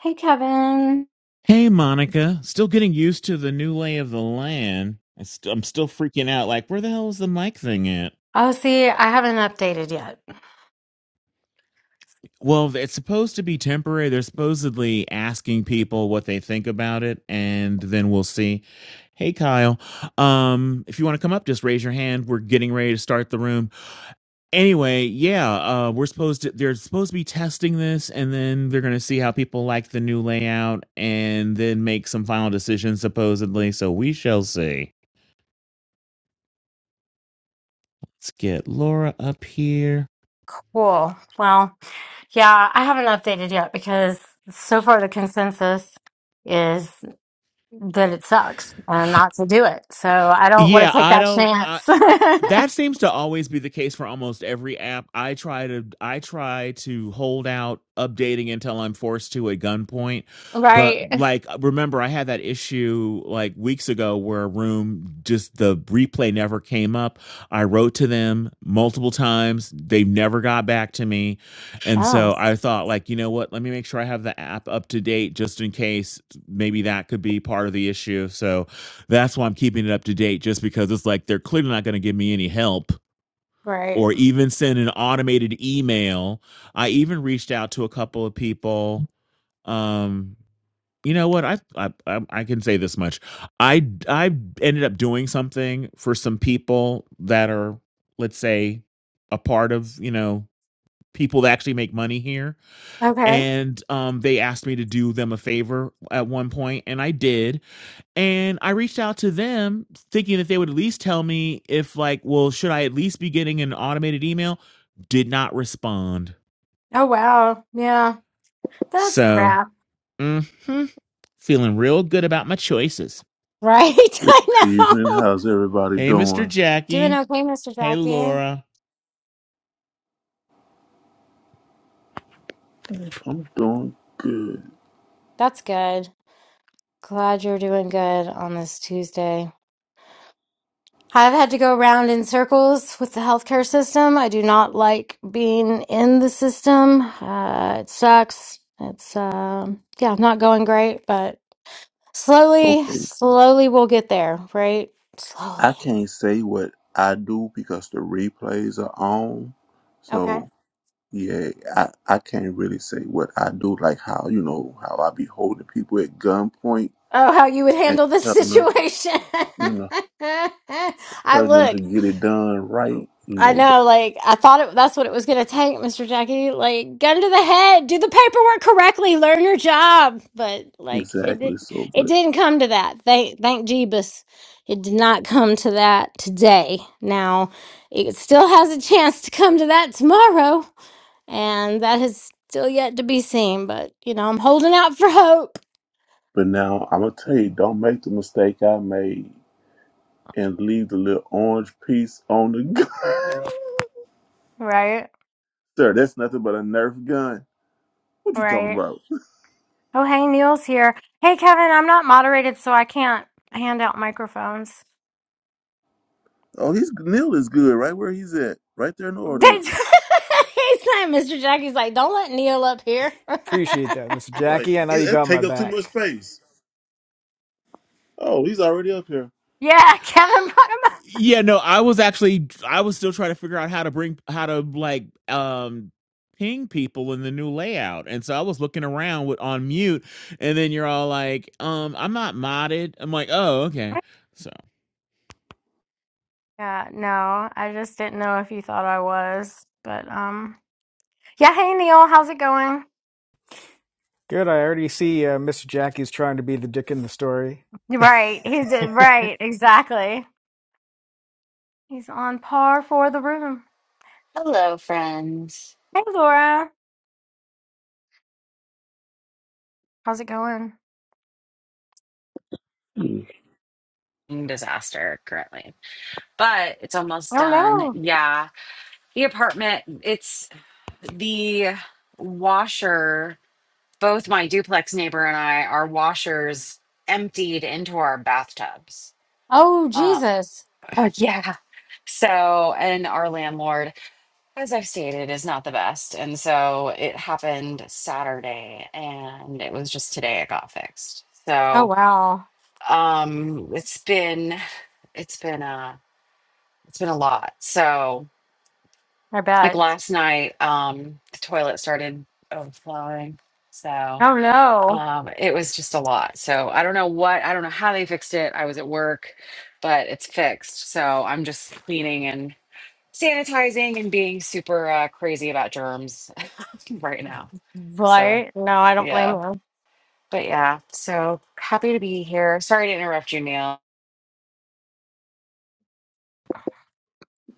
Hey, Kevin. Hey, Monica. Still getting used to the new lay of the land. I st- I'm still freaking out. Like, where the hell is the mic thing at? Oh, see, I haven't updated yet. Well, it's supposed to be temporary. They're supposedly asking people what they think about it, and then we'll see. Hey, Kyle. Um, if you want to come up, just raise your hand. We're getting ready to start the room. Anyway, yeah, uh, we're supposed to. They're supposed to be testing this, and then they're going to see how people like the new layout, and then make some final decisions, supposedly. So we shall see. Let's get Laura up here. Cool. Well, yeah, I haven't updated yet because so far the consensus is that it sucks and not to do it. So I don't want Yeah, to take I that don't. I, chance. that seems to always be the case for almost every app i try to i try to hold out updating until i'm forced to at gunpoint but Right. like remember i had that issue like weeks ago where a room just the replay never came up i wrote to them multiple times they never got back to me and Oh, so i thought like you know what let me make sure i have the app up to date just in case maybe that could be part of the issue so that's why I'm keeping it up to date, just because it's like they're clearly not going to give me any help right. or even send an automated email. I even reached out to a couple of people. Um, you know what? I, I I I can say this much. I I ended up doing something for some people that are, let's say, a part of you know people that actually make money here, Okay. and um, they asked me to do them a favor at one point, and I did and I reached out to them thinking that they would at least tell me if, like, well, should I at least be getting an automated email? Did not respond. Oh, wow. Yeah. That's So, crap. hmm feeling real good about my choices. Right. Good I evening. know. How's everybody Hey, Mr. doing? Doing Jackie. okay, Mr. Hey, Jackie. Laura. Mm. I'm doing good. That's good. Glad you're doing good on this Tuesday. I've had to go around in circles with the healthcare system. I do not like being in the system. Uh, it sucks. It's, um, yeah, not going great, but slowly, Okay. slowly we'll get there, right? I Slowly. can't say what I do because the replays are on. Okay. So yeah, I, I can't really say what I do, like how, you know, how I be holding people at gunpoint Oh, how you would and handle this telling them, situation. you know, I telling them to look, get it done right, you I know, but know, like, I thought it, that's what it was going to take, Mr. Jackie. Like, gun to the head, do the paperwork correctly, learn your job. But, like, it, did, exactly so it but didn't come to that. Thank, thank Jeebus. It did not come to that today. Now, it still has a chance to come to that tomorrow. And that is still yet to be seen. But, you know, I'm holding out for hope. but now I'm gonna tell you, don't make the mistake I made and leave the little orange piece on the gun. Right, Sir, that's nothing but a Nerf gun. What you talking right. about? Oh, hey, Neil's here. Hey, Kevin, I'm not moderated, so I can't hand out microphones. Oh, he's Neil is good right where he's at, right there in the He's audience. like, Mr. Jackie's like, don't let Neil up here. Appreciate that, Mr. Like Jackie. I know it, you that got take my up too much back. space. Oh, he's already up here. yeah, Kevin brought him up. Yeah, no, I was actually, I was still trying to figure out how to bring, how to like, um, ping people in the new layout. And so I was looking around with on mute, and then you're all like, um, I'm not modded. I'm like, oh, okay. So. Yeah, no, I just didn't know if you thought I was, but um, yeah. Hey, Neil, how's it going? Good. I already see uh, Mr. Jackie's trying to be the dick in the story. Right, he I, did. Right, exactly. He's on par for the room. Hello, friends. Hey, Laura, how's it going? Disaster currently, but it's almost Oh done. no. Yeah. The apartment, it's the washer. Both my duplex neighbor and I, our washers emptied into our bathtubs. Oh Uh, Jesus. oh, yeah. So, and our landlord, as I've stated, is not the best. And so it happened Saturday and it was just today it got fixed. Oh So, wow. um, it's been, it's been, uh, It's been a lot. So, I like bet. last night, um, the toilet started overflowing. So, Oh no. um, it was just a lot. So, I don't know what, I don't know how they fixed it. I was at work, but it's fixed. So, I'm just cleaning and sanitizing and being super uh, crazy about germs right now. So, Right? No, I don't blame yeah. you. But yeah, so happy to be here. Sorry to interrupt you, Neil.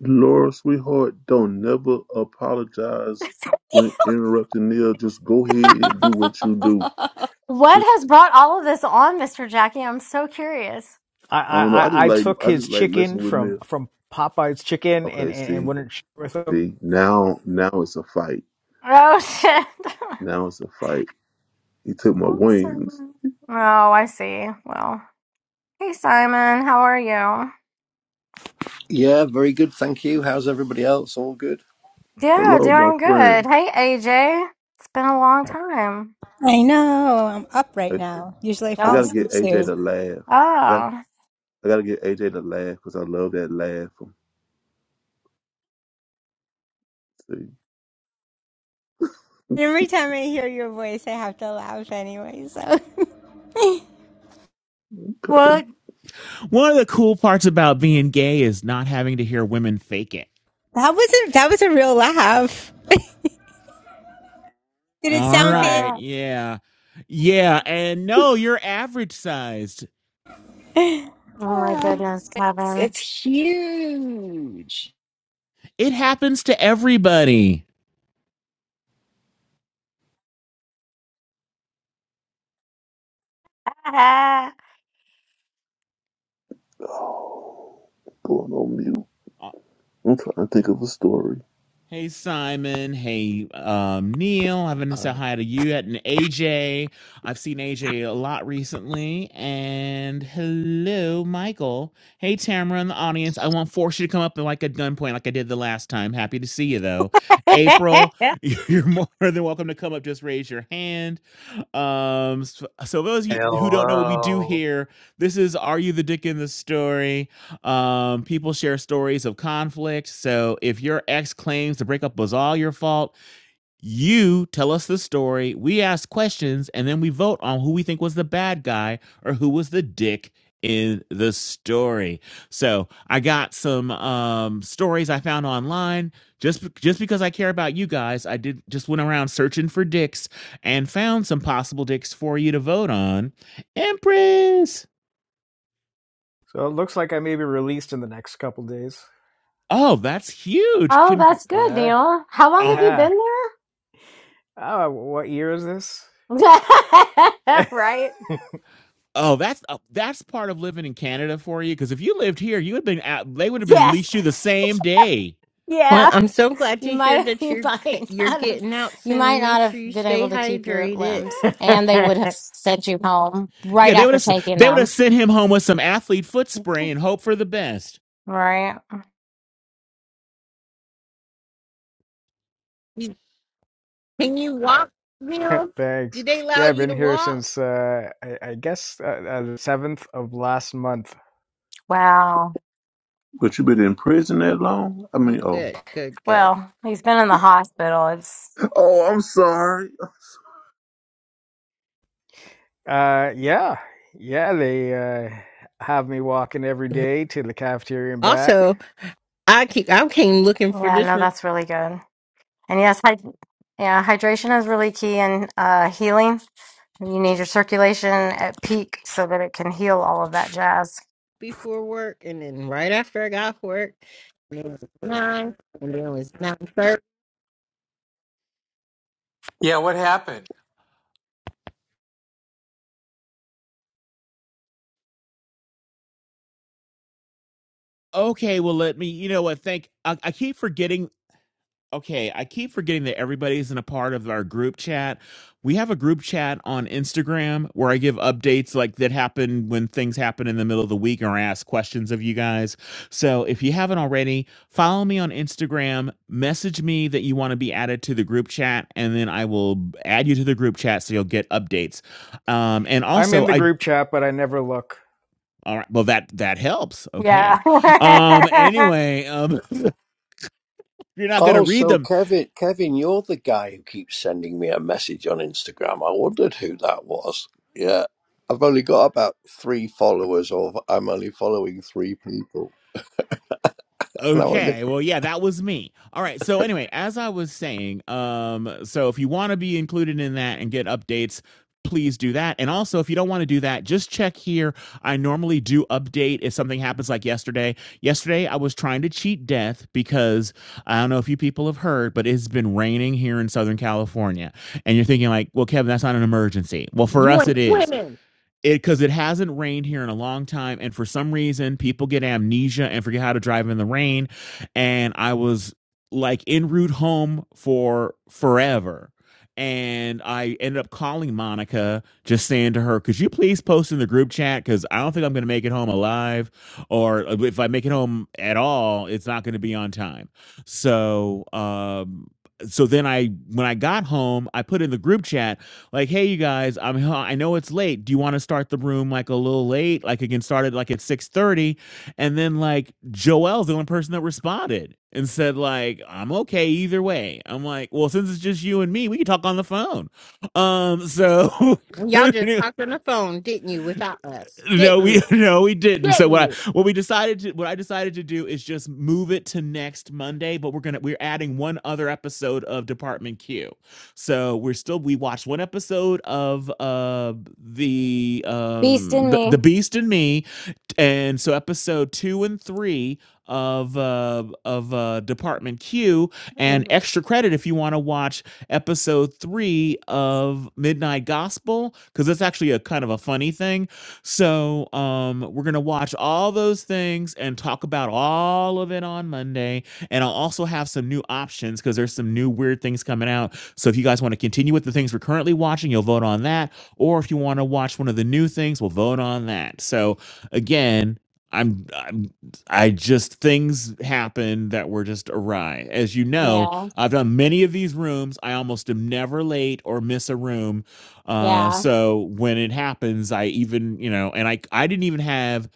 Laura, sweetheart, don't never apologize when interrupting Neil. Just go ahead and do what you do. What Just has brought all of this on, Mr. Jackie? I'm so curious. I, I don't know. I just I like took I his just like messing chicken with from Neil. from Popeye's chicken and, Okay, and, and see, wouldn't share with him. see now now it's a fight. Oh, shit. Now it's a fight. He took my Oh, wings. Simon. Oh, I see. Well, hey, Simon. How are you? Yeah, very good. Thank you. How's everybody else? All good? Yeah, Hello, my doing good. friend. Hey, AJ. It's been a long time. I know. I'm up right now. Usually I I fall gotta Oh, get asleep soon. AJ to laugh. I got oh. I gotta get AJ to laugh because I love that laugh. From, see, And every time I hear your voice, I have to laugh anyway. So that What? One of the cool parts about being gay is not having to hear women fake it. wasn't that was a real laugh. Did it All sound fake? right, Oh, yeah. Yeah, and no, you're average sized. my Yeah. goodness, Kevin. It's huge. It happens to everybody. Oh, going on mute. I'm trying to think of a story. Hey Simon, hey um, Neil. I haven't said Hi. hi to you yet, and AJ. I've seen AJ a lot recently. And hello, Michael. Hey Tamara in the audience. I won't force you to come up like a gunpoint like I did the last time. Happy to see you though. April, you're more than welcome to come up. Just raise your hand. Um, s- so those of you who don't know what we do Hello. here, this is "Are You the Dick in the Story?" Um, people share stories of conflict. So if your ex claims the breakup was all your fault, you tell us the story, we ask questions, and then we vote on who we think was the bad guy or who was the dick in the story. So I got some um, stories I found online. Just just because I care about you guys, I did just went around searching for dicks and found some possible dicks for you to vote on. Empress. So it looks like I may be released in the next couple days. Oh, that's huge. oh, Congr- that's good, Yeah. Neil. How long have uh, you Yeah. been Oh, what year is this? there? right? Oh, that's uh, that's part of living in Canada for you. Because if you lived here, you would have been out, they would have been Yes. released you the same day. Well, Yeah. I'm so glad You to hear might that you you're c- might you're not have getting out you might soon. Make not sure have you been stay able to keep your hydrated. limbs and they would have sent you home Yeah, right they would after have taking they would have them. sent him home with some athlete foot spray and hope for the best. Right. You- Can you walk, Neil? Do Thanks. they allow Yeah, I've you been to here walk? since uh, I, I guess uh, uh, the seventh of last month. Wow. But you been in prison that long? I Oh, mean, oh, good, good, good. Well, he's been in the hospital. It's oh, I'm sorry. Uh, yeah, yeah. They uh, have me walking every day to the cafeteria and back. Also, I keep I came looking for yeah, this no, room that's really good. And yes, hy yeah, hydration is really key in uh healing. You need your circulation at peak so that it can heal all of that jazz. before work, and then right after I got off work, and it was nine, and then it was nine thirty. Yeah, what happened? Okay, well let me. You know what? Thank I, I keep forgetting okay, I keep forgetting that everybody's in a part of our group chat. We have a group chat on Instagram where I give updates like that happen when things happen in the middle of the week or I ask questions of you guys. So if you haven't already, follow me on Instagram, message me that you want to be added to the group chat, and then I will add you to the group chat so you'll get updates. Um, and I'm in also, the I group chat, but I never look. all right, well that that helps. Yeah. Okay. Um anyway, um you're not going to Oh, read so them Kevin, Kevin, you're the guy who keeps sending me a message on Instagram. I wondered who that was. Yeah. I've only got about three followers, or I'm only following three people. And I went, Okay. Well, yeah, that was me. All right. So anyway, as I was saying, um, so if you want to be included in that and get updates, please do that. And also, if you don't want to do that, just check here. I normally do update if something happens like yesterday. Yesterday, I was trying to cheat death because I don't know if you people have heard, but it's been raining here in Southern California. And you're thinking like, well, Kevin, that's not an emergency. Well, for You us, went it is swimming, it because it hasn't rained here in a long time and for some reason people get amnesia and forget how to drive in the rain and i was like en route home for forever and i ended up calling monica just saying to her could you please post in the group chat because i don't think i'm going to make it home alive or if i make it home at all it's not going to be on time so um so then i when i got home i put in the group chat like, "Hey, you guys, I'm h- i am I know it's late. Do you want to start the room like a little late? Like, it can start at like at six thirty, And then like Joel's the only person that responded and said like, "I'm okay either way." I'm like, "Well, since it's just you and me, we can talk on the phone." Um, so and y'all just it talked on the phone, didn't you? Without us, no, didn't you? we no, we didn't. So Didn't what you? I what we decided to what I decided to do is just move it to next Monday, but we're gonna we're adding one other episode of Department Q. So we're still we watched one episode of uh the Beast um in the, the me. Beast and Me, and so episode two and three of uh of uh department q and Mhm. extra credit if you want to watch episode three of midnight gospel because that's actually a kind of a funny thing so um we're gonna watch all those things and talk about all of it on monday and i'll also have some new options because there's some new weird things coming out so if you guys want to continue with the things we're currently watching you'll vote on that or if you want to watch one of the new things we'll vote on that so again I'm, I'm i just things happen that were just awry as you know Yeah. i've done many of these rooms i almost am never late or miss a room uh Yeah. so when it happens i even you know and i i didn't even have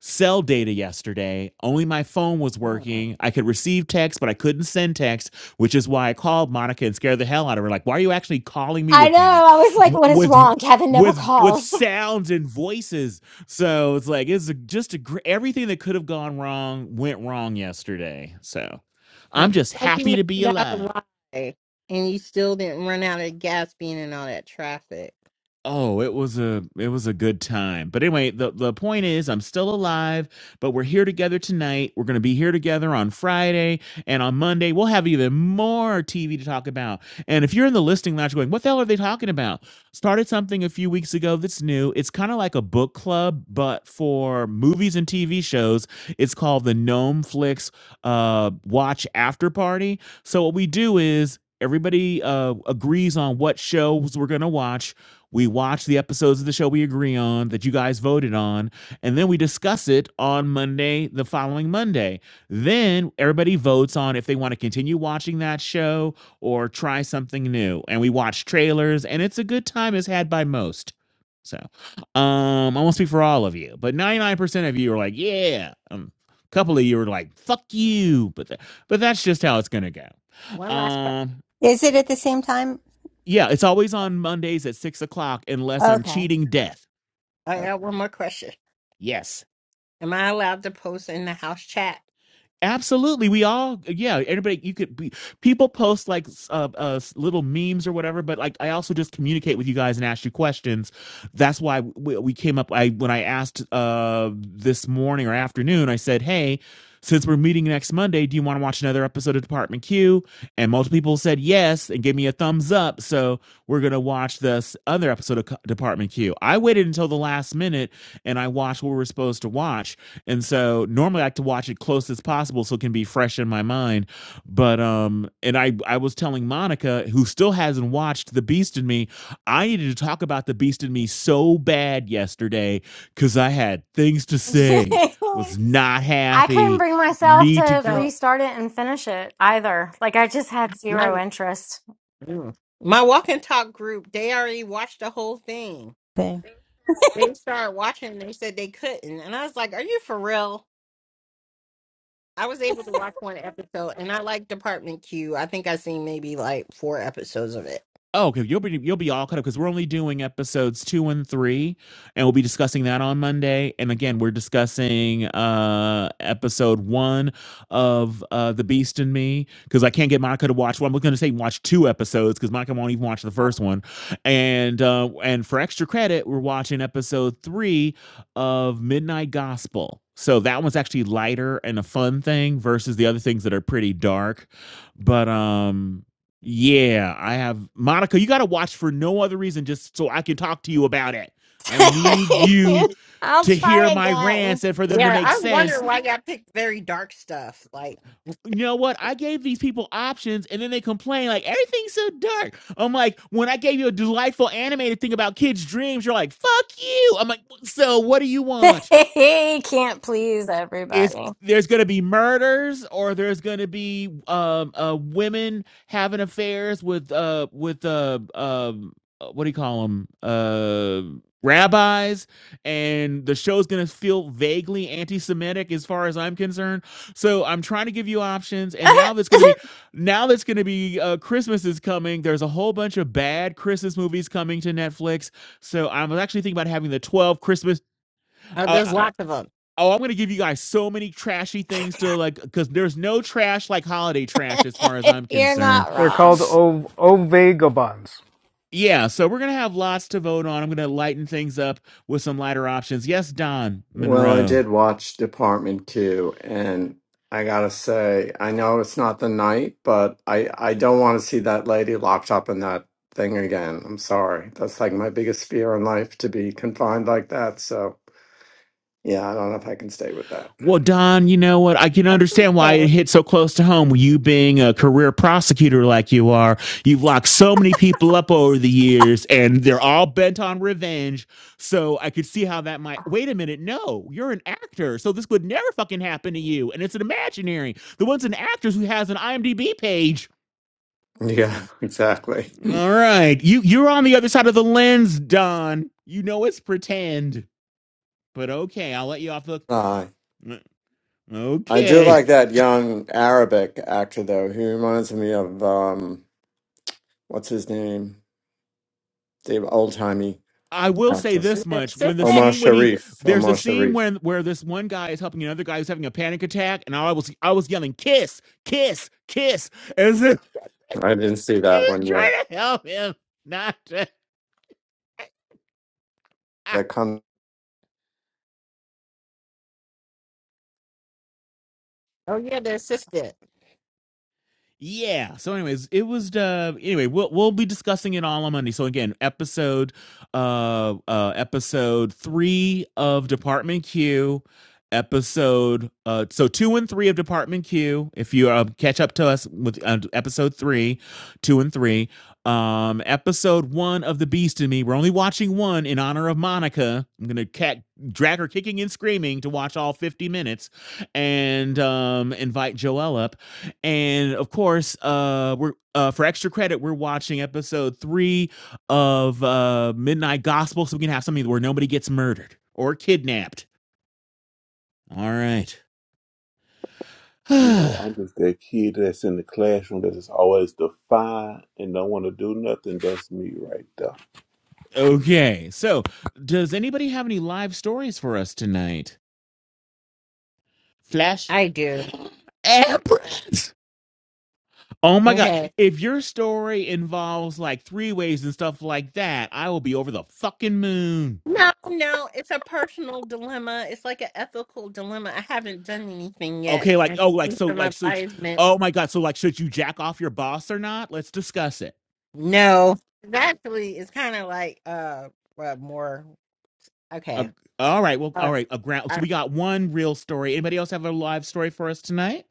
cell data yesterday. Only my phone was working. I could receive text, but I couldn't send text, which is why I called Monica and scared the hell out of her. Like, why are you actually calling me I with, know. I was like, what is with, wrong? Kevin never with, with calls. sounds and voices? So it's like it's just a everything that could have gone wrong went wrong yesterday. So Well, I'm just glad you happy made to be it out alive. alive. And you still didn't run out of gas being in all that traffic. Oh, it was a it was a good time. But anyway, the the point is I'm still alive, but we're here together tonight. We're going to be here together on Friday and on Monday we'll have even more TV to talk about. And if you're in the listing lounge going, "What the hell are they talking about?" Started something a few weeks ago that's new. It's kind of like a book club but for movies and TV shows. It's called the Gnome Flix uh watch after party. So what we do is Everybody uh, agrees on what shows we're going to watch we watch the episodes of the show we agree on that you guys voted on, and then we discuss it on Monday, the following Monday. Then everybody votes on if they want to continue watching that show or try something new. And we watch trailers, and it's a good time as had by most. So, um, I won't speak for all of you, but 99% of you are like, yeah. Um, a couple of you are like, fuck you. But, th- but that's just how it's going to One go. last question. Um, Is it at the same time? yeah, it's always on Mondays at six o'clock unless I'm Okay. cheating death. I got one more question. Yes. Am I allowed to post in the house chat? Absolutely, we all yeah. Everybody, you could be people post like uh, uh little memes or whatever, but like I also just communicate with you guys and ask you questions. That's why we, we came up. I when I asked uh this morning or afternoon, I said, hey. Since we're meeting next Monday, do you want to watch another episode of Department Q? And multiple people said yes and gave me a thumbs up. So we're going to watch this other episode of Department Q. I waited until the last minute and I watched what we were supposed to watch and so normally I like to watch it close as possible so it can be fresh in my mind. But um and I I was telling Monica who still hasn't watched The Beast in Me, I needed to talk about The Beast in Me so bad yesterday cuz I had things to say. Was not I couldn't happy. bring myself Need to to get So restart it and finish it either. Like, I just had zero my interest. mm, My walk and talk group, they already watched the whole thing. Okay. They started watching and they said they couldn't. And I was like, Are you for real? I was able to watch one episode and I like Department Q. I think i seen maybe like four episodes of it. Oh, okay. You'll be you'll be all caught up because we're only doing episodes two and three, and we'll be discussing that on Monday. And again, we're discussing uh episode one of uh The Beast and Me because I can't get Monica to watch. Well, I'm going to say watch two episodes because Monica won't even watch the Yep. first one. And uh and for extra credit, we're watching episode three of Midnight Gospel. So that one's actually lighter and a fun thing versus the other things that are pretty dark. But um yeah, I have Monica. You got to watch for no other reason, just so I can talk to you about it. I need you I'll to hear try my again. rants and for them to yeah, make I was sense. wondering Why I all pick very dark stuff? Like You know what? I gave these people options and then they complain like everything's so dark. I'm like, when I gave you a delightful animated thing about kids' dreams, you're like, fuck you. I'm like, so what do you want? Can't please it's everybody. there's going to be murders or there's going to be um uh women having affairs with uh with uh um uh, what do you call them uh rabbis and the show's going to feel vaguely anti-semitic as far as i'm concerned so i'm trying to give you options and now that's going to be now that's going to be uh christmas is coming there's a whole bunch of bad christmas movies coming to netflix so i'm actually thinking about having the 12 christmas Oh, uh, there's lots of them. Oh, I'm gonna give you guys so many trashy things to like, because there's no trash like holiday trash as far as I'm You're concerned. not They're wrong. called S- o- Ovagabonds. yeah, so we're gonna have lots to vote on. I'm gonna lighten things up with some lighter options. Yes, Don Well, I Monroe. did watch Department Q, and I gotta say, I know it's not the night, but I I don't want to see that lady locked up in that thing again. I'm sorry. That's like my biggest fear in life to be confined like that. So, yeah, I don't know if I can stay with that. Well, Don, you know what? I can That's understand why it okay. hit so close to home. You being a career prosecutor like you are, you've locked so many people up over the years and they're all bent on revenge. So I could see how that might. Wait a minute. No, you're an actor. So this would never fucking happen to you. And it's an imaginary. The one's an actress who has an IMDb page. Yeah, So, exactly. all right. You, you're on the other side of the lens, Don. You know it's pretend. But okay, I'll let you off the. Uh, I do Okay. like that young Arabic actor though. He reminds me of um, what's his name? The old-timey I will say actor. this The much: when the assistant? Omar scene when he Sharif. there's a Omar scene Sharif. when where this one guy is helping another guy who's having a panic attack, and I was I was yelling "kiss, kiss, kiss" as if I didn't see he that was one trying yet. to help him. Not to. That comes Oh, yeah, the assistant. Yeah. So, anyways, it was uh anyway, we'll we'll be discussing it all on Monday. So again, episode uh uh episode three of Department Q, episode uh so two and three of Department Q. If you uh, catch up to us with uh, episode three, two and three, um, episode one of The Beast in Me. We're only watching one in honor of Monica. I'm gonna cat drag her kicking and screaming to watch all 50 minutes and um invite Joelle up and of course, uh, we're uh, for extra credit, we're watching episode three of uh, Midnight Gospel, so we can have something where nobody gets murdered or kidnapped. All right. You know, I'm just that kid that's in the classroom that is always defiant and don't want to do nothing. That's me right there. okay. So, does anybody have any live stories for us tonight? Flash. I do. Empress. Oh my god! Okay. If your story involves like three ways and stuff like that, I will be over the fucking moon. No, no, it's a personal dilemma. It's like an ethical dilemma. I haven't done anything yet. Okay, I like oh, just like need so, some like so. advisement. Oh my God, so like, should you jack off your boss or not? Let's discuss it. No, It's actually, it's kind of like uh, well, more Uh, okay. all right, well, Uh, all right. A ground. So I, we got one real story. Anybody else have a live story for us tonight?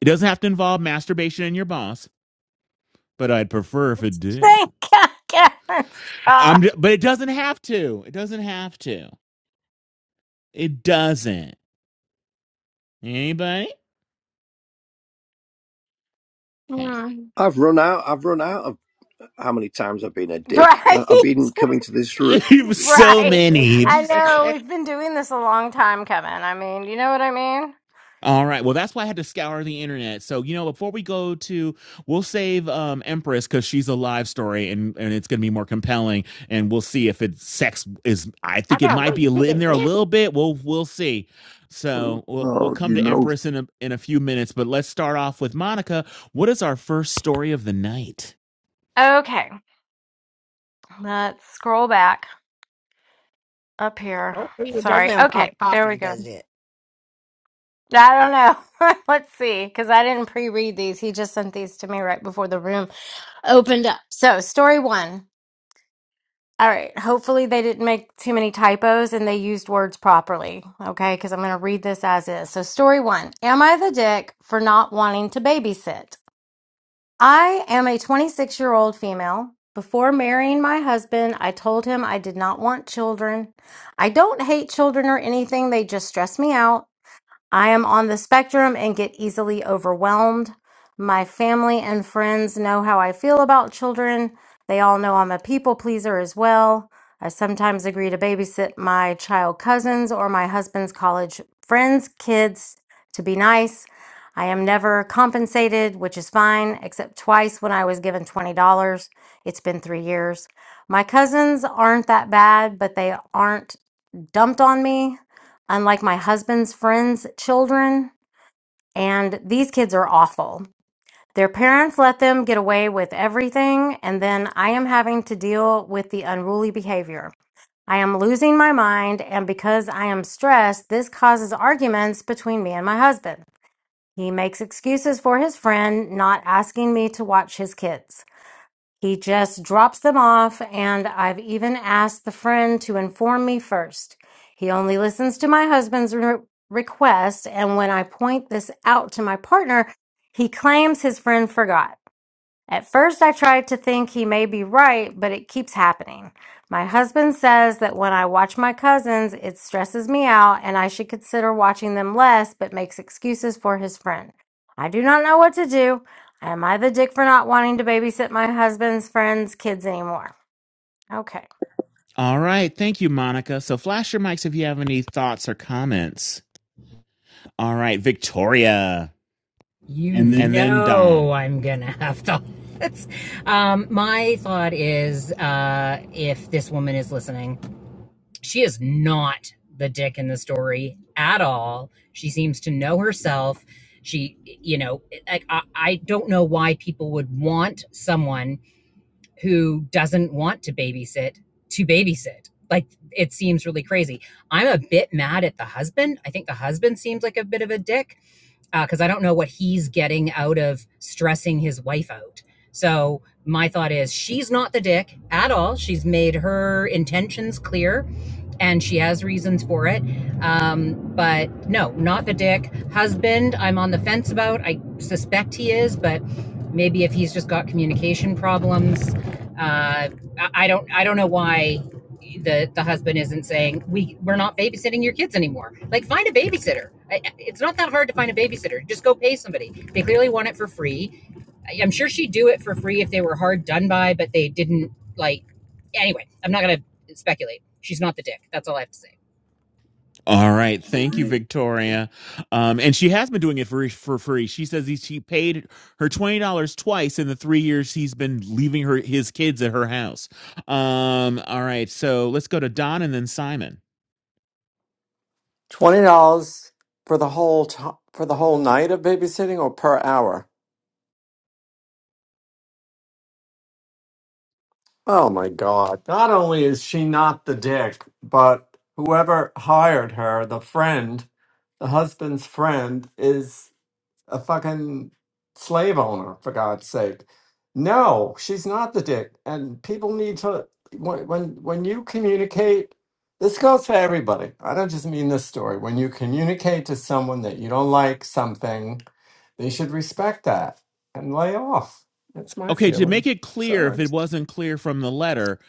It doesn't have to involve masturbation and your boss, but I'd prefer if it did. Thank God, Kevin. Um, Stop. but it doesn't have to. It doesn't have to. It doesn't. Anybody? Okay. Hmm. I've run out. I've run out of how many times I've been a dick. I've Right? been coming to this room. so Right. many. I Just know I we've been doing this a long time, Kevin. I mean, you know what I mean? All right. Well, that's why I had to scour the internet. So, you know, before we go to, we'll save um, Empress because she's a live story and, and it's going to be more compelling. And we'll see if it's sex is, I think it gotta might be a wait to in the there a end. little bit. We'll, we'll see. So we'll, we'll Oh, come you to know, Empress in a, in a few minutes, but let's start off with Monica. What is our first story of the night? Okay, let's scroll back up here. Hopefully, it doesn't Sorry. involve Okay, there we coffee, go. does it? I don't know. Let's see, because I didn't pre-read these. He just sent these to me right before the room opened up. So, story one. All right. Hopefully, they didn't make too many typos and they used words properly. Okay, because I'm going to read this as is. So, story one Am I the dick for not wanting to babysit? I am a 26 year old female. Before marrying my husband, I told him I did not want children. I don't hate children or anything, they just stress me out. I am on the spectrum and get easily overwhelmed. My family and friends know how I feel about children. They all know I'm a people pleaser as well. I sometimes agree to babysit my child cousins or my husband's college friends' kids to be nice. I am never compensated, which is fine, except twice when I was given $20. It's been three years. My cousins aren't that bad, but they aren't dumped on me, unlike my husband's friends' children. And these kids are awful. Their parents let them get away with everything, and then I am having to deal with the unruly behavior. I am losing my mind, and because I am stressed, this causes arguments between me and my husband. He makes excuses for his friend not asking me to watch his kids. He just drops them off, and I've even asked the friend to inform me first. He only listens to my husband's re- request, and when I point this out to my partner, he claims his friend forgot. At first, I tried to think he may be right, but it keeps happening. My husband says that when I watch my cousins, it stresses me out and I should consider watching them less, but makes excuses for his friend. I do not know what to do. Am I the dick for not wanting to babysit my husband's friend's kids anymore? Okay. All right. Thank you, Monica. So flash your mics if you have any thoughts or comments. All right. Victoria You And then- and then know Don. I'm gonna have to. Um, my thought is, uh, if this woman is listening, she is not the dick in the story at all. She seems to know herself. She, you know, like I, I don't know why people would want someone who doesn't want to babysit to babysit. Like it seems really crazy. I'm a bit mad at the husband. I think the husband seems like a bit of a dick because uh, I don't know what he's getting out of stressing his wife out. So my thought is she's not the dick at all. She's made her intentions clear and she has reasons for it. Um, but no, not the dick. Husband, I'm on the fence about. I suspect he is, but maybe if he's just got communication problems, uh, I don't I don't know why the the husband isn't saying we we're not babysitting your kids anymore. Like find a babysitter. I, it's not that hard to find a babysitter. Just go pay somebody. They clearly want it for free. I, I'm sure she'd do it for free if they were hard done by, but they didn't like. Anyway, I'm not gonna speculate. She's not the dick. That's all I have to say. All right, All thank you, right. Victoria. Um, and she has been doing it for for free. She says he, she paid her twenty dollars twice in the three years he's been leaving her his kids at her house. Um, all right, so let's go to Don and then Simon. twenty dollars for the whole to- for the whole night of babysitting or per hour. Oh my God! Not only is she not the dick, but whoever hired her, the friend, the husband's friend, is. a fucking slave owner for God's sake. No, she's not the dick. And people need to when when when you communicate. This goes for everybody. I don't just mean this story. When you communicate to someone that you don't like something, they should respect that and lay off. That's my Okay, to make feeling. it clear, Sorry. if it wasn't clear from the letter,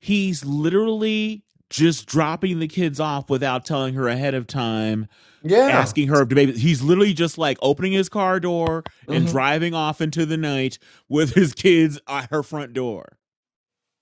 he's literally just dropping the kids off without telling her ahead of time, Yeah. asking her to maybe he's literally just like opening his car door and hmm driving off into the night with his kids at her front door.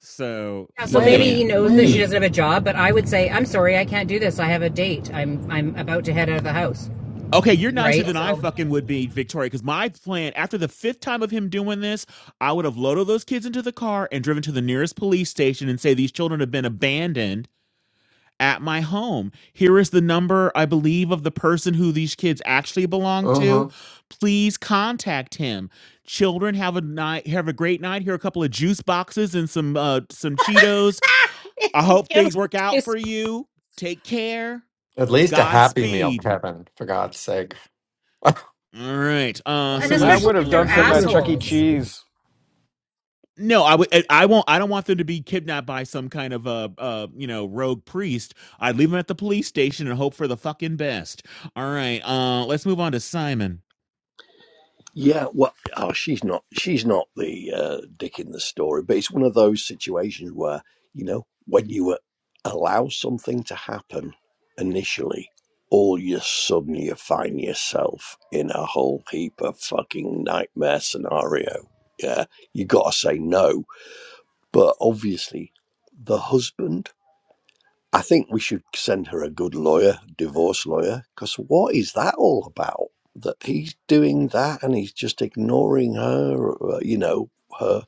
So Yeah, so Wait a maybe minute. he yeah. knows that she doesn't have a job, but I would say, I'm sorry, I can't do this. I have a date. I'm I'm about to head out of the house, Okay, you're nicer right? than I So, fucking would be, Victoria, because my plan, after the fifth time of him doing this, I would have loaded those kids into the car and driven to the nearest police station and say, These children have been abandoned at my home. Here is the number, I believe, of the person who these kids actually belong to. Uh-huh. Please contact him. Children, have a night, have a great night. Here are a couple of juice boxes and some uh some Cheetos. I hope things work out It's- for you. Take care. At least a happy meal, Godspeed. Kevin, for God's sake. All right. Uh, and right. so I let's. especially would have if they're dumped them at Chuck E. assholes. Cheese. No, I would. I won't. I don't want them to be kidnapped by some kind of uh, uh, you know, rogue priest. I'd leave them at the police station and hope for the fucking best. All right. Uh, let's move on to Simon. Yeah, well, oh, she's not. She's not the uh, dick in the story, but it's one of those situations where you know when you uh, allow something to happen initially, all you sudden you find yourself in a whole heap of fucking nightmare scenario. Yeah, you got to say no, but obviously the husband I think we should send her a good lawyer, divorce lawyer, because what is that all about? That he's doing that and he's just ignoring her, uh, you know, her,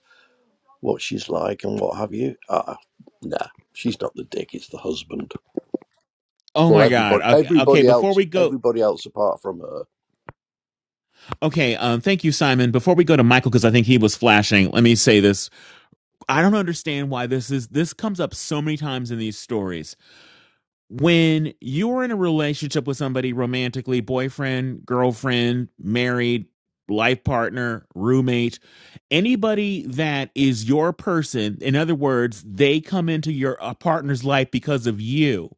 what she's like and what have you. Uh, nah, she's not the dick, it's the husband. Oh Well, my God. everybody, Okay. okay everybody before else, we go. everybody else apart from her. Okay. Um. Thank you, Simon. Before we go to Michael, because I think he was flashing. Let me say this. I don't understand why this is. This comes up so many times in these stories when you're in a relationship with somebody romantically, boyfriend, girlfriend, married, life partner, roommate, anybody that is your person, in other words, they come into your a partner's life because of you.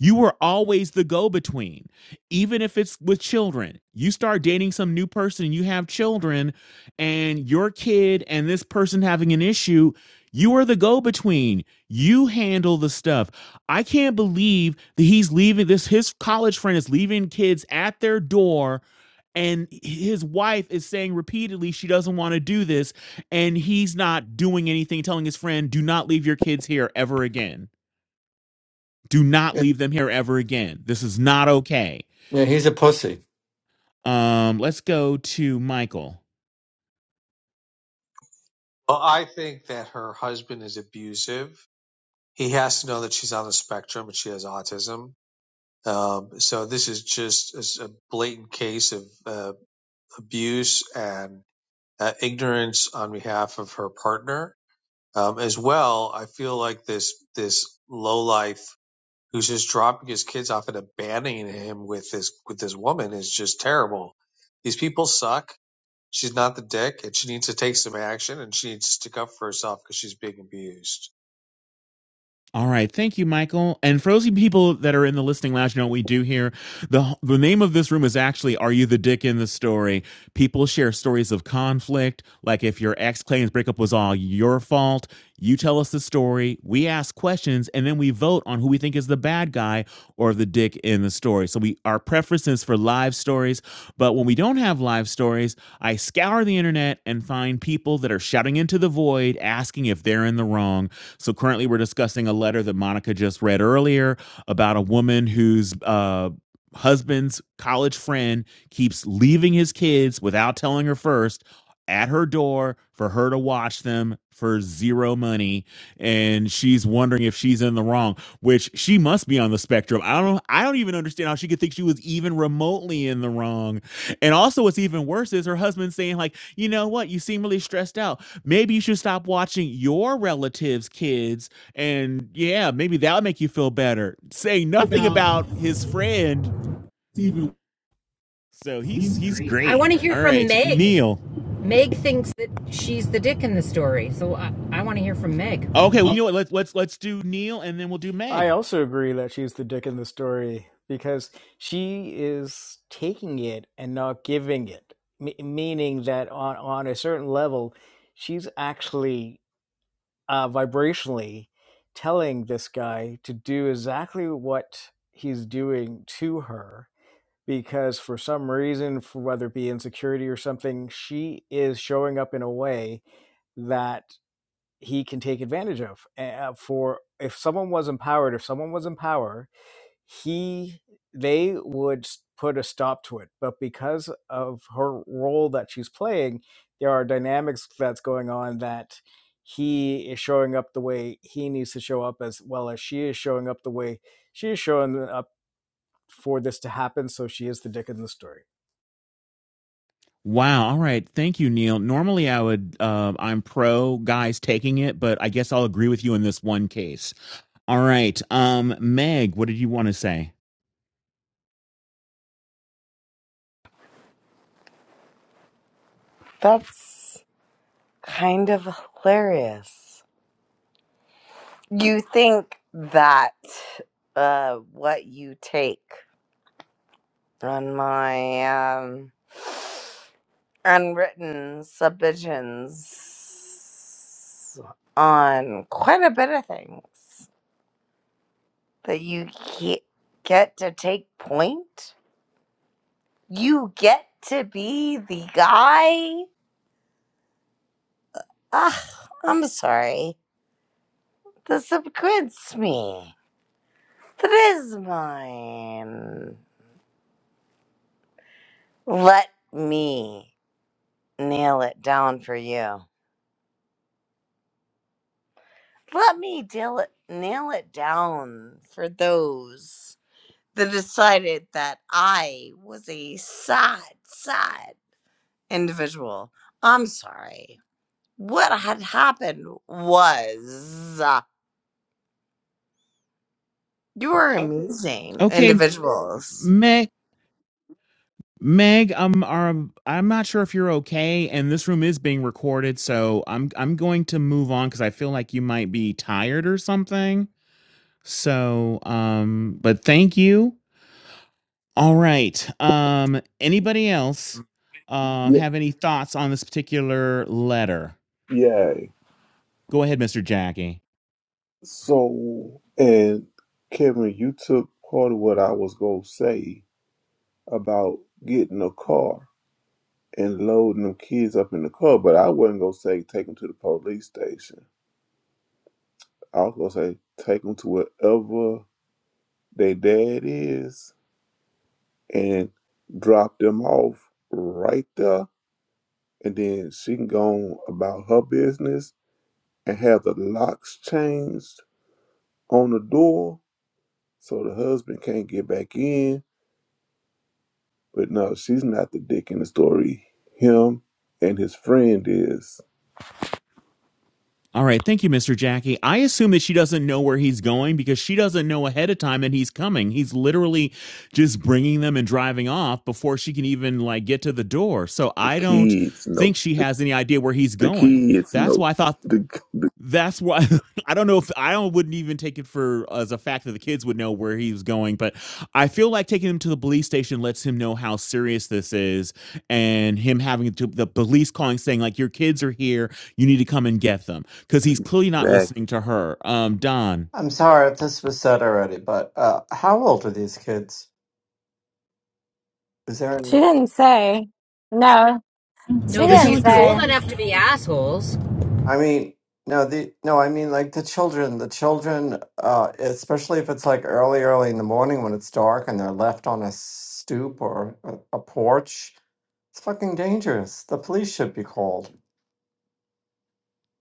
You are always the go between, even if it's with children. You start dating some new person, you have children, and your kid and this person having an issue, you are the go between. You handle the stuff I can't believe that he's leaving this his college friend is leaving kids at their door and his wife is saying repeatedly she doesn't want to do this and he's not doing anything telling his friend do not leave your kids here ever again. Do not yeah, leave them here ever again. This is not okay. he's a pussy. Um let's go to Michael. Well, I think that her husband is abusive. He has to know that she's on the spectrum and she has autism. Um, so this is just a blatant case of uh, abuse and uh, ignorance on behalf of her partner. Um, as well, I feel like this this low life who's just dropping his kids off and abandoning him with this with this woman is just terrible. These people suck She's not the dick, and she needs to take some action, and she needs to stick up for herself because she's being abused. All right, thank you, Michael. And for those people that are in the listening lounge, you know what we do here. the The name of this room is actually "Are You the Dick in the Story?" People share stories of conflict, like if your ex claims breakup was all your fault. You tell us the story, we ask questions, and then we vote on who we think is the bad guy or the dick in the story. So we our preference is for live stories, but when we don't have live stories, I scour the internet and find people that are shouting into the void, asking if they're in the wrong. So currently, we're discussing a letter that Monica just read earlier about a woman whose uh, husband's college friend keeps leaving his kids without telling her first at her door for her to watch them for zero money and she's wondering if she's in the wrong which she must be on the spectrum i don't i don't even understand how she could think she was even remotely in the wrong and also what's even worse is her husband saying like you know what you seem really stressed out Maybe you should stop watching your relatives' kids, and yeah, maybe that'll make you feel better. Saying nothing about about his friend, Steven, so he's he's he's great. I great. want to hear All from right, Meg. Neil. Meg thinks that she's the dick in the story, so I, I want to hear from Meg. Okay, well, you Oh, know what? Let's let's let's do Neil, and then we'll do I Meg. also agree that she's the dick in the story because she is taking it and not giving it, M- meaning that on, on a certain level, she's actually uh, vibrationally telling this guy to do exactly what he's doing to her because for some reason for whether it be insecurity or something she is showing up in a way that he can take advantage of eh, uh, for if someone was empowered if someone was in power he they would put a stop to it but because of her role that she's playing there are dynamics that's going on that he is showing up the way he needs to show up as well as she is showing up the way she is showing up for this to happen so she is the dick in the story Wow. All right. Thank you, Neil. Normally, I would um, I'm pro guys taking it, but I guess I'll agree with you in this one case. All right. Um, Meg, what did you want to say? That's kind of hilarious. You think that uh, what you take on my um, unwritten submissions on quite a bit of things that you ge- get to take point? You get to be the guy? Ugh, I'm sorry. This upgrades me. That is mine. Let me nail it down for you. Let me deal it, nail it down for those that decided that I was a sad, sad individual. I'm sorry. What had happened was uh, you were amazing Okay, individuals. Meg. Meg, I'm um, I'm not sure if you're okay, and this room is being recorded, so I'm I'm going to move on because I feel like you might be tired or something. So, um, but thank you. All right. Um, anybody else um yeah, have any thoughts on this particular letter? yeah. Go ahead, Mr. Jackie. So, and Kevin, you took part of what I was gonna say about getting a car. and loading them kids up in the car, but I wasn't gonna say take them to the police station. I was gonna say take them to wherever their dad is and drop them off right there, and then she can go on about her business and have the locks changed on the door so the husband can't get back in. But no, she's not the dick in the story. Him and his friend is All right. Thank you, Mr. Jackie. I assume that she doesn't know where he's going because she doesn't know ahead of time that he's coming. He's literally just bringing them and driving off before she can even like get to the door. So the I don't kids. No, think she has any idea where he's the going. kids. That's No, why I thought the, the that's why I don't know if I wouldn't even take it for as a fact that the kids would know where he was going, but I feel like taking him to the police station lets him know how serious this is, and him having to, the police calling saying like your kids are here, you need to come and get them because he's clearly not Exactly. listening to her. Um, Don. I'm sorry if this was said already, but uh, how old are these kids? Is there She any? didn't say. No, she No, but she's didn't like say. old enough to be assholes. I mean, no, the no, I mean like the children. The children, uh, especially if it's like early, early in the morning when it's dark and they're left on a stoop or a, a porch. It's fucking dangerous. The police should be called.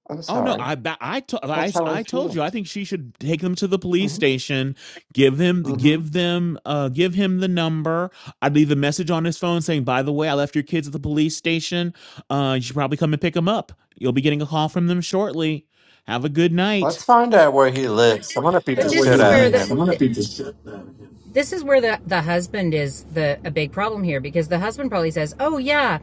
I'm Oh no, sorry. I ba- I, I That's how I told feel. you I think she should take them to the police hmm station, give him hmm give them uh give him the number. I'd leave a message on his phone saying, "By the way, I left your kids at the police station. Uh you should probably come and pick them up. You'll be getting a call from them shortly. Have a good Let's night." find out where he lives. I want to beat But Yeah, the this he shit is out of where lives. him. I'm the, gonna beat the shit out of him. this is where the the husband is the a big problem here because the husband probably says, "Oh yeah,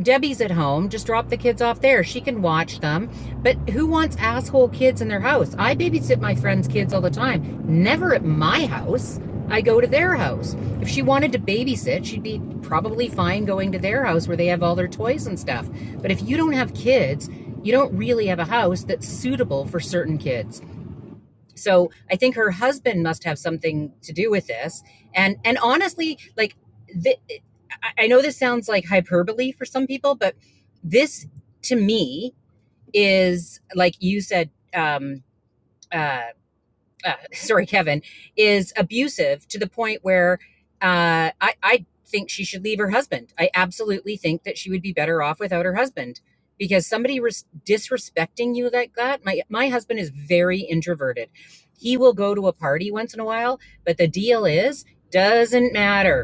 Debbie's at home. Just drop the kids off there. She can watch them." But who wants asshole kids in their house? I babysit my friends' kids all the time. Never at my house. I go to their house. If she wanted to babysit, she'd be probably fine going to their house where they have all their toys and stuff. But if you don't have kids, you don't really have a house that's suitable for certain kids. So I think her husband must have something to do with this. And and honestly, like the, I know this sounds like hyperbole for some people, but this to me is like you said. Um, uh, uh, sorry, Kevin, is abusive to the point where uh, I, I think she should leave her husband. I absolutely think that she would be better off without her husband because somebody res- disrespecting you like that. My my husband is very introverted. He will go to a party once in a while, but the deal is doesn't matter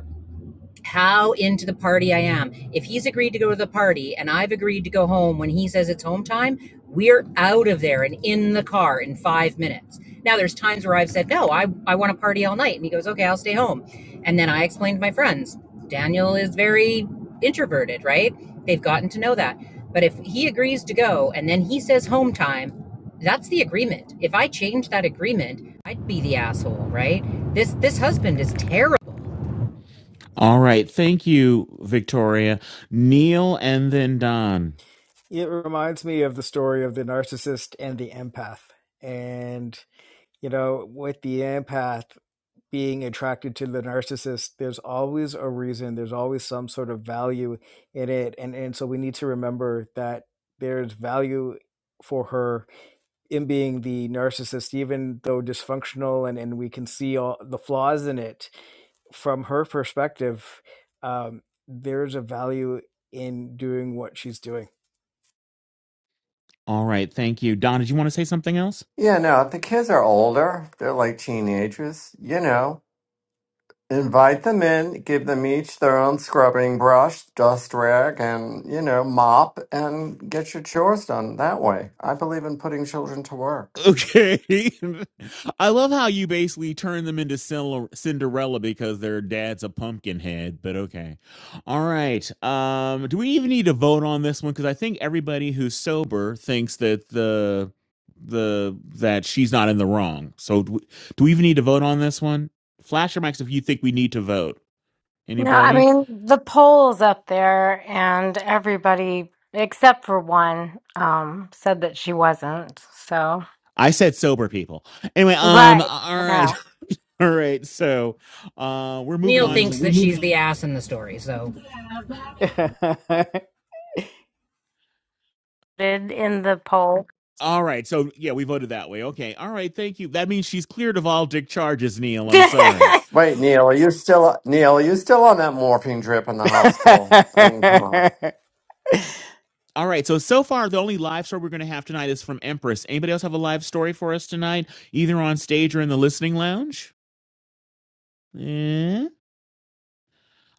how into the party I am. If he's agreed to go to the party and I've agreed to go home when he says it's home time, we're out of there and in the car in five minutes. Now, there's times where I've said, No, I, I want to party all night. And he goes, Okay, I'll stay home. And then I explain to my friends, Daniel is very introverted, right? They've gotten to know that. But if he agrees to go and then he says home time, that's the agreement. If I change that agreement, I'd be the asshole, right? This this husband is terrible All right, thank you, Victoria. Neil and then Don. it reminds me of the story of the narcissist and the empath and you know with the empath being attracted to the narcissist, there's always a reason, there's always some sort of value in it. And and so we need to remember that there's value for her in being the narcissist, even though dysfunctional and, and we can see all the flaws in it from her perspective, um, there's a value in doing what she's doing. All right, thank you. Don, did you want to say something else? Yeah, no, if the kids are older, they're like teenagers, you know. Invite them in, give them each their own scrubbing brush, dust rag, and, you know, mop, and get your chores done that way. I believe in putting children to work. Okay. I love how you basically turn them into Cinderella Cinderella because their dad's a pumpkin head, but okay. All right. Um do we even need to vote on this one cuz I think everybody who's sober thinks that the the that she's not in the wrong. So do we, do we even need to vote on this one? Flash your mics if you think we need to vote. No, I Anybody? mean the poll's up there, and everybody except for one um, said that she wasn't. So I said sober people. Anyway, um right, all right. no, All right. So, uh we're moving Neil on thinks that she's the ass in the story. So, and did in the poll. All right. So yeah, we voted that way. Okay. All right. Thank you. That means she's cleared of all dick charges, Neil. I'm sorry. Wait, Neil, are you still Neil, are you still on that morphine drip in the hospital? I mean, come on. All right. So so far, the only live story we're going to have tonight is from Empress. Anybody else have a live story for us tonight, either on stage or in the listening lounge? Eh?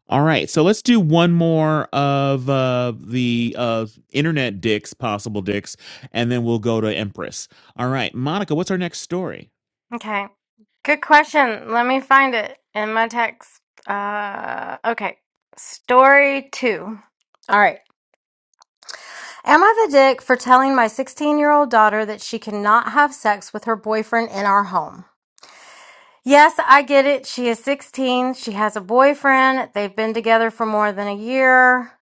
All right. So let's do one more of uh, the uh, internet dicks, possible dicks, and then we'll go to Empress. All right, Monica. What's our next story? okay, good question. Let me find it in my text. Uh, okay, story two. All right. Am I the dick for telling my 16 year old daughter that she cannot have sex with her boyfriend in our home? Yes, I get it. She is 16. She has a boyfriend. They've been together for more than a year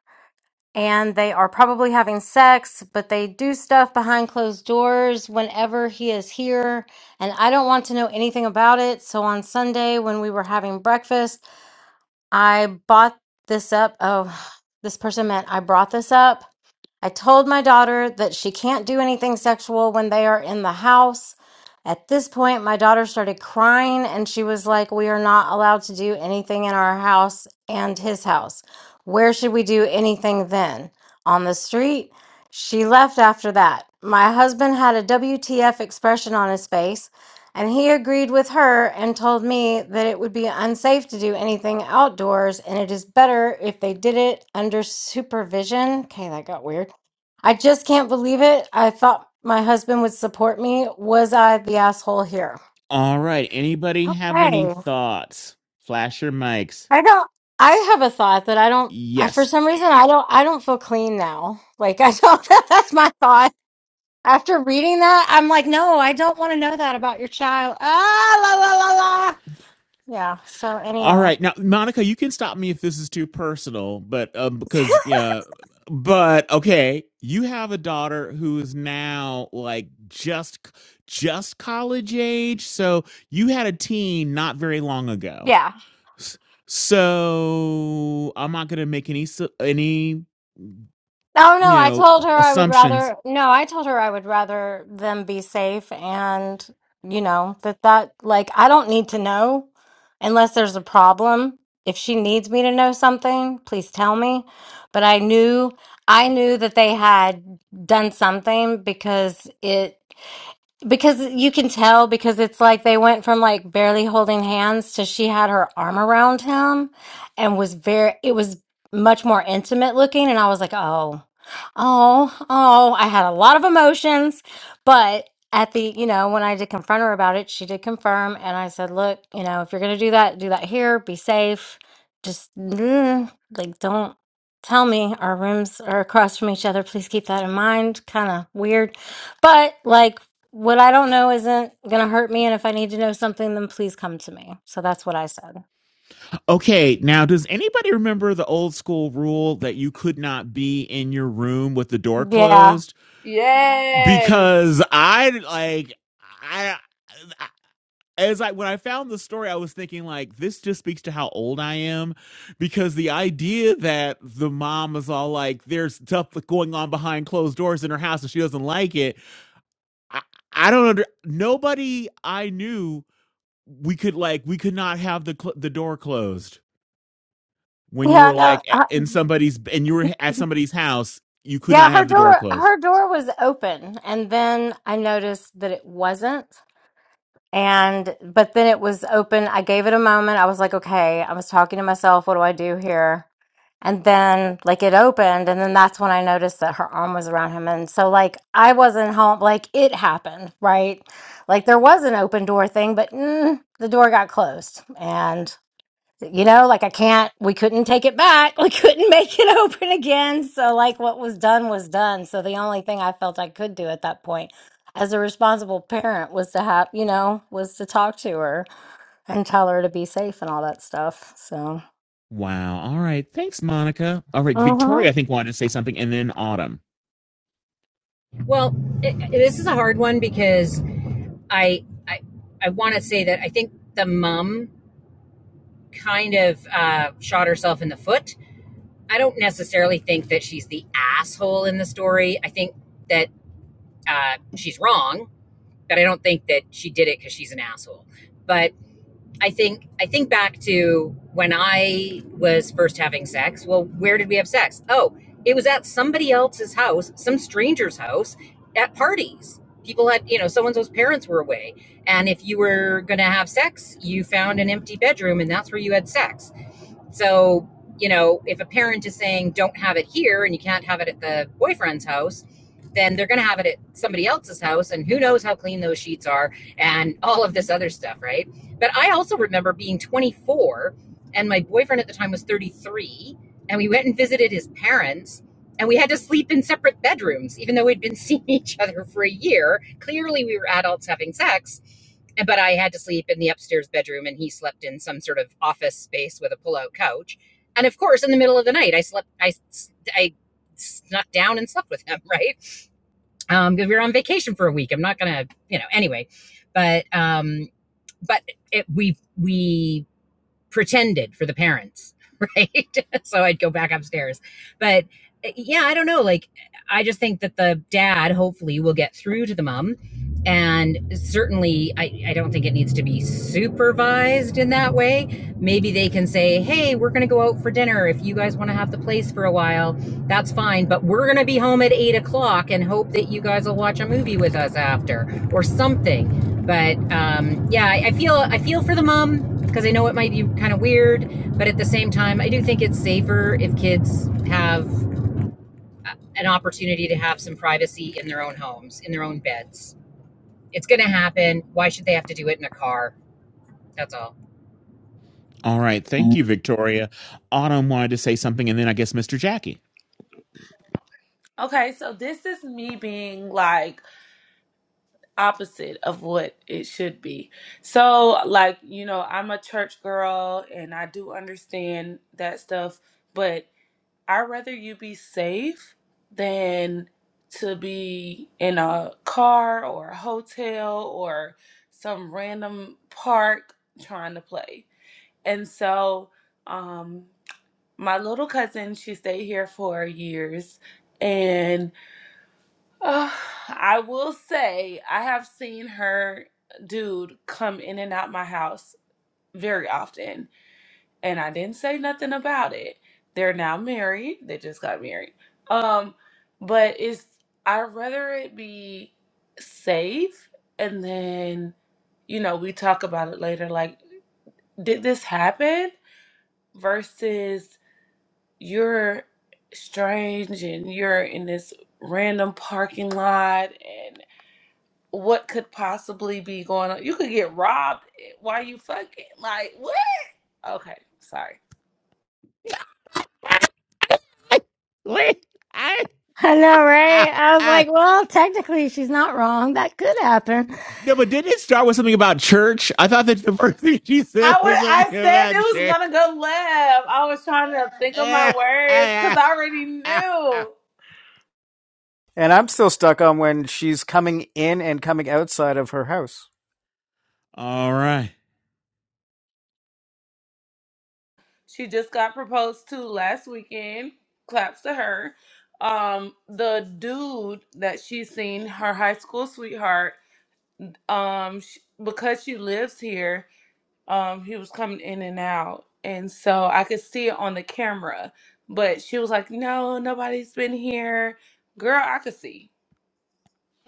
and they are probably having sex, but they do stuff behind closed doors whenever he is here. And I don't want to know anything about it. So on Sunday, when we were having breakfast, I bought this up. Oh, this person meant I brought this up. I told my daughter that she can't do anything sexual when they are in the house. At this point, my daughter started crying and she was like, We are not allowed to do anything in our house and his house. Where should we do anything then? On the street? She left after that. My husband had a WTF expression on his face. And he agreed with her and told me that it would be unsafe to do anything outdoors and it is better if they did it under supervision. Okay, that got weird. I just can't believe it. I thought my husband would support me. Was I the asshole here? All right. Anybody have any Okay. thoughts? Flash your mics. I don't I have a thought that I don't I Yes. for some reason I don't I don't feel clean now. Like I don't that's my thought. After reading that, I'm like, no, I don't want to know that about your child. Ah la la la la. Yeah. So All anyway. right. Now, Monica, you can stop me if this is too personal, but um, because, yeah, but okay, you have a daughter who is now like just just college age. So you had a teen not very long ago. Yeah. S- So I'm not going to make any su- any, Oh no, you I know, told her I would assumptions. rather no, I told her I would rather them be safe and you know that that like I don't need to know unless there's a problem. If she needs me to know something, please tell me. But I knew I knew that they had done something because it. because you can tell because it's like they went from like barely holding hands to she had her arm around him and was very it was much more intimate looking and I was like, "Oh. Oh, oh, I had a lot of emotions, but at the, you know, when I did confront her about it, she did confirm and I said, "Look, you know, if you're going to do that, do that here, be safe. Just mm, like don't tell me our rooms are across from each other. Please keep that in mind." Kind of weird. But like what I don't know isn't going to hurt me. And if I need to know something, then please come to me. So that's what I said. Okay, now does anybody remember the old school rule that you could not be in your room with the door Yeah. closed? Yes. because I like I I as I when I found the story, I was thinking like this just speaks to how old I am, because the idea that the mom is all like there's stuff going on behind closed doors in her house and she doesn't like it. I, I don't under nobody I knew we could like we could not have the cl- the door closed when you Yeah. were No. like a- Uh, in somebody's and you were at somebody's house you could not yeah. Her have the door door, closed her door was open. And then I noticed that it wasn't. And, but then it was open. I gave it a moment. I was like, okay, I was talking to myself. What do I do here? And then like it opened and then that's when I noticed that her arm was around him. And so like I wasn't home like it happened, right? Like there was an open door thing, but mm, the door got closed. And you know, like I can't we couldn't take it back. We couldn't make it open again. So like what was done was done. So the only thing I felt I could do at that point as a responsible parent was to have, you know, was to talk to her and tell her to be safe and all that stuff. So, Wow. All right. Thanks, Monica. All right. Victoria, I think, wanted to say something, and then Autumn. well, it, it- this is a hard one because I I, I want to say that I think the mum kind of uh, shot herself in the foot. I don't necessarily think that she's the asshole in the story. I think that uh, she's wrong, but I don't think that she did it because she's an asshole. But I think I think back to when I was first having sex. Well, where did we have sex? Oh, it was at somebody else's house, some stranger's house, at parties. People had, you know, someone's parents were away, and if you were going to have sex, you found an empty bedroom, and that's where you had sex. So, you know, if a parent is saying, don't have it here and you can't have it at the boyfriend's house, then they're going to have it at somebody else's house. And who knows how clean those sheets are and all of this other stuff, right? But I also remember being 24 and my boyfriend at the time was 33. And we went and visited his parents and we had to sleep in separate bedrooms, even though we'd been seeing each other for a year. Clearly, we were adults having sex but I had to sleep in the upstairs bedroom and he slept in some sort of office space with a pullout couch. And of course, in the middle of the night, I slept, I, I snuck down and slept with him, right? Um, cause we were on vacation for a week. I'm not gonna, you know, anyway, but, um, but it, we, we pretended for the parents, right? so I'd go back upstairs. But uh, yeah, I don't know. Like, I just think that the dad hopefully will get through to the mom. And certainly, I, I don't think it needs to be supervised in that way. Maybe they can say, hey, we're going to go out for dinner. If you guys want to have the place for a while, that's fine. But we're going to be home at eight o'clock and hope that you guys will watch a movie with us after or something. But um, yeah, I, I feel I feel for the mom because I know it might be kind of weird, but at the same time, I do think it's safer if kids have an opportunity to have some privacy in their own homes, in their own beds. It's going to happen. Why should they have to do it in a car? That's all. All right. Thank you, Victoria. Autumn wanted to say something, and then I guess Mr. Jackie. Okay, so this is me being like opposite of what it should be. So, like, you know, I'm a church girl and I do understand that stuff, but I'd rather you be safe than to be in a car or a hotel or some random park trying to play. And so, um, my little cousin, she stayed here for years and Uh, I will say I have seen her dude come in and out my house very often, and I didn't say nothing about it. They're now married. They just got married. Um, but it's i rather it be safe and then, you know, we talk about it later. Like, did this happen? Versus you're strange and you're in this random parking lot what could possibly be going on? You could get robbed while you fucking like what? Okay, sorry. Wait. I, I ah, know, ah. right? I was ah. like, well, technically, she's not wrong. That could happen. No, but didn't it start with something about church? I thought that the first thing she I said was was I something said about it was church. gonna go left. I was trying to think of Eh, my words because ah, I already ah, ah. knew. I'm still stuck on when she's coming in and coming outside of her house. All right. She just got proposed to last weekend. Claps to her. Um, the dude that she's seen, her high school sweetheart, um, sh because she lives here, um he was coming in and out and so i could see it on the camera but she was like no nobody's been here girl i could see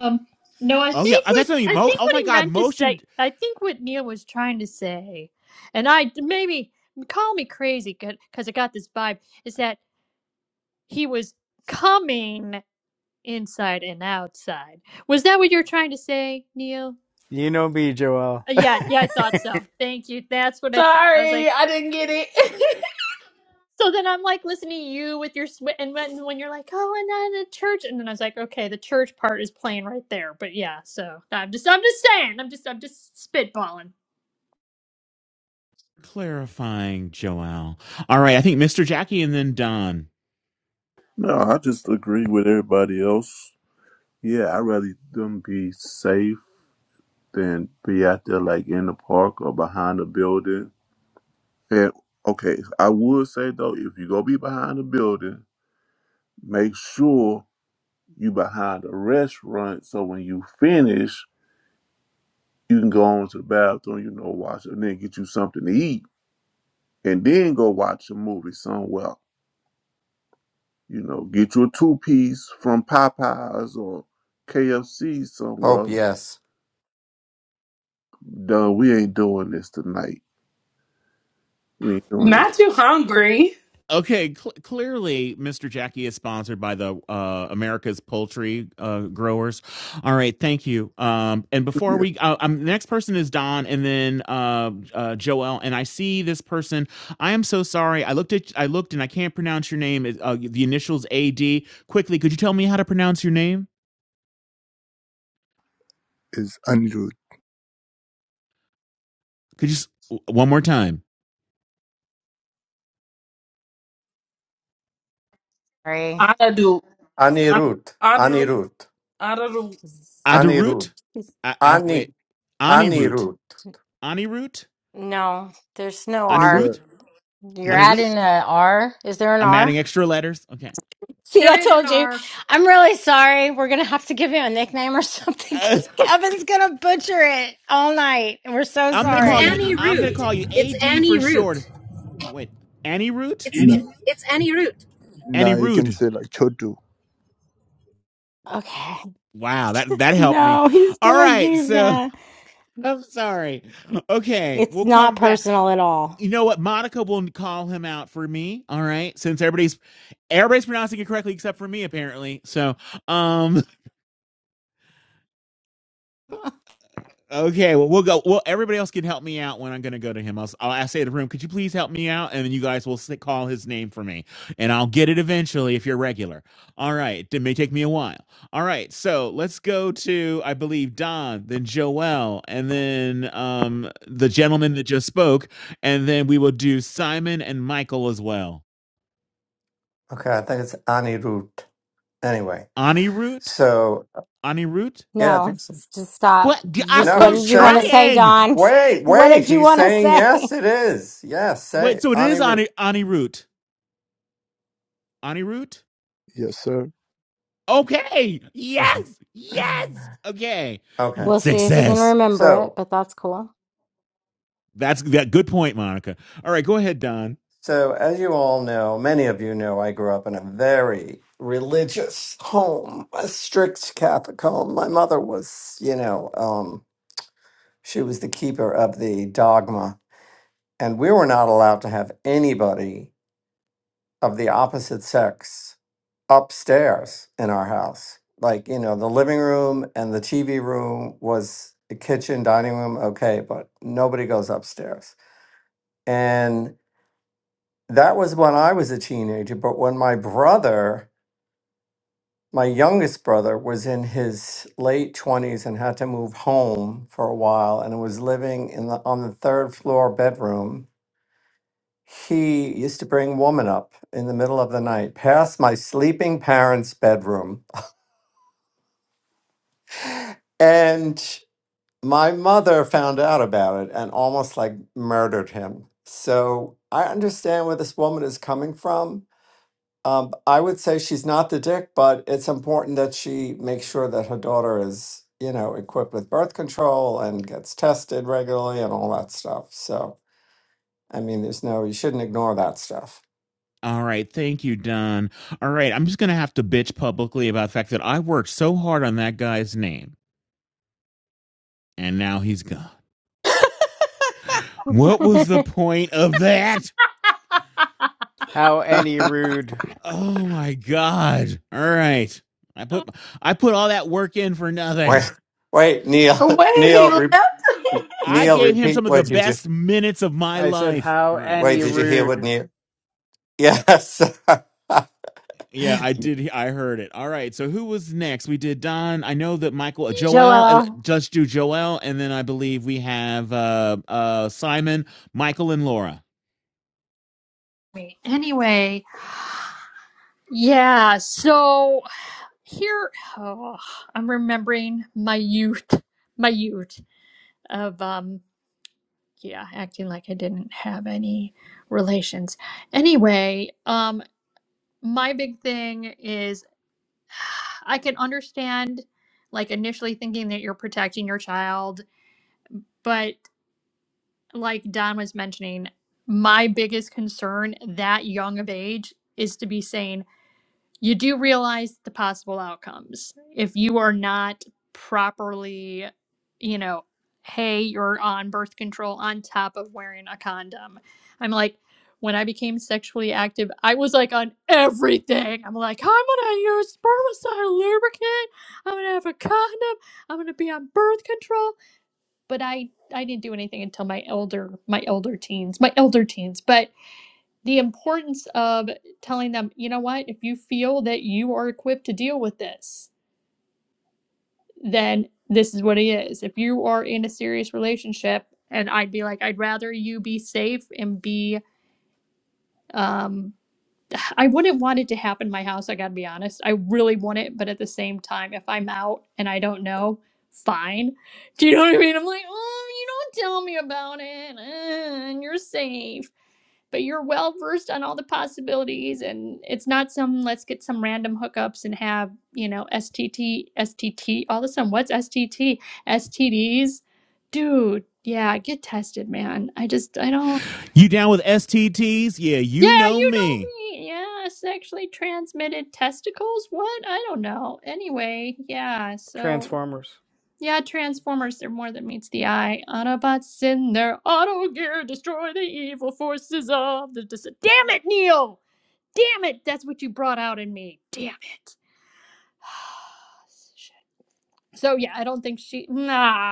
Um, no, I Oh, yeah. think Oh, what That's something. I Mo- think oh, what my he God. meant to Motion say. I think what Neil was trying to say, and I maybe call me crazy because I got this vibe is that he was coming inside and outside. Was that what you were trying to say, Neil? You know me, Joel. Uh, yeah, yeah, I thought so. Thank you. That's what I thought. I was sorry like, i didn't get it so then I'm like listening to you with your sw- and when, when you're like, oh, and then the church, and then I was like, okay, the church part is playing right there. But yeah, so I'm just, I'm just saying, I'm just, I'm just spitballing. clarifying, Joelle. All right. I think Mr. Jackie and then Don. No, I just agree with everybody else. Yeah, I'd rather them be safe than be out there like in the park or behind a building. And okay, I would say though, if you go be behind a building, make sure you behind a restaurant so when you finish, you can go on to the bathroom, you know, wash and then get you something to eat. And then go watch a movie somewhere. You know, get you a two piece from Popeyes or KFC Hope somewhere yes. No, we ain't doing this tonight. We ain't doing this. Not too hungry. Okay, cl- clearly, Mr. Jackie is sponsored by the uh, America's Poultry uh, Growers. All right, thank you. Um, and before Yeah. we, uh, um, the next person is Don, and then uh, uh, Joel. And I see this person. I am so sorry. I looked at, I looked, and I can't pronounce your name. It- Uh, the initials AD. Quickly, could you tell me how to pronounce your name? is Anirudh. Could you s- w- one more time? Sorry. I do. I, Anirut. I do. Anirut. I do. She's- Anirut. Adirut. she's- I, I Ani wait. Anirut. Anirut. Anirut. No, there's no Yes, R. sir. Anirut. You're Anirut. adding Yes. a R. Is there an I'm R? adding extra letters. Okay. See, I There is an told you. R. I'm really sorry. We're going to have to give you a nickname or something because Kevin's going to butcher it all night. And we're so I'm gonna It's call you. sorry. any I'm gonna route. call you It's AD any for short. route. Wait, Annie Root? It's Annie. it's any route. Annie Now you can Rude. say like Chotu. Okay. Wow, that that helped me. No, he's All going to, right, he's so going to. I'm sorry. Okay, It's we'll not come back. personal at all. You know what? Monica will call him out for me. All right, since everybody's everybody's pronouncing it correctly except for me apparently. So, um, Okay, well we'll go. Well, everybody else can help me out when I'm going to go to him. I'll, I'll I'll say to the room, could you please help me out? And then you guys will s- call his name for me, and I'll get it eventually if you're regular. All right, it may take me a while. All right, so let's go to I believe Don, then Joel, and then um the gentleman that just spoke, and then we will do Simon and Michael as well. Okay, I think it's Anirut. Anyway. Anirut, So Anirut. yeah, I No, think so. just stop. What? Just No, what I'm did he's you want to saying say, trying. Don? Wait, What wait. did you He's want to saying say? yes, it is. Yes, Wait, say so it is Anirudh. Ani Anirut. Anirut. Yes, sir. Okay. Yes. Yes. Okay. okay. We'll see if he can Success. remember it, So, but that's cool. That's that good point, Monica. All right, go ahead, Don. so as you all know, many of you know, I grew up in a very religious home, a strict Catholic home. My mother was, you know, um, she was the keeper of the dogma, and we were not allowed to have anybody of the opposite sex upstairs in our house. Like, you know, the living room and the TV room was the kitchen, dining room, okay, but nobody goes upstairs. And that was when I was a teenager. But when my brother, my youngest brother, was in his late 20s and had to move home for a while and was living in the, on the third floor bedroom, he used to bring woman up in the middle of the night past my sleeping parents' bedroom. And My mother found out about it and almost like murdered him. So I understand where this woman is coming from. Um, I would say she's not the dick, but it's important that she makes sure that her daughter is, you know, equipped with birth control and gets tested regularly and all that stuff. So, I mean, there's no, you shouldn't ignore that stuff. All right, thank you, Don. All right, I'm just gonna have to bitch publicly about the fact that I worked so hard on that guy's name, and now he's gone. What was the point of that? How any rude. Oh my god. All right. I put I put all that work in for nothing. Wait, wait, Neil, when he Neil, re, left I Neil, gave him repeat some of the what you just, best minutes of my I said, life. how All right. wait, any did you hear rude. what Neil? Yes. Yeah, I did. I heard it. All right. So who was next? We did Don. I know that Michael, uh, Joel. uh, Joel. Just do Joel, and then I believe we have uh, uh, Simon, Michael, and Laura. Anyway, yeah, so here oh, I'm remembering my youth, my youth of um yeah, acting like I didn't have any relations. Anyway, um my big thing is I can understand like initially thinking that you're protecting your child, but. like Don was mentioning, my biggest concern that young of age is to be saying, you do realize the possible outcomes. If you are not properly, you know, hey, you're on birth control on top of wearing a condom. I'm like, when I became sexually active, I was like on everything. I'm like, I'm gonna use spermicide lubricant. I'm gonna have a condom. I'm gonna be on birth control but I I didn't do anything until my elder my elder teens, my elder teens, but the importance of telling them, you know what, if you feel that you are equipped to deal with this, then this is what it is. If you are in a serious relationship and I'd be like I'd rather you be safe and be um I wouldn't want it to happen in my house. I got to be honest. I really want it, but at the same time, if I'm out and I don't know, fine. Do you know what I mean? I'm like, oh, you don't tell me about it, uh, and you're safe. But you're well versed on all the possibilities, and it's not some let's get some random hookups and have you know STT, STT, all of a sudden what's STT, STDs, dude. Yeah, get tested, man. I just I don't. You down with STTs? Yeah, you Yeah, know you me. know me. Yeah, sexually transmitted testicles? What? I don't know. Anyway, yeah, so Transformers. yeah, Transformers, they're more than meets the eye. Autobots in their auto gear destroy the evil forces of the dis- Damn it, Neo! Damn it! That's what you brought out in me. Damn it. Shit. So yeah, I don't think she nah.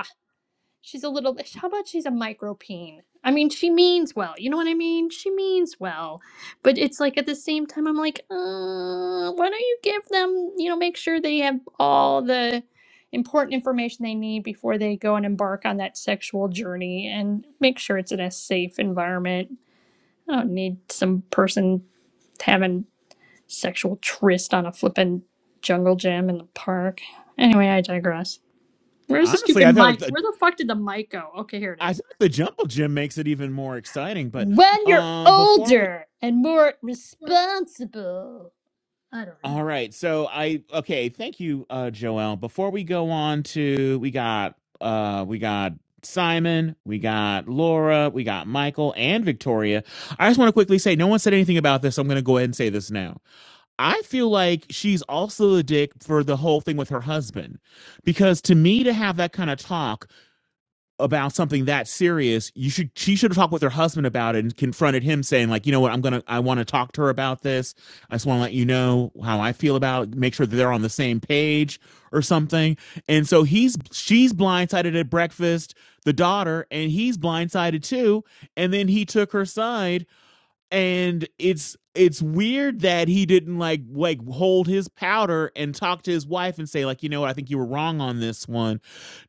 She's a little. How about she's a micropeen? I mean, she means well. You know what I mean? She means well, but it's like at the same time, I'm like, uh, why don't you give them? You know, make sure they have all the important information they need before they go and embark on that sexual journey, and make sure it's in a safe environment. I don't need some person having sexual tryst on a flippin' jungle gym in the park. Anyway, I digress. Where's the Honestly, stupid I felt like mic? the. Where the fuck did the mic go? Okay, here it I is. think the Jumble Gym makes it even more exciting. But When you're um, before we older and more responsible, I don't know. All right. So I okay, thank you, uh Joel. Before we go on to we got uh we got Simon, we got Laura, we got Michael and Victoria. I just want to quickly say no one said anything about this. So I'm going to go ahead and say this now. I feel like she's also a dick for the whole thing with her husband because to me to have that kind of talk about something that serious, you should she should have talked with her husband about it and confronted him saying like, you know what, I'm gonna I want to talk to her about this. I just want to let you know how I feel about it, make sure that they're on the same page or something. And so he's she's blindsided at breakfast, the daughter, and he's blindsided too. And then he took her side and it's it's weird that he didn't like like hold his powder and talk to his wife and say like you know what I think you were wrong on this one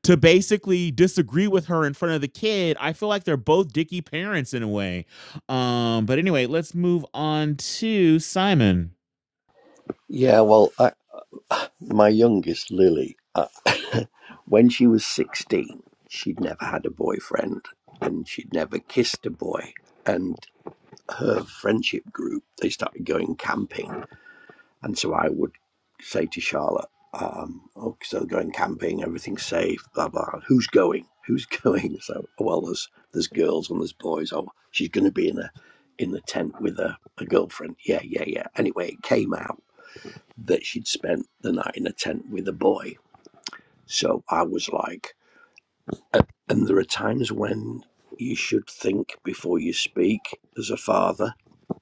to basically disagree with her in front of the kid I feel like they're both dicky parents in a way um but anyway let's move on to Simon Yeah, well, I, my youngest, Lily, uh, when she was 16, she'd never had a boyfriend and she'd never kissed a boy. and. her friendship group, they started going camping. And so I would say to Charlotte, um, oh, so going camping, everything's safe, blah, blah. Who's going? Who's going? So, well, there's, there's girls and there's boys. Oh, she's going to be in a, in the tent with a, a girlfriend. Yeah, yeah, yeah. Anyway, it came out that she'd spent the night in a tent with a boy. So I was like, and and there are times when you should think before you speak as a father.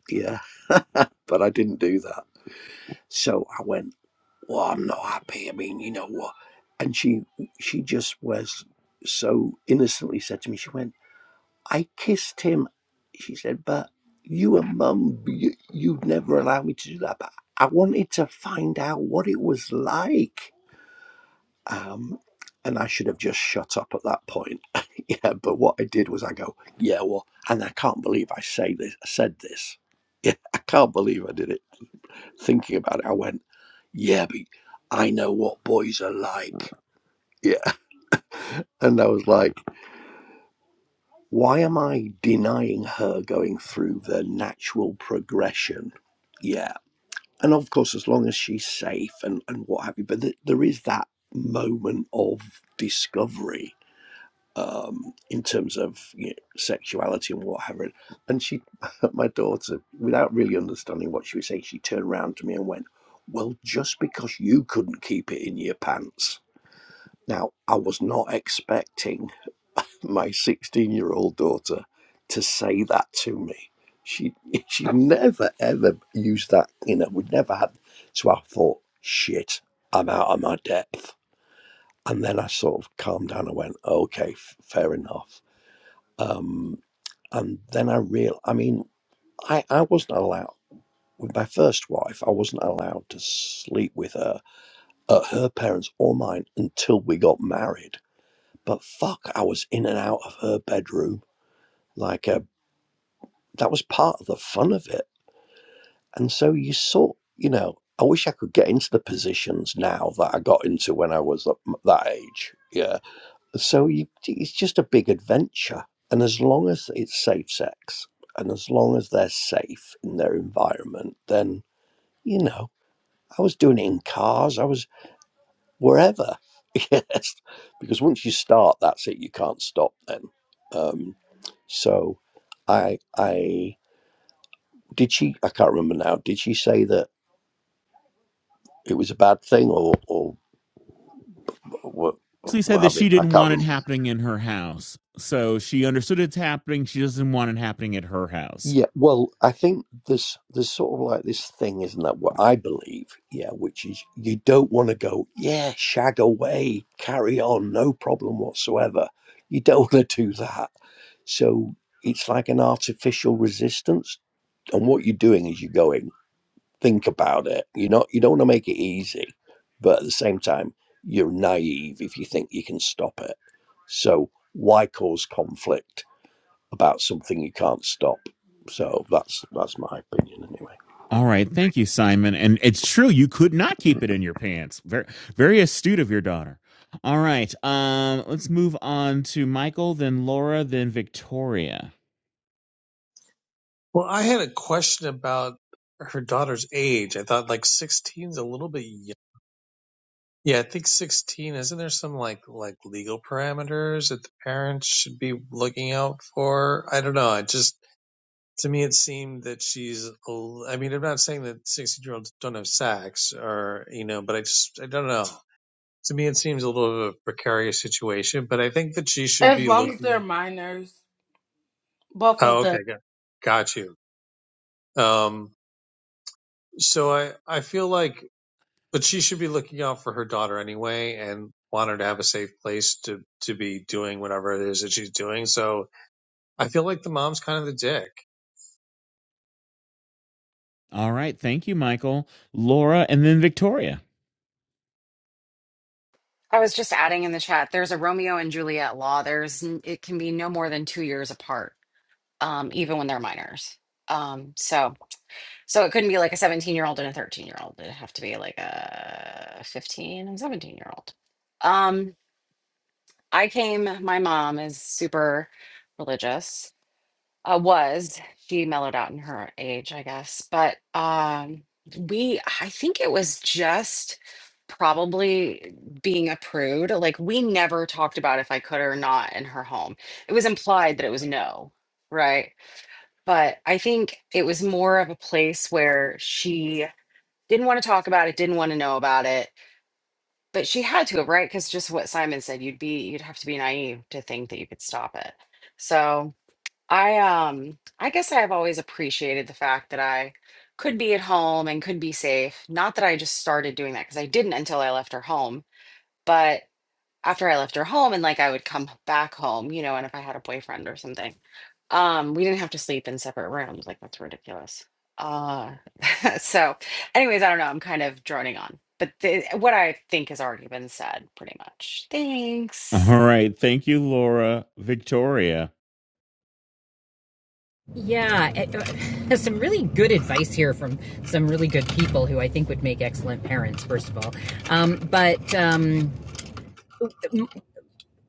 Yeah, but I didn't do that. So I went, well, I'm not happy. I mean, you know what? And she she just was so innocently said to me, she went, I kissed him. She said, but you and mum, you, you'd never allow me to do that. But I wanted to find out what it was like. Um, and I should have just shut up at that point. yeah, but what I did was I go, yeah, well, and I can't believe I say this, I said this. Yeah, I can't believe I did it thinking about it, I went, yeah, but I know what boys are like. Yeah. And I was like, why am I denying her going through the natural progression? Yeah. And of course, as long as she's safe and, and what have you, but th- there is that moment of discovery um, in terms of you know, sexuality and whatever. And she, my daughter, without really understanding what she was saying, she turned around to me and went, Well, just because you couldn't keep it in your pants. Now, I was not expecting my 16 year old daughter to say that to me. She she never ever used that, you know, we'd never had. So I thought, shit, I'm out of my depth. And then I sort of calmed down and went, okay, f- fair enough um, and then I real, I mean, I, I wasn't allowed with my first wife. I wasn't allowed to sleep with her, uh, her parents or mine, until we got married. But fuck, I was in and out of her bedroom. Like uh, that was part of the fun of it. And so you sort, you know, I wish I could get into the positions now that I got into when I was that that age. Yeah So you, it's just a big adventure. And as long as it's safe sex and as long as they're safe in their environment, then, you know, I was doing it in cars, I was wherever. yes. Because once you start, that's it. You can't stop then. Um, so I, I, did she, I can't remember now, did she say that it was a bad thing or, or, or, She said or that she having, I didn't can't want remember. it happening in her house so she understood it's happening she doesn't want it happening at her house Yeah, well, I think there's there's sort of like this thing, isn't that what I believe? Yeah, which is you don't want to go, yeah, shag away, carry on, no problem whatsoever. You don't want to do that. So it's like an artificial resistance. And what you're doing is you're going, think about it. You're not you don't want to make it easy, but at the same time, you're naive if you think you can stop it. So why cause conflict? about something you can't stop. So that's that's my opinion anyway. All right, thank you, Simon. And it's true, you could not keep it in your pants. Very, very astute of your daughter. All right, um, let's move on to Michael, then Laura, then Victoria. Well, I had a question about her daughter's age. I thought like 16 is a little bit young. Yeah, I think 16. Isn't there some like like legal parameters that the parents should be looking out for? I don't know. I just to me it seemed that she's. a l- I mean, I'm not saying that 16 year olds don't have sex or you know, but I just I don't know to me it seems a little bit of a precarious situation, but I think that she should As be long as looking they're minors, both Oh, of them. okay, got got you. Um, so I I feel like, but she should be looking out for her daughter anyway, and want her to have a safe place to to be doing whatever it is that she's doing. So I feel like the mom's kind of the dick. All right, thank you, Michael, Laura, and then Victoria. I was just adding in the chat, there's a Romeo and Juliet law. There's n- it can be no more than two years apart, um, even when they're minors. Um, so so it couldn't be like a 17 year old and a 13 year old. It'd have to be like a 15 and 17 year old. Um, I came, my mom is super religious uh, was she mellowed out in her age i guess but um we i think it was just probably being a prude like we never talked about if i could or not in her home it was implied that it was no right but i think it was more of a place where she didn't want to talk about it didn't want to know about it but she had to right because just what simon said you'd be you'd have to be naive to think that you could stop it so I um I guess I've always appreciated the fact that I could be at home and could be safe. Not that I just started doing that because I didn't until I left her home, but after I left her home and like I would come back home, you know, and if I had a boyfriend or something, um, we didn't have to sleep in separate rooms. Like that's ridiculous. Uh so anyways, I don't know, I'm kind of droning on. But the, what I think has already been said pretty much. Thanks. All right, thank you, Laura, Victoria. Yeah, it- uh, some really good advice here from some really good people who I think would make excellent parents. First of all, um, but um,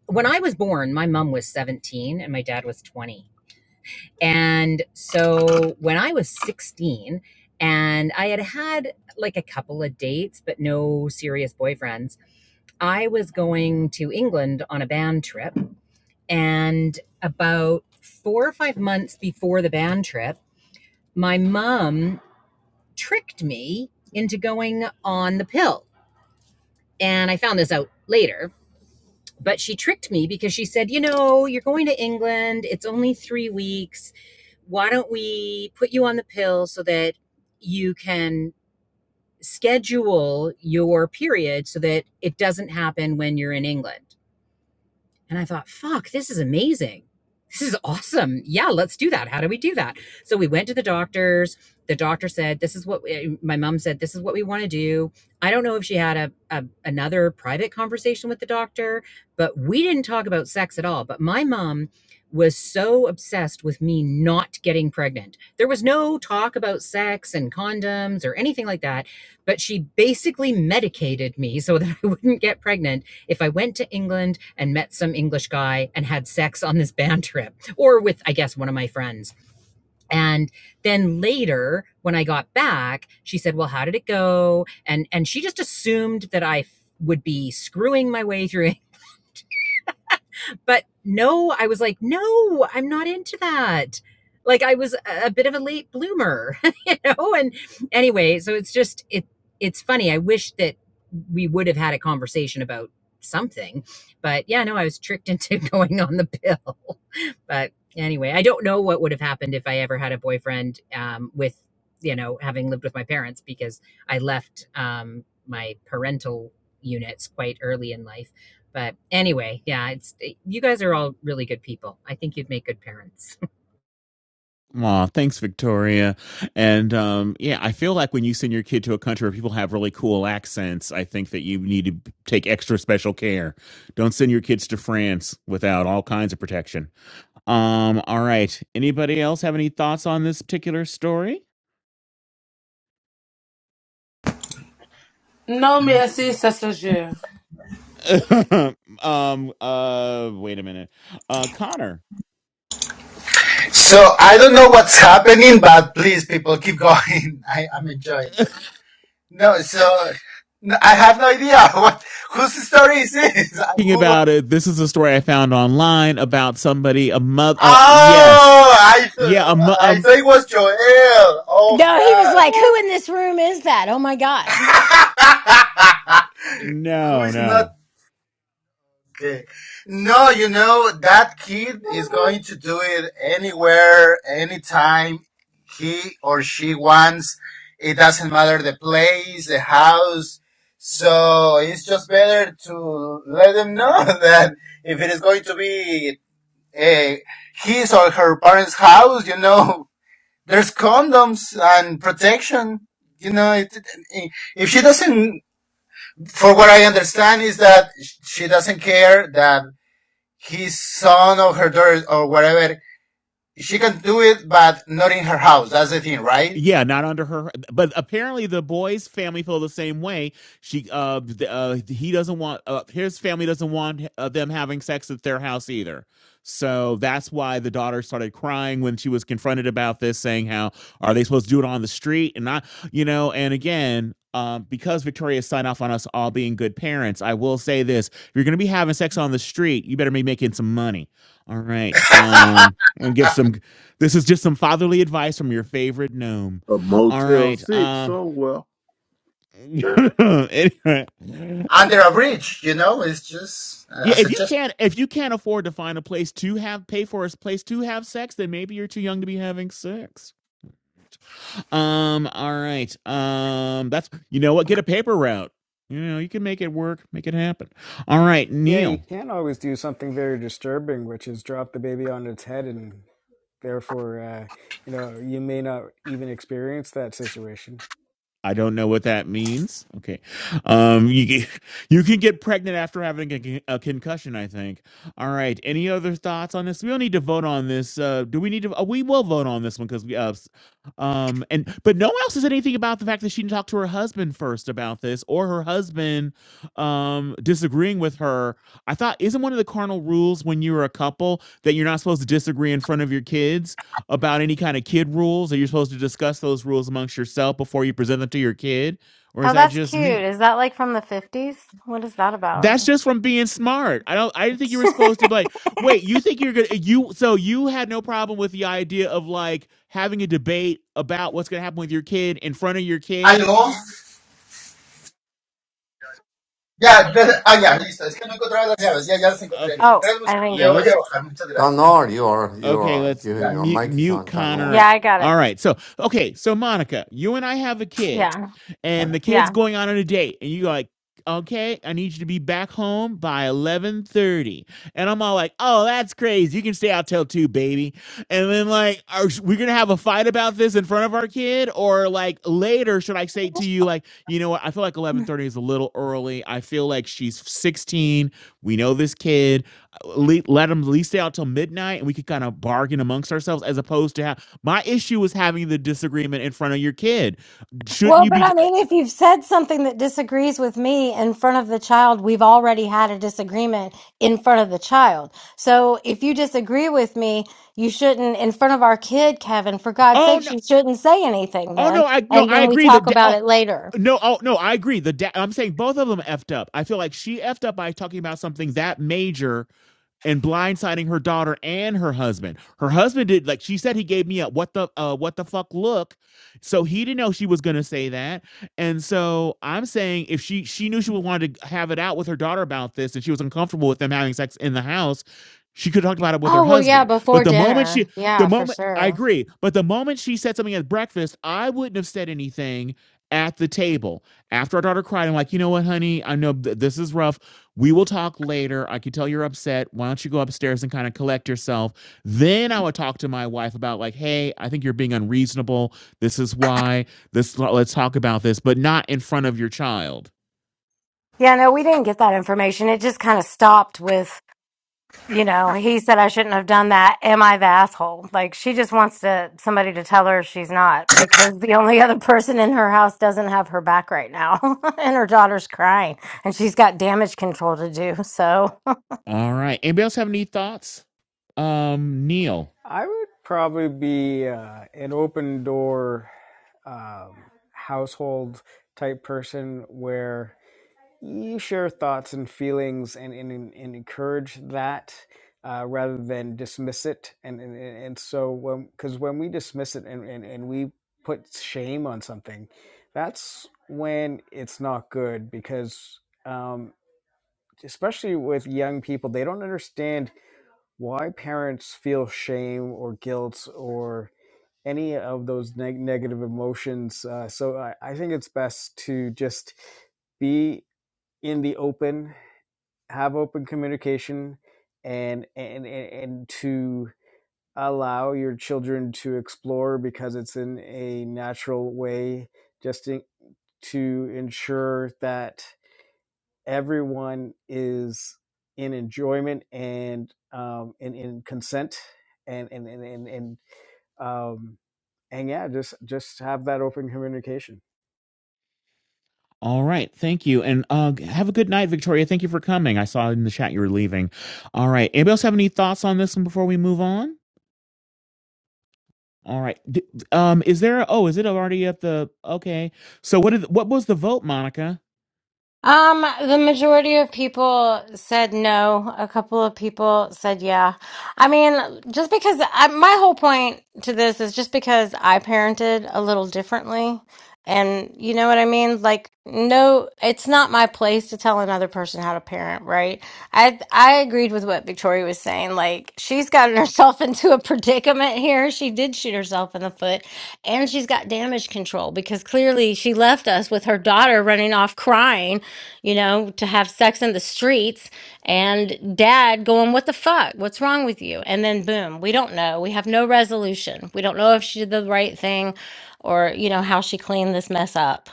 when I was born, my mom was 17 and my dad was 20. And so when I was 16 and I had had like a couple of dates, but no serious boyfriends, I was going to England on a band trip. And about four or five months before the band trip, my mom tricked me into going on the pill. And I found this out later But she tricked me because she said, You know, you're going to England. It's only three weeks. Why don't we put you on the pill so that you can schedule your period so that it doesn't happen when you're in England? And I thought, fuck, this is amazing. This is awesome. Yeah, let's do that. How do we do that? So we went to the doctors. The doctor said, This is what we, my mom said, this is what we want to do. I don't know if she had a, a another private conversation with the doctor, but we didn't talk about sex at all. But my mom was so obsessed with me not getting pregnant. There was no talk about sex and condoms or anything like that, but she basically medicated me so that I wouldn't get pregnant if I went to England and met some English guy and had sex on this band trip or with, I guess, one of my friends. And then later when I got back, she said, well, how did it go? And, and she just assumed that I would be screwing my way through but no, I was like, no, I'm not into that. Like I was a bit of a late bloomer, you know? And anyway, so it's just it it's funny. I wish that we would have had a conversation about something. But yeah, no, I was tricked into going on the pill. But anyway, I don't know what would have happened if I ever had a boyfriend um, with, you know, having lived with my parents because I left um, my parental units quite early in life. But anyway, yeah, it's eh, you guys are all really good people. I think you'd make good parents. Aw, thanks, Victoria. And um, yeah, I feel like when you send your kid to a country where people have really cool accents, I think that you need to take extra special care. Don't send your kids to France without all kinds of protection. Um, all right. Anybody else have any thoughts on this particular story? No me Ye- así, se um, uh, wait a minute. Uh, Connor. So I don't know what's happening, but please, people, keep going. I, I'm enjoying it. No, so no, I have no idea what whose story is this. Thinking Who? wa- about it, this is a story I found online about somebody, a mother. Uh, yes. Oh, I Yeah. A, thought mo- I um, thought it was Joel. Oh No, he was like, Who in this room is that? Oh my God. God, who no, is not no. Okay. No, you know, that kid is going to do it anywhere, anytime he or she wants. It doesn't matter the place, the house. So it's just better to let them know that if it is going to be eh, his or her parents' house, you know, there's condoms and protection. You know, it, it- if she doesn't, for what I understand is that sh- she doesn't care that his son or her daughter or whatever. She can do it, but not in her house. That's the thing, right? Yeah, not under her. But apparently, the boy's family feel the same way. She, uh, th- uh he doesn't want uh, his family doesn't want uh, them having sex at their house either. So that's why the daughter started crying when she was confronted about this, saying, "How are they supposed to do it on the street?" And not, you know, and again. Um, because Victoria signed off on us all being good parents, I will say this: if you're going to be having sex on the street, you better be making some money. All right, um, i give some this is just some fatherly advice from your favorite gnome. A All Motel right. 6 Um somewhere. anyway. Under a bridge, you know, it's just uh, Yeah, as if a you gesture. can't if you can't afford to find a place to have pay for a place to have sex, then maybe you're too young to be having sex. Um, all right. Um, that's you know what? Get a paper route. You know, you can make it work, make it happen. All right, Yeah, Neil. you can't always do something very disturbing, which is drop the baby on its head and therefore, uh, you know, you may not even experience that situation. I don't know what that means. Okay. Um, you can, you can get pregnant after having a, a concussion, I think. All right. Any other thoughts on this? We don't need to vote on this. Uh, do we need to? Uh, we will vote on this one because we, uh, s- um, and, but no one else says anything about the fact that she didn't talk to her husband first about this or her husband, um, disagreeing with her. I thought, isn't one of the carnal rules when you're a couple that you're not supposed to disagree in front of your kids? about any kind of kid rules? Are you supposed to discuss those rules amongst yourself before you present them to your kid? Or is Oh, that that's just cute. me? Is that like from the 50s? What is that about? That's just from being smart. I don't I didn't think you were supposed to be like, wait, you think you're gonna you so you had no problem with the idea of like having a debate about what's gonna happen with your kid in front of your kid? ¿Aló? Ya, ya, ah, ya, listo. Es que no encontraba las llaves. Ya, ya las encontré. Okay. oh, Gracias, I Lucía. think Te Yeah, he, voy let's a bajar. Muchas gracias. Ganor, you are you Okay, are let's you, your Gracias. mute, mic is mute on Connor Ganor. yeah, up. I got it. All right. So, okay. So, Monica, you and I have a kid, Yeah. and the kid's going on on a date, and you're like, okay, I need you to be back home by 11.30. And I'm all like, oh, that's crazy. You can stay out till 2, baby. And then, like, are we going to have a fight about this in front of our kid? Or, like, later, should I say to you, like, you know what? I feel like 11.30 is a little early. I feel like she's 16. We know this kid le- let them at least stay out till midnight and we could kind of bargain amongst ourselves as opposed to have my issue is having the disagreement in front of your kid shouldn't Well, you but be I mean, if you've said something that disagrees with me in front of the child, we've already had a disagreement in front of the child. So if you disagree with me, you shouldn't, in front of our kid, Kevin, for God's oh sakes, no you shouldn't say anything oh then. no i no And i then we agree the talk da- about oh, it later. no oh no i agree the da- i'm saying both of them effed up i feel like she effed up by talking about something that major and blindsiding her daughter and her husband. Her husband did like she said he gave me a what the uh what the fuck look. So he didn't know she was gonna say that. And so I'm saying if she she knew she would wanted to have it out with her daughter about this and she was uncomfortable with them having sex in the house, she could talk about it with her Oh, well, yeah, husband. But before the moment she dinner. the Yeah, for moment I sure. agree, but the moment she said something at breakfast, I wouldn't have said anything at the table after our daughter cried i'm like you know what honey i know th- this is rough we will talk later. I can tell you're upset. Why don't you go upstairs and kind of collect yourself? Then I would talk to my wife about like, hey, I think you're being unreasonable. This is why. This let's talk about this, but not in front of your child. Yeah, no, we didn't get that information. It just kind of stopped with. you know, he said I shouldn't have done that. Am I the asshole? Like she just wants to somebody to tell her she's not because the only other person in her house doesn't have her back right now, and her daughter's crying, and she's got damage control to do. So. All right. Anybody else have any thoughts? Um, Neil. I would probably be uh, an open door um, household type person where you share thoughts and feelings and, and, and encourage that uh, rather than dismiss it. And, and, and and so, when because when we dismiss it and, and, and we put shame on something, that's when it's not good because, um, especially with young people, they don't understand why parents feel shame or guilt or any of those neg- negative emotions. Uh, so, I, I think it's best to just be in the open have open communication and and and, to allow your children to explore because it's in a natural way just in, to ensure that everyone is in enjoyment and um in in consent and and and and, and um and yeah just just have that open communication All right. Thank you. And uh have a good night, Victoria. Thank you for coming. I saw in the chat you were leaving. All right. Anybody else have any thoughts on this one before we move on? All right. D- um, is there? Oh, is it already at the? Okay. So what did? What was the vote, Monica? Um, the majority of people said no. A couple of people said yeah. I mean, just because I, my whole point to this is just because I parented a little differently. And you know what I mean? Like, no, it's not my place to tell another person how to parent, right? I I agreed with what Victoria was saying. Like, she's gotten herself into a predicament or she did shoot herself in the foot and she's got damage control because clearly she left us with her daughter running off crying, you know, to have sex in the streets and dad going, What the fuck? What's wrong with you? And then boom, we don't know. We have no resolution. We don't know if she did the right thing or, you know, how she cleaned this mess up.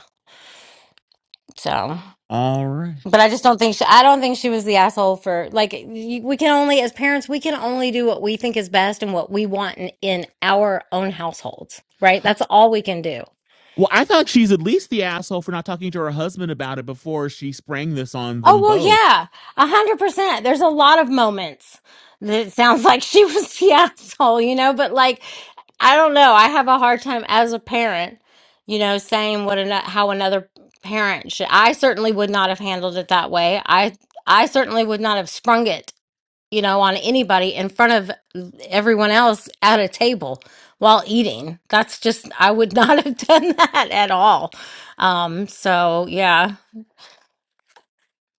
So. All right. But I just don't think she, I don't think she was the asshole for like y- we can only as parents we can only do what we think is best and what we want in, in our own households, right? That's all we can do. Well, I thought she's at least the asshole for not talking to her husband about it before she sprang this on Oh them well, both. yeah, a hundred percent. There's a lot of moments that it sounds like she was the asshole, you know. But like, I don't know. I have a hard time as a parent, you know, saying what an, how another parent should. I certainly would not have handled it that way. I I certainly would not have sprung it you know, on anybody in front of everyone else at a table while eating. That's just, I would not have done that at all. Um, so yeah.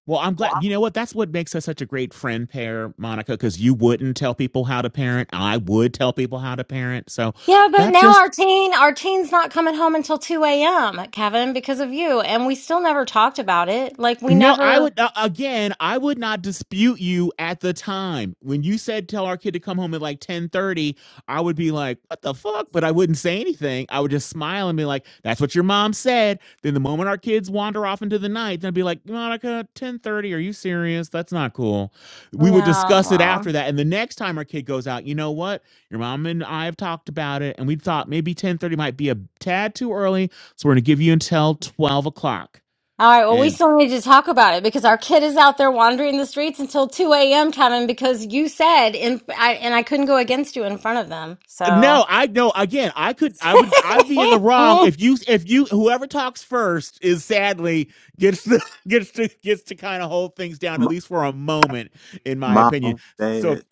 Well, I'm glad. You know what? That's what makes us such a great friend pair, Monica, because you wouldn't tell people how to parent. I would tell people how to parent. So Yeah, but that now just our teen, our teen's not coming home until 2 a.m., Kevin, because of you. And we still never talked about it. Like we No, I never, would uh, again. I would not dispute you at the time when you said tell our kid to come home at like ten thirty. I would be like, "What the fuck?" But I wouldn't say anything. I would just smile and be like, "That's what your mom said." Then the moment our kids wander off into the night, then I'd be like, "Monica, ten thirty? Are you serious? That's not cool." no, We would discuss it well. after that, and the next time our kid goes out, you know what? Your mom and I have talked about it, and we thought maybe ten thirty might be a tad too early, so we're going to give you until twelve o'clock, All right, well, we and still need to talk about it because our kid is out there wandering the streets until 2 a.m., Kevin, because you said, in, I, and I couldn't go against you in front of them. So. No, I know. Again, I could, I would, I'd be in the wrong I if you, if you, whoever talks first is sadly gets to gets to gets to kind of hold things down M- at least for a moment, in my mom, opinion. dad, So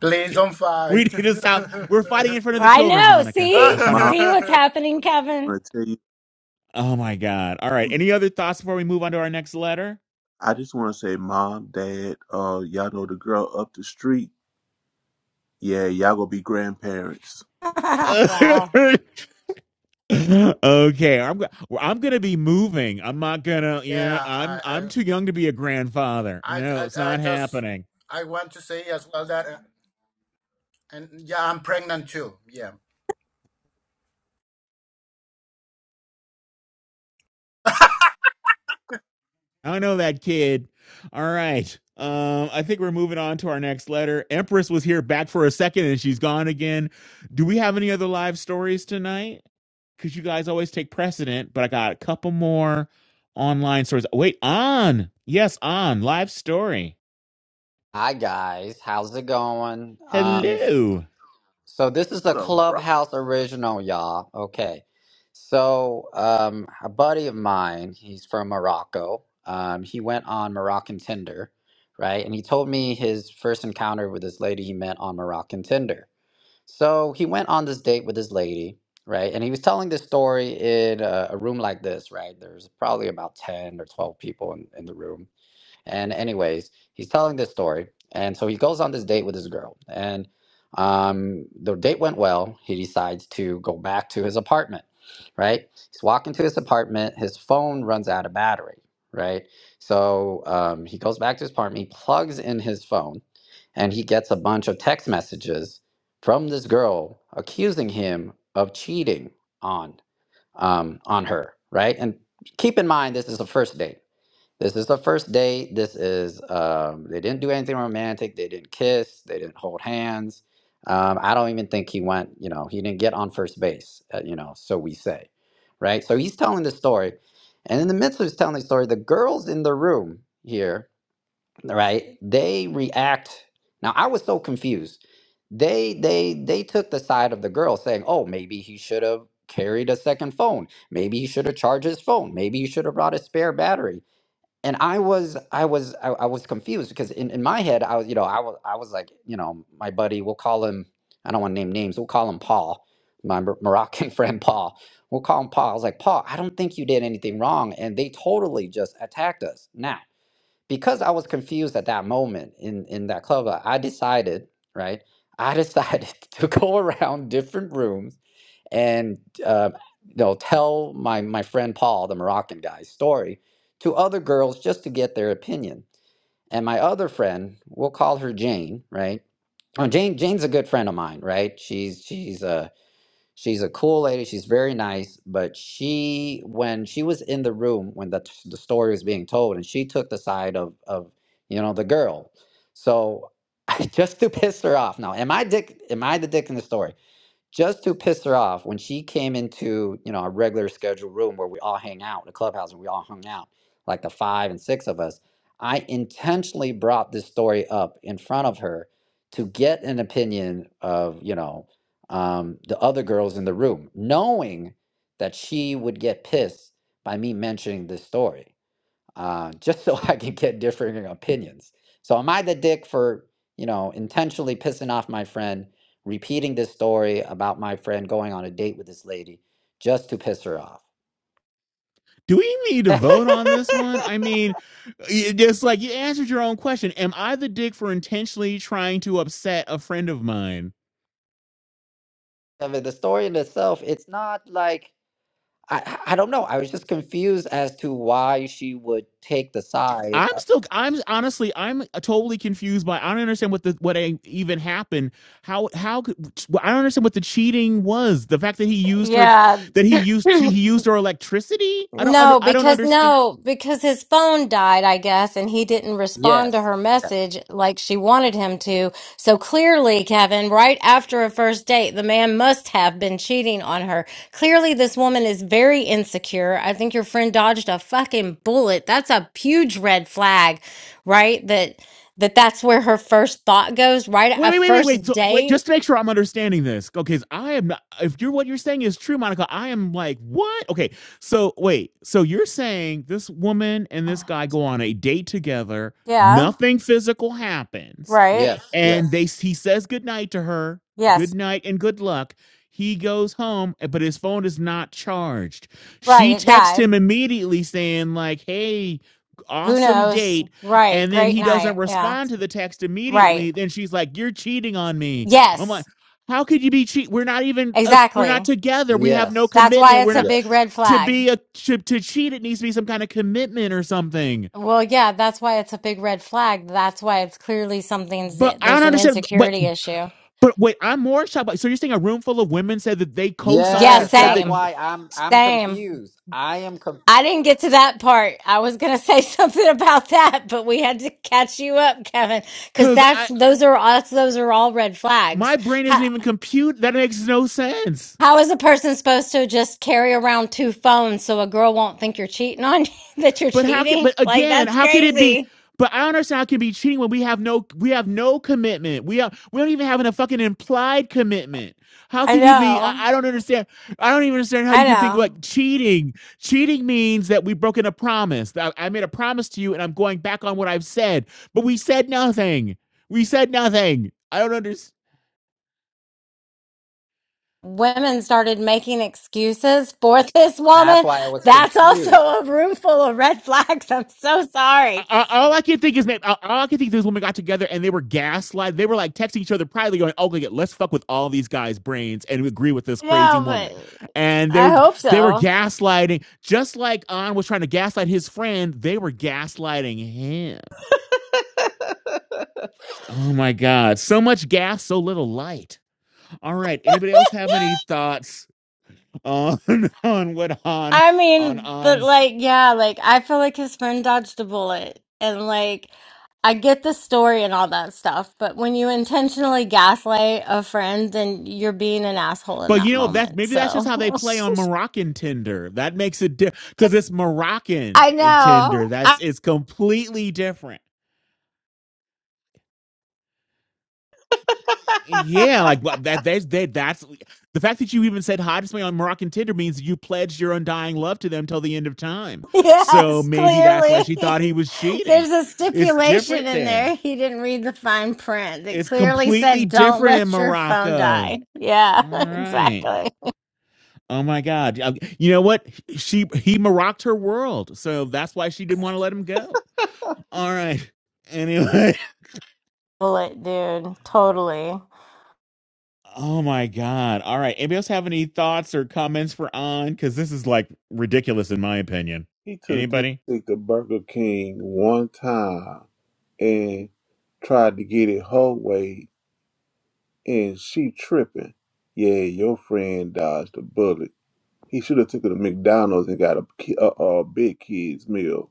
Please don't we fight. yeah, need to stop. We're fighting in front of the children, know. Monica. We're See, fighting. mom, see what's happening, I Kevin. want to tell you, Oh my God! All right. Any other thoughts before we move on to our next letter? I just want to say, mom, dad, uh, y'all know the girl up the street? Yeah, y'all gonna be grandparents. wow. okay, I'm go- well, I'm gonna be moving. I'm not gonna, you know, I'm I, I'm I, too young to be a grandfather. I, I No, it's I not just, happening. I want to say as well that, uh, and yeah, I'm pregnant too. Yeah. I know that kid. All right. Um, I think we're moving on to our next letter. Empress was here back for a second and she's gone again. Do we have any other live stories tonight? Because you guys always take precedent, but I got a couple more online stories. Wait, on. Yes, on. Live story. Hi guys, how's it going? Um, Hello. so this is a So, bro, Clubhouse original, y'all. Okay, so um, a buddy of mine, he's from Morocco. Um, he went on Moroccan Tinder, right? And he told me his first encounter with this lady he met on Moroccan Tinder. So he went on this date with this lady, right? And he was telling this story in a, a room like this, right? There's probably about ten or twelve people in, in the room And anyways, he's telling this story, and so he goes on this date with this girl, and um, the date went well. He decides to go back to his apartment, right? He's walking to his apartment. His phone runs out of battery, right? So um, he goes back to his apartment. He plugs in his phone, and he gets a bunch of text messages from this girl accusing him of cheating on um, on her, right? And keep in mind, this is a first date this is the first date. This is um, they didn't do anything romantic. They didn't kiss. They didn't hold hands. Um, I don't even think he went. You know, he didn't get on first base. Uh, you know, so we say, right? So he's telling the story, and in the midst of his telling the story, the girls in the room here, right? They react. Now I was so confused. They they they took the side of the girl, saying, "Oh, maybe he should have." Carried a second phone. Maybe he should have charged his phone. Maybe he should have brought a spare battery and I was I was I, I was confused because in, in my head I was you know I was I was like you know my buddy we'll call him I don't want to name names we'll call him Paul my Mor- Moroccan friend Paul we'll call him Paul I was like Paul I don't think you did anything wrong and they totally just attacked us now because I was confused at that moment in in that club I decided right I decided to go around different rooms and uh, they'll tell my my friend Paul, the Moroccan guy's story, to other girls just to get their opinion. And my other friend, we'll call her Jane, right? Oh, Jane Jane's a good friend of mine, right? She's she's a she's a cool lady. She's very nice, but she when she was in the room when the the story was being told, and she took the side of of you know the girl. So just to piss her off. Now, am I dick? Am I the dick in the story? just to piss her off when she came into you know our regular scheduled room where we all hang out in the clubhouse and we all hung out like the five and six of us i intentionally brought this story up in front of her to get an opinion of you know um, the other girls in the room knowing that she would get pissed by me mentioning this story uh, just so I can get differing opinions. So am I the dick for, you know, intentionally pissing off my friend, repeating this story about my friend going on a date with this lady just to piss her off? Do we need to I vote on this one? I mean, you- just like you answered your own question. Am I the dick for intentionally trying to upset a friend of mine? mean, the story in itself, it's not like I, I don't know. I was just confused as to why she would take the side. I'm of- still I'm honestly I'm totally confused by I don't understand what the what even happened how how I don't understand what the cheating was the fact that he used her Yeah, that he used he used her electricity I don't under, No, I don't because understand no, because his phone died, I guess, and he didn't respond to Yes, her yes, message like she wanted him to. So clearly, Kevin, right after a first date, the man must have been cheating on her. Clearly, this woman is very insecure. I think your friend dodged a fucking bullet. That's a huge red flag, right? That that that's where her first thought goes, right? wait A wait wait wait wait first so wait date. just to make sure I'm understanding this okay 'cause I am not if you're what you're saying is true Monica I am like what okay so wait so you're saying this woman and Ugh. this guy go on a date together Yeah, nothing physical happens right. yes, and they he says goodnight to her Yes. good night and good luck he goes home eh, but his phone is not charged Right, she it texts died. him immediately saying like hey Who awesome knows? date Right. and then Great he night. doesn't Yeah. respond to the text Right. immediately then she's like you're cheating on me i'm like Yes. how could you be cheat we're not even uh, we're not Exactly. yes, together we have no yes, That's why commitment we're it's a not big yes, red to flag. be a to, to cheat it needs to be some kind of commitment or something Well, yeah, that's why it's a big red flag. That's why it's clearly something's but i don't there's an understand but insecurity issue. But wait, I'm more shocked. By, so you're saying a room full of women said that they Yeah, co-signed and yes. said That's that same. why I'm I'm Same. confused. I am confused. I didn't get to that part. I was going to say something about that, but we had to catch you up, Kevin, cuz because that's I those are us those are all red my flags. brain isn't even compute. That makes no sense. How is a person supposed to just carry around two phones so a girl won't think you're cheating on that you're But how can? cheating? But Like again, that's how can it be? crazy. But I don't understand how it can be cheating when we have no we have no commitment. We have we don't even have a fucking implied commitment. How I can you be? know. I, I don't understand. I don't even understand how I you can think know. like cheating. Cheating means that we've broken a promise. That I made a promise to you, and I'm going back on what I've said. But we said nothing. We said nothing. I don't understand. Women started making excuses for this That's woman. why I was That's also confused. a room full of red flags. I'm so sorry. I- all I can think is that all I can think is these women got together and they were gaslight. They were like texting each other privately, going, "Oh, okay, let's fuck with all these guys' brains and we agree with this crazy No, woman." but And they I were hope they were so. gaslighting, just like An was trying to gaslight his friend. They were gaslighting him. Oh my god, so much gas, so little light. All right, anybody else have any thoughts on on what Han I on mean, but An's like, yeah, like I feel like his friend dodged a bullet, and like I get the story and all that stuff, but when you intentionally gaslight a friend, then you're being an asshole in But that you know that's moment. maybe that's just So, how they play on Moroccan Tinder. That makes it different because it's Moroccan I in know. Tinder. That's I- it's completely different. Yeah, like but that. They, they, that's the fact that you even said hi to somebody on Moroccan Tinder means you pledged your undying love to them till the end of time. So yes, maybe that's why clearly. she thought he was cheating. There's a It's different stipulation in there. there. He didn't read the fine print. It It's clearly completely said, don't different in let your phone Morocco. die. Yeah, All right. exactly. Oh my God! Uh, You know what? She he marocked her world, so that's why she didn't want to let him go. All right. Anyway. Bullet, dude. Totally. Oh my God! All right. Anybody else have any thoughts or comments for on? Because this is like ridiculous in my opinion. he took this Anybody? thing to Burger King one time and tried to get it her way, and she tripping. Yeah, your friend dodged a bullet. He should have took her to McDonald's and got a, ki- a, a big kids meal.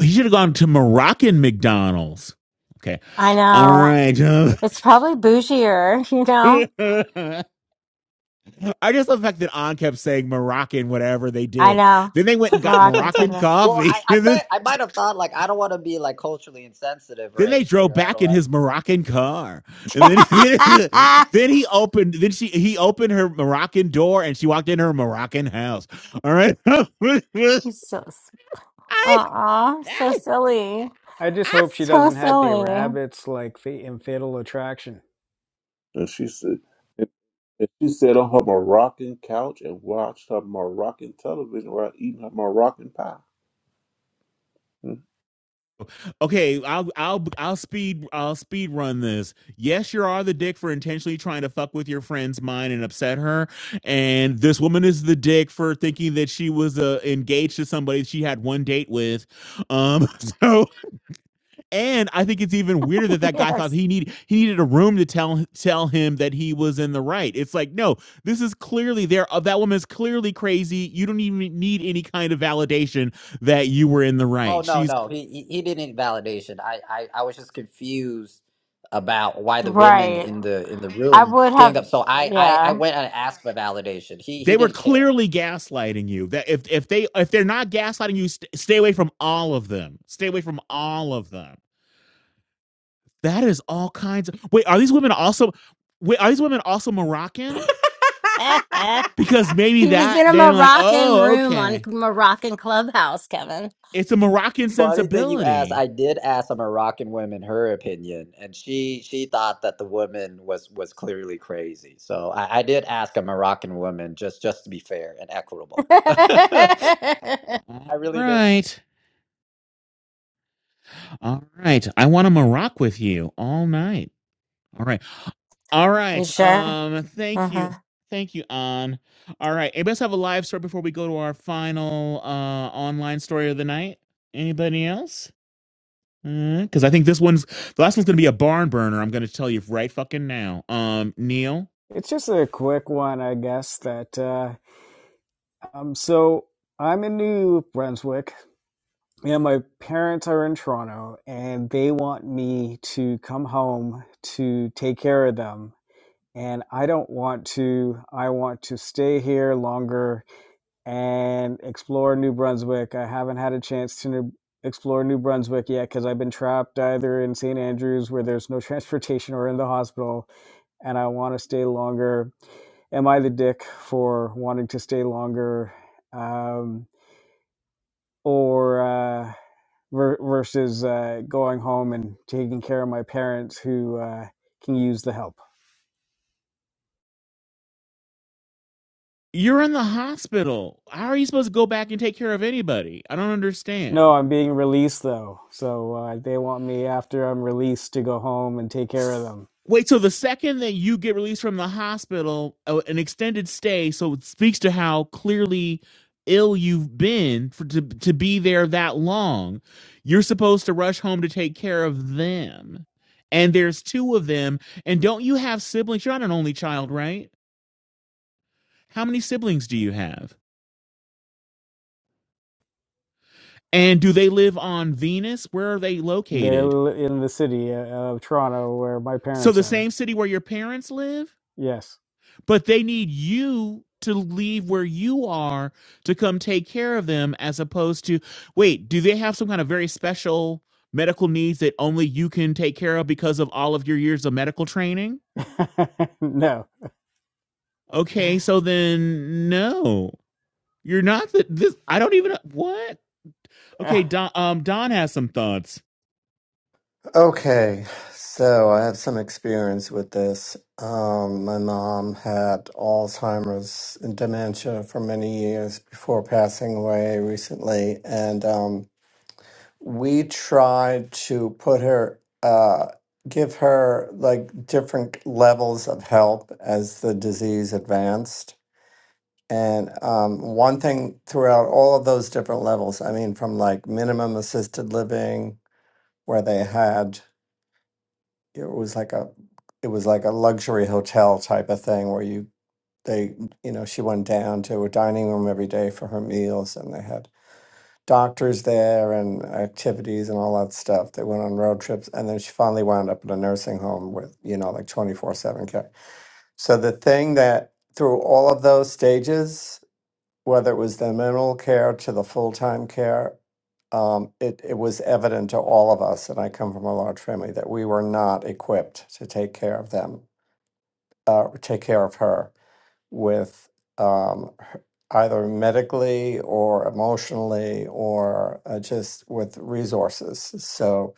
He should have gone to Moroccan McDonald's. Okay. I All know. right. Uh, It's probably bougier, you know? I just love the fact that On kept saying Moroccan, whatever they I did. know. Then they went and got Moroccan Moroccan tender. well, coffee. I, I And then might I might have thought like I don't want to be like culturally insensitive or Then they anything. drove Or I back don't in want. his Moroccan car, and then he, then he opened. Then she he opened her Moroccan door, and she walked in her Moroccan house. All right. You're so, uh-uh, so silly. i just hope she So doesn't have any silly. rabbits like in fatal attraction And she said, and and she sat on her Moroccan couch and watched her Moroccan television while eating her Moroccan pie. Hmm. okay, I'll I'll I'll speed I'll speed run this. Yes, you are the dick for intentionally trying to fuck with your friend's mind and upset her, and this woman is the dick for thinking that she was uh, engaged to somebody she had one date with. Um, so. And I think it's even weirder that that guy thought Yes. he need he needed a room to tell tell him that he was in the right. It's like no, this is clearly there. Uh, that woman is clearly crazy. You don't even need any kind of validation that you were in the Oh right. no, She's no, he he, he didn't need validation. I, I I was just confused about why the women Right. in the in the I room would ganged have, up. So I I, I yeah. went and asked for validation. He they he were didn't care. clearly gaslighting you. That if if they if they're not gaslighting you, st- stay away from all of them. Stay away from all of them. That is all kinds of wait. Are these women also? Wait, are these women also Moroccan? Because maybe he was that in a they're like Moroccan oh room on okay Moroccan Clubhouse, Kevin. It's a Moroccan Funny thing you asked, sensibility. I did ask a Moroccan woman her opinion, and she she thought that the woman was was clearly crazy. So I, I did ask a Moroccan woman just just to be fair and equitable. I All really did. right. All right. I want to Morocco with you all night. All right. All you right. sure? Um, thank you. Uh-huh. Thank you, An. All right. Anybody else have a live story before we go to our final uh online story of the night? Anybody else? Because I think this one's the last one's gonna be a barn burner. I'm gonna tell you right fucking now. Um, Neil, It's just a quick one, I guess. That uh, um, so I'm in New Brunswick, and my parents are in Toronto, and they want me to come home to take care of them. And I don't want to. I want to stay here longer and explore New Brunswick. I haven't had a chance to new, explore New Brunswick yet because I've been trapped either in St. Andrews, where there's no transportation, or in the hospital and I want to stay longer. Am I the dick for wanting to stay longer? Um, or uh, ver- versus uh, going home and taking care of my parents who uh, can use the help? you're in the hospital. How are you supposed to go back and take care of anybody? I don't No, understand. I'm being released though. So uh, they want me after I'm released to go home and take care of them. Wait till the second that you get released from the hospital, uh, an extended stay. So it speaks to how clearly ill you've been for to to be there that long. You're supposed to rush home to take care of them, and there's two of them. And don't you have siblings? You're not an only child, right? How many siblings do you have? And do they live on Venus? Where are they They're located? l- in the city uh, of Toronto where my So parents the are. same city where your parents live? Yes. but they need you to leave where you are to come take care of them as opposed to wait do they have some kind of very special medical needs that only you can take care of because of all of your years of medical training no. okay so then no you're not the, this i don't even what okay don um don has some thoughts Okay, so I have some experience with this. Um, my mom had Alzheimer's and dementia for many years before passing away recently, and um, we tried to put her, uh, give her like different levels of help as the disease advanced. And um, one thing throughout all of those different levels, I mean, from like minimum assisted living, where they had it was like a it was like a luxury hotel type of thing where you they you know she went down to a dining room every day for her meals and they had doctors there and activities and all that stuff they went on road trips and then she finally wound up in a nursing home with you know like 24/7 care so the thing that through all of those stages whether it was the minimal care to the full-time care, um, it, it was evident to all of us, and I come from a large family, that we were not equipped to take care of them, uh, take care of her with um, her- either medically or emotionally or uh, just with resources. So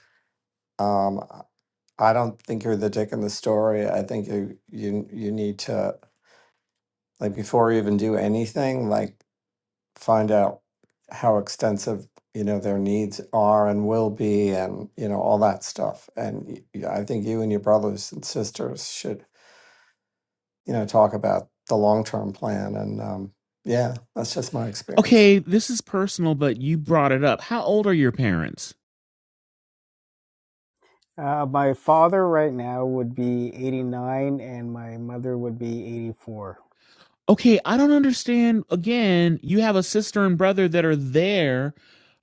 um, I don't think you're the dick in the story. I think you you you need to like before you even do anything, like find out how extensive you know their needs are and will be and you know all that stuff and y- y- i think you and your brothers and sisters should you know talk about the long-term plan and um yeah that's just my experience okay this is personal but you brought it up how old are your parents Uh, my father right now would be 89 and my mother would be 84 Okay, I don't understand. Again, you have a sister and brother that are there.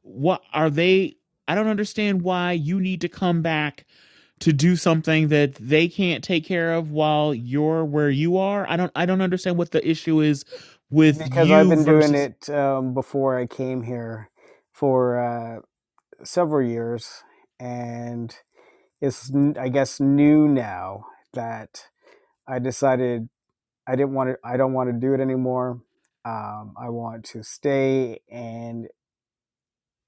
What are they? I don't understand why you need to come back to do something that they can't take care of while you're where you are. I don't I don't understand what the issue is with because I've you been doing versus it um, before I came here for uh, several years. And it's, n- I guess, new now that I decided I didn't want to, I don't want to do it anymore. Um, I want to stay and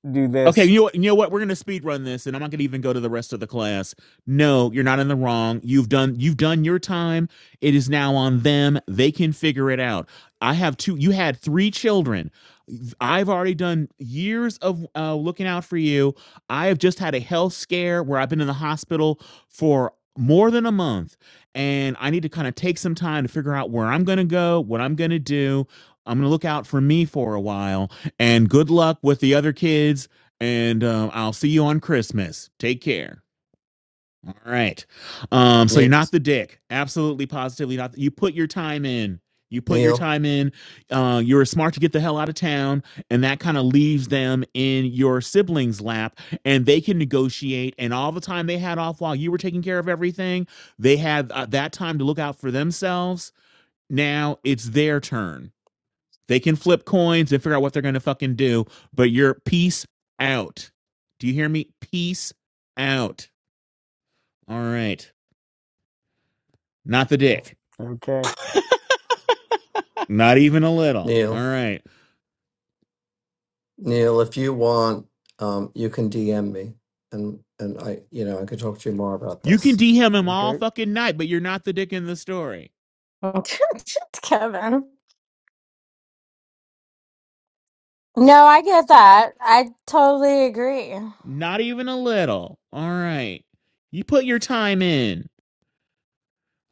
do Okay, this. you know, what- you know what? We're gonna speed run this, and I'm not gonna even go to the rest of the class. No, you're not in the wrong. You've done you've done your time. It is now on them. They can figure it out. I have two. You had three children. I've already done years of uh, looking out for you. I have just had a health scare where I've been in the hospital for more than a month, and I need to kind of take some time to figure out where I'm gonna go, what I'm gonna do. I'm gonna look out for me for a while, and good luck with the other kids and um, I'll see you on Christmas. Take care. All right. Um, so you're Neil, not the dick. Absolutely, positively not. You put your time in. You put your Neil, time in. Uh, you were smart to get the hell out of town, and that kind of leaves them in your siblings' lap, and they can negotiate. And all the time they had off while you were taking care of everything, they had uh, that time to look out for themselves. Now it's their turn they can flip coins and figure out what they're going to fucking do, but you're peace out. Do you hear me? Peace out. All right. Not the dick. Okay. Not even a little. All Neil, right. Neil. If you want, um, you can DM me, and and I, you know, I could talk to you more about You this. can DM him all Okay. fucking night, but you're not the dick in the story. Kevin. No, I get that. I totally agree. Not even a little. All right. You put your time in.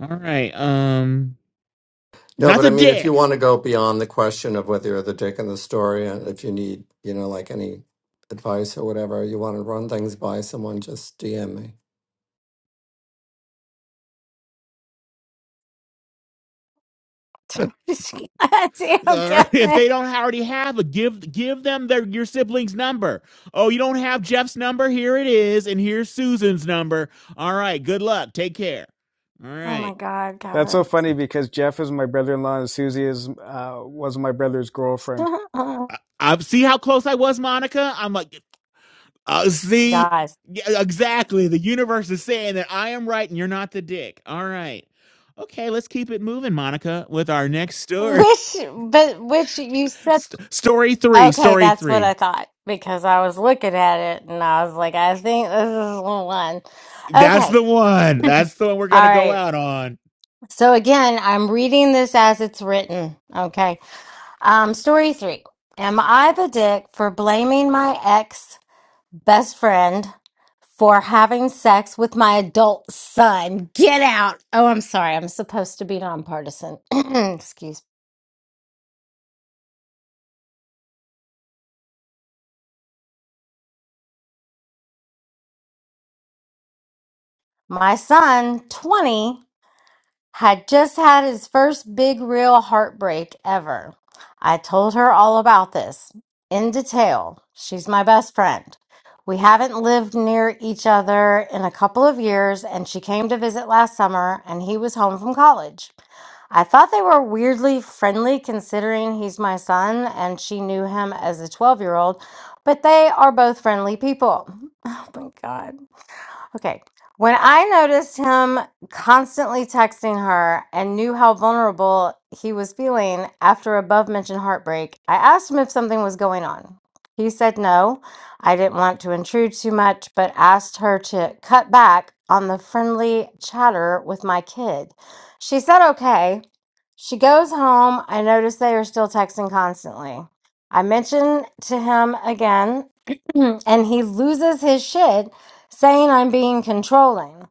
All right. Um, No, not but I the mean, if you dick. want to go beyond the question of whether you're the dick in the story, and if you need, you know, like any advice or whatever, you want to run things by someone, just DM me. Just Goddamn, All right. If Kevin. they don't already have a give give them their your sibling's number. Oh, you don't have Jeff's number? Here it is, and here's Susan's number. All right. Good luck. Take care. All Oh right. my God, That's so Kevin. funny because Jeff is my brother-in-law and Susie is uh, was my brother's girlfriend. I, I see how close I was, Monica. I'm like, uh, see, Guys. Yeah, exactly. The universe is saying that I am right and you're not the dick. All right. Okay. Let's keep it moving, Monica, with our next story. Which, but which you said, St- story three. okay, Story that's what I three. thought because I was looking at it and I was like, I think this is the one. That's Okay. the one. That's the one we're All gonna go right. out on. So again, I'm reading this as it's written. Okay. Um, story three. Am I the dick for blaming my ex best friend for having sex with my adult son. Get out. Oh, I'm sorry. I'm supposed to be nonpartisan. Excuse me. My son, 20, had just had his first big, real heartbreak ever. I told her all about this in detail. She's my best friend. We haven't lived near each other in a couple of years, and she came to visit last summer, and he was home from college. I thought they were weirdly friendly considering he's my son and she knew him as a 12 year old, but they are both friendly people. Oh my God. Okay. When I noticed him constantly texting her and knew how vulnerable he was feeling after above mentioned heartbreak, I asked him if something was going on. He said no. I didn't want to intrude too much, but asked her to cut back on the friendly chatter with my kid. She said okay. She goes home. I notice they are still texting constantly. I mention to him again, and he loses his shit saying I'm being controlling.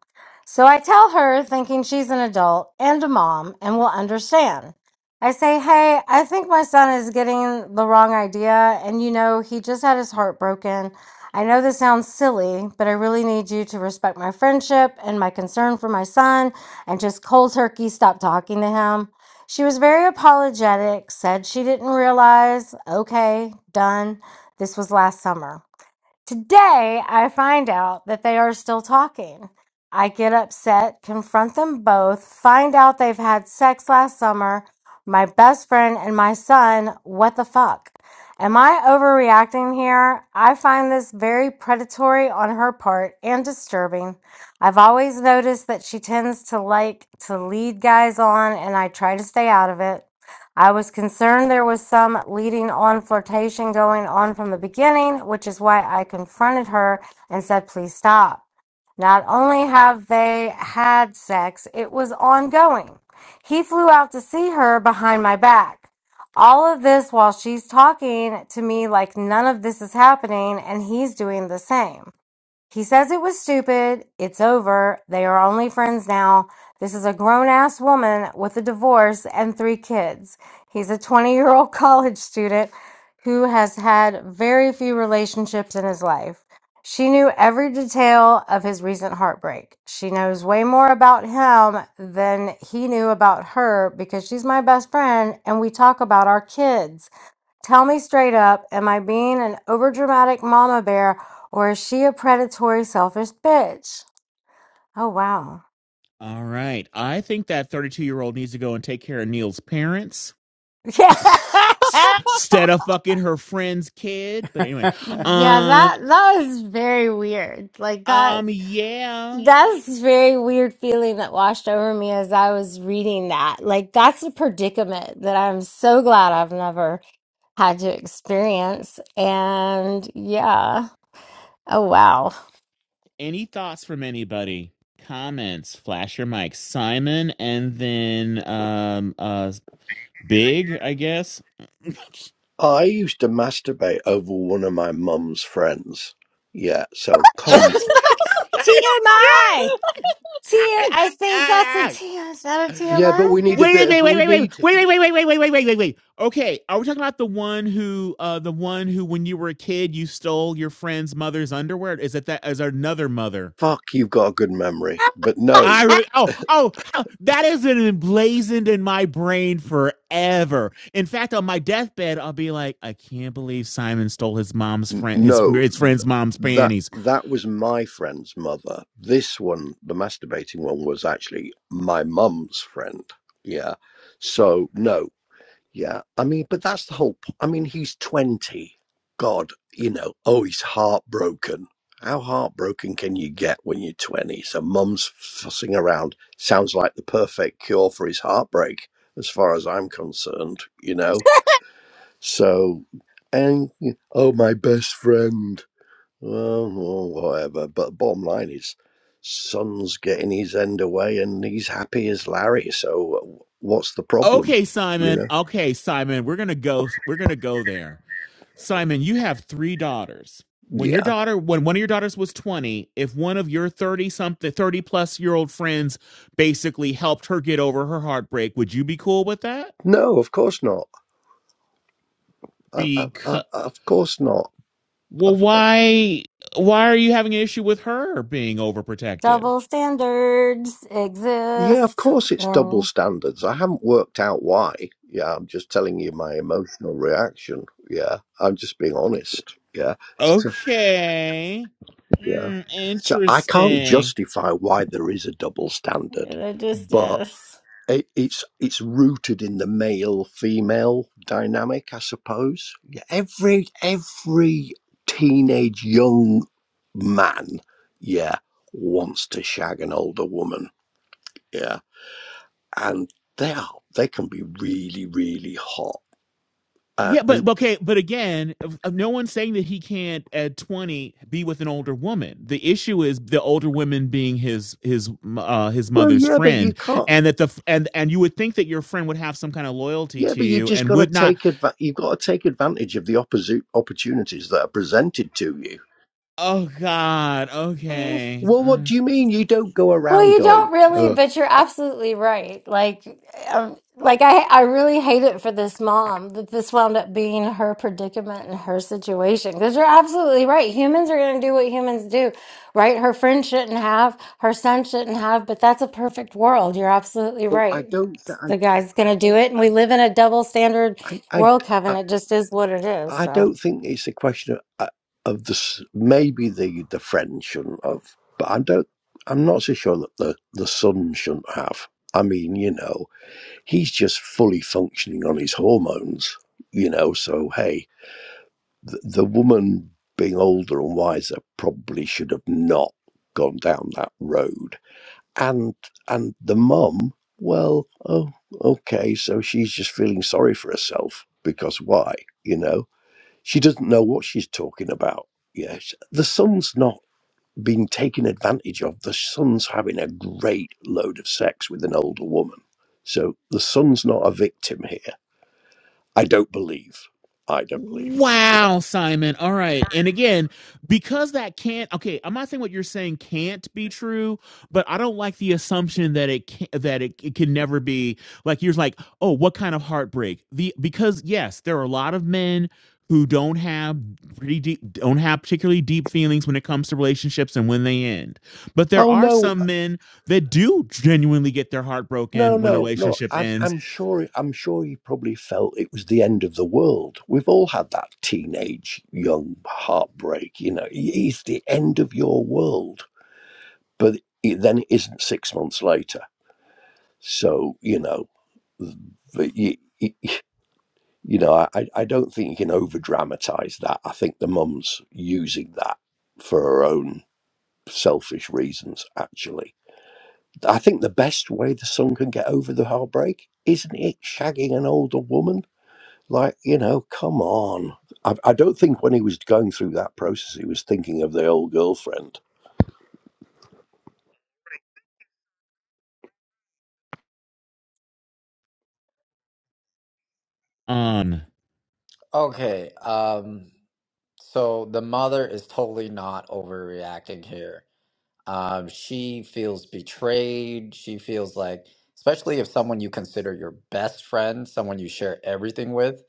So I tell her, thinking she's an adult and a mom and will understand. I say, Hey, I think my son is getting the wrong idea. And you know, he just had his heart broken. I know this sounds silly, but I really need you to respect my friendship and my concern for my son and just cold turkey stop talking to him. She was very apologetic, said she didn't realize. Okay, done. This was last summer. Today, I find out that they are still talking. I get upset, confront them both, find out they've had sex last summer, my best friend and my son. What the fuck? Am I overreacting here? I find this very predatory on her part and disturbing. I've always noticed that she tends to like to lead guys on, and I try to stay out of it. I was concerned there was some leading on flirtation going on from the beginning, which is why I confronted her and said, please stop. Not only have they had sex, it was ongoing. He flew out to see her behind my back. All of this while she's talking to me like none of this is happening, and he's doing the same. He says it was stupid. It's over. They are only friends now. This is a grown ass woman with a divorce and three kids. He's a 20 year old college student who has had very few relationships in his life. She knew every detail of his recent heartbreak. She knows way more about him than he knew about her because she's my best friend and we talk about our kids. Tell me straight up, am I being an overdramatic mama bear or is she a predatory, selfish bitch? Oh, wow. All right. I think that 32 year old needs to go and take care of Neil's parents Yeah. s- instead of fucking her friend's kid. But anyway, yeah, um, that that was very weird. Like that um, yeah. that's a very weird feeling that washed over me as I was reading that. Like that's a predicament that I'm so glad I've never had to experience. And yeah. Oh wow. Any thoughts from anybody? Comments, flash your mic, Simon, and then um, uh, Big, I guess. I used to masturbate over one of my mum's friends. Yeah, so come. That's TMI. T- I think that's a T. Is that a Yeah, but TMI? we need a bit Wait, of wait, wait, wait, we wait, wait, need wait, wait, wait, wait, wait, wait, wait, wait, Okay, are we talking about the one who, uh, the one who, when you were a kid, you stole your friend's mother's underwear? Is it that? Is another mother? fuck you've got a good memory. But no, I re- oh oh how- that is been emblazoned in my brain forever. In fact, on my deathbed, I'll be like, I can't believe Simon stole his mom's n- friend his no, his th- friend's mom's that panties. that was my friend's mother. This one, the masturbating one was actually my mum's friend. Yeah. So no. Yeah, I mean, but that's the whole. p- I mean, he's twenty. God, you know. Oh, he's heartbroken. How heartbroken can you get when you're twenty? So, mum's fussing around sounds like the perfect cure for his heartbreak, as far as I'm concerned. You know. So, and oh, my best friend. Well, well, whatever. But bottom line is, son's getting his end away, and he's happy as Larry. So, uh, what's the problem? Okay, You Simon. know. Okay, Simon. We're gonna go. We're gonna go there. Simon, you have three daughters. When your Yeah. daughter, when one of your daughters was 20, if one of your 30 something, 30 plus year old friends basically helped her get over her heartbreak, would you be cool with that? No, of course not. I, I, Because, I, of course not. well, Of- why, why are you having an issue with her being overprotective? Double standards yeah, of exist, course it's double and standards. I haven't worked out why. Yeah, I'm just telling you my emotional reaction. Yeah, I'm just being honest. Yeah. So, Okay. yeah. Hmm, So I can't interesting. justify why there is a double standard, it just is. it, it's it's rooted in the male female dynamic, I suppose. Yeah, Every every teenage young man, yeah, wants to shag an older woman. Yeah, and they are they can be really really hot. Uh, Yeah, but and but okay, but again, of- of no one's saying that he can't at twenty be with an older woman. The issue is the older woman being his his uh, his well, mother's yeah, but you friend, can't. and that the f- and and you would think that your friend would have some kind of loyalty Yeah, to but you've you just and got to would not. take adva- You've got to take advantage of the opposite opportunities that are presented to you. Oh God, okay, Well, uh, what do you mean you don't go Well, around you going? don't really, Uh, but you're I- absolutely right. Like, um, like I, I really hate it for this mom that this wound up being her predicament and her situation. Because you're absolutely right. Humans are going to do what humans do, right? Her friend shouldn't have, her son shouldn't have, but that's a perfect world. You're absolutely Oh, I right. don't. The guy's going to do it, and we live in a double standard I, I, world, Kevin. I It just is what it is. I So. don't think it's a question of, uh, of the s- maybe the the friend shouldn't have, but I don't. I'm not so sure that the the son shouldn't have. I mean, you know, he's just fully functioning on his hormones. You know, so hey, the, the woman being older and wiser probably should have not gone down that road, and and the mum, well, oh, okay, so she's just feeling sorry for herself because why, you know? She doesn't know what she's talking about. Yes, the son's not being taken advantage of. The son's having a great load of sex with an older woman. So the son's not a victim here. I don't believe. I don't believe. Yeah. Wow, Simon. All right. And again, because that can't okay, I'm not saying what you're saying can't be true, but I don't like the assumption that it can that it, it can never be like you're like, oh, what kind of heartbreak? The because yes, there are a lot of men who don't have pretty deep don't have particularly deep feelings when it comes to relationships and when they end. But there Oh are no, some men that do genuinely get their heart no, broken when a no, no. relationship I'm, ends. I'm sure. I'm sure he probably felt it was the end of the world. We've all had that teenage young heartbreak. You know, it's the end of your world. But it, then it isn't six months later. So you know, But you, you know, I, I I don't think you can over dramatize that. I think the mum's using that for her own selfish reasons, actually. I think the best way the son can get over the heartbreak isn't it shagging an older woman? Like, you know, come on. I, I don't think when he was going through that process, he was thinking of the old girlfriend. Um. Okay, um, so the mother is totally not overreacting here. Um, she feels betrayed. She feels like, especially if someone you consider your best friend, someone you share everything with.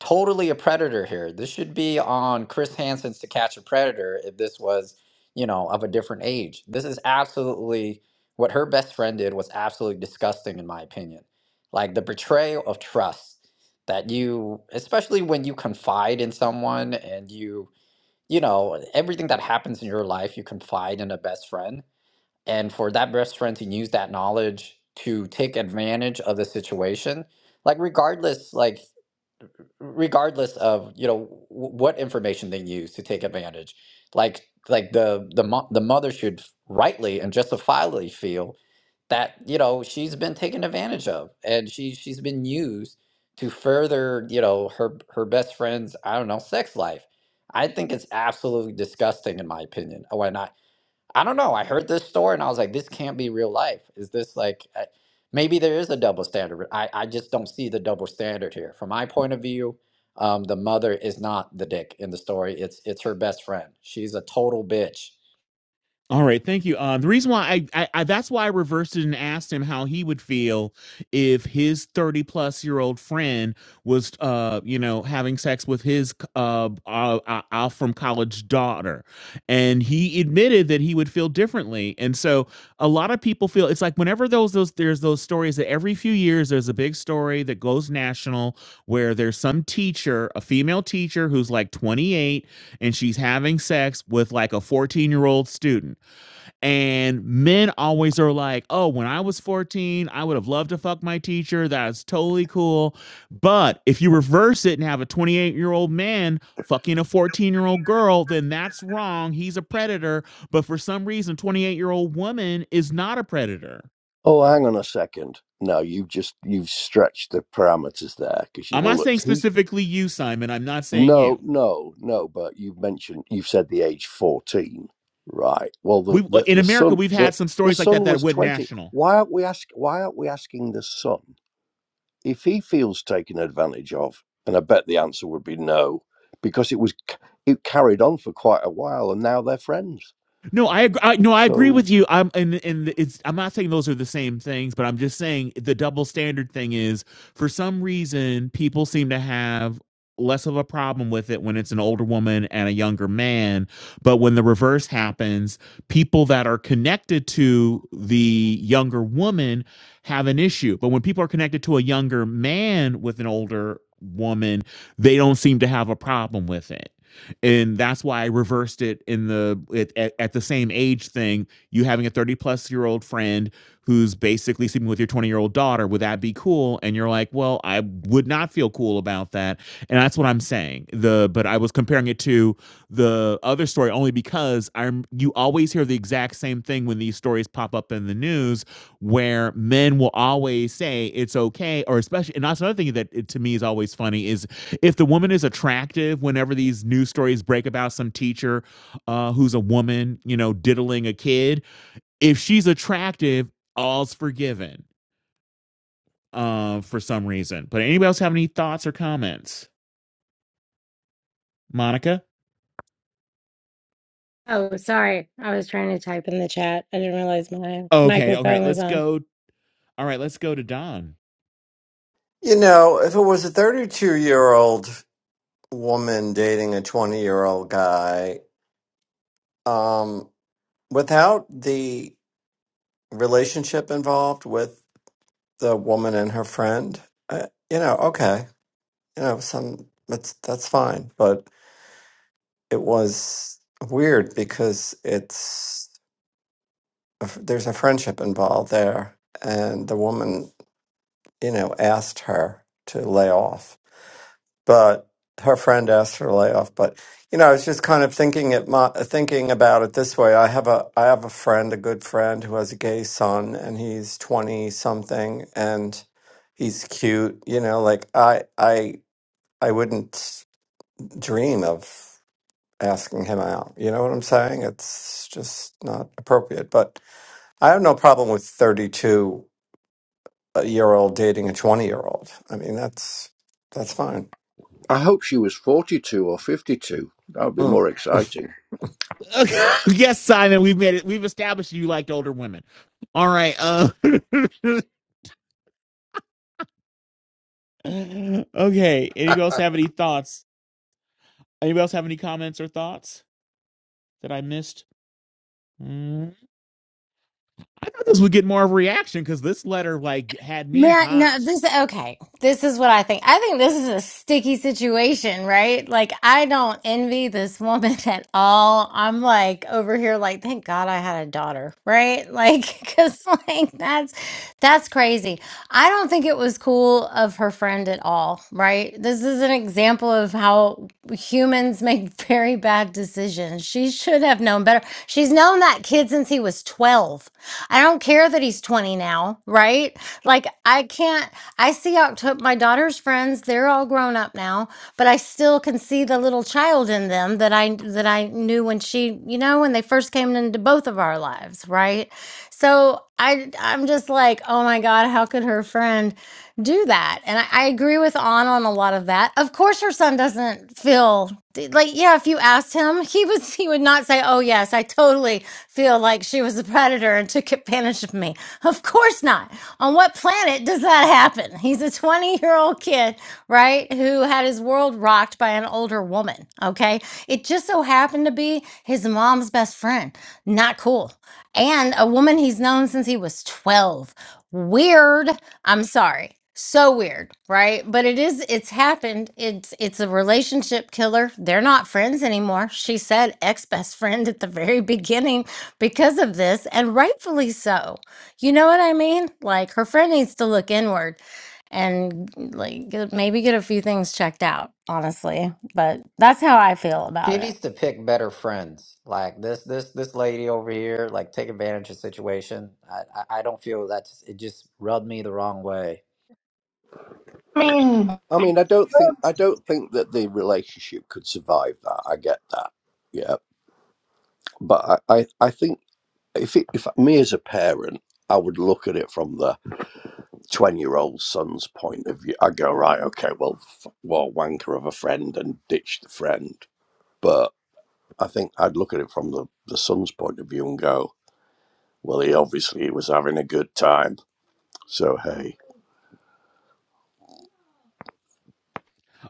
totally a predator here. This should be on Chris Hansen's To Catch a Predator if this was, you know, of a different age. This is absolutely what her best friend did was absolutely disgusting, in my opinion. Like the betrayal of trust that you, especially when you confide in someone and you, you know, everything that happens in your life, you confide in a best friend. And for that best friend to use that knowledge to take advantage of the situation, like regardless like regardless of you know w- what information they use to take advantage like like the the mo- the mother should rightly and justifiably feel that you know she's been taken advantage of and she she's been used to further you know her her best friend's i don't know sex life i think it's absolutely disgusting in my opinion when I I don't know. I heard this story and I was like, this can't be real life. Is this like, I- maybe there is a double standard. I, I just don't see the double standard here. From my point of view, um, the mother is not the dick in the story. It's it's her best friend. She's a total bitch. All right, thank you. Uh, the reason why I, I, I that's why I reversed it and asked him how he would feel if his thirty plus year old friend was, uh, you know, having sex with his uh, uh, uh, out from college daughter, and he admitted that he would feel differently. And so a lot of people feel it's like whenever those those there's those stories that every few years there's a big story that goes national where there's some teacher, a female teacher who's like twenty eight, and she's having sex with like a 14 year old student and men always are like, oh, when I was 14, I would have loved to fuck my teacher. That's totally cool. But if you reverse it and have a 28 year old man fucking a 14 year old girl, then that's wrong. He's a predator. But for some reason, 28 year old woman is not a predator. Oh, hang on a second. No, you've just you've stretched the parameters there because I'm you've not all saying who? specifically you, Simon. I'm not saying you. No, no, no. But you've mentioned you've said the age fourteen, right? Well, the We the, in the America, son we've had the some the stories like that son that was went twenty. national Why aren't we ask? Why aren't we asking the son if he feels taken advantage of? And I bet the answer would be no, because it was c- it carried on for quite a while, and now they're friends. No, I, I no, I agree So with you. I'm and and it's I'm not saying those are the same things, but I'm just saying the double standard thing is for some reason people seem to have less of a problem with it when it's an older woman and a younger man, but when the reverse happens, people that are connected to the younger woman have an issue. But when people are connected to a younger man with an older woman, they don't seem to have a problem with it and that's why I reversed it in the at, at, the same age thing. You having a thirty plus year old friend who's basically sleeping with your twenty year old daughter would that be cool? And you're like, well, I would not feel cool about that, and that's what I'm saying. The but I was comparing it to the other story only because I'm you always hear the exact same thing when these stories pop up in the news where men will always say it's okay or especially and that's another thing that it, to me is always funny is if the woman is attractive whenever these news stories break about some teacher uh, who's a woman you know diddling a kid if she's attractive all's forgiven uh, for some reason but anybody else have any thoughts or comments monica Oh, sorry. I was trying to type in the chat. I didn't realize my okay all right microphone was let's on. go all right let's go to don You know, if it was a 32 year old woman dating a 20 year old guy, um, without the relationship involved with the woman and her friend, uh, you know, okay, you know, some that's that's fine, but it was weird because it's a f- there's a friendship involved there and the woman you know asked her to lay off but her friend asked her to lay off but you know i was just kind of thinking it my, thinking about it this way i have a i have a friend a good friend who has a gay son and he's 20 something and he's cute you know like i i i wouldn't dream of asking him out you know what i'm saying it's just not appropriate but I have no problem with 32 a year old dating a 20 year old. I mean, that's that's fine. I hope she was forty-two or fifty-two. That would be Mm. more You exciting. Okay. yes simon we've made it we've established you liked older women all right uh, okay anybody else have any thoughts anybody else have any comments or thoughts that i missed Mm-hmm. I thought this would get more of a reaction because this letter like had me Man, no, hot. this okay. This is what I think. I think this is a sticky situation, right? Like I don't envy this woman at all. I'm like over here like thank God I had a daughter, right? Like cuz like that's that's crazy. I don't think it was cool of her friend at all, right? This is an example of how humans make very bad decisions. She should have known better. She's known that kid since he was 12. I don't care that he's 20 now, right? Like, I can't, I see October, my daughter's friends, they're all grown up now, but I still can see the little child in them that I, that I knew when she, you know, when they first came into both of our lives, right? So I I'm just like, oh my God, how could her friend do that? And I, I agree with Anna on a lot of that. Of course her son doesn't feel like, yeah, if you asked him, he was he would not say, Oh yes, I totally feel like she was a predator and took advantage of me. Of course not. On what planet does that happen? He's a 20 year old kid, right? Who had his world rocked by an older woman. Okay. It just so happened to be his mom's best friend. Not cool and a woman he's known since he was 12. Weird. I'm sorry. So weird, right? But it is it's happened. It's it's a relationship killer. They're not friends anymore. She said ex-best friend at the very beginning because of this and rightfully so. You know what I mean? Like her friend needs to look inward and like get- maybe get a few things checked out, honestly. But that's how I feel She about it. needs to pick better friends. Like this this this lady over here, like take advantage of the situation. I I, I don't feel that it just rubbed me the wrong way. I mean, I mean, I don't think I don't think that the relationship could survive that. I get that, yeah. But I, I, I think if it, if me as a parent, I would look at it from the twenty-year-old son's point of view. I go right, okay, well, f- well, wanker of a friend and ditch the friend. But I think I'd look at it from the the son's point of view and go, well, he obviously was having a good time, so hey.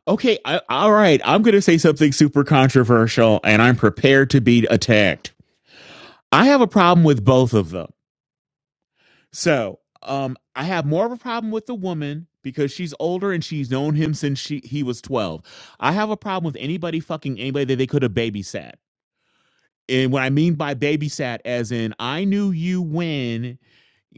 Okay, I, all right, I'm going to say something super controversial, and I'm prepared to be attacked. I have a problem with both of them. So, um, I have more of a problem with the woman because she's older and she's known him since she he was 12. I have a problem with anybody fucking anybody that they could have babysat. And what I mean by babysat, as in, I knew you when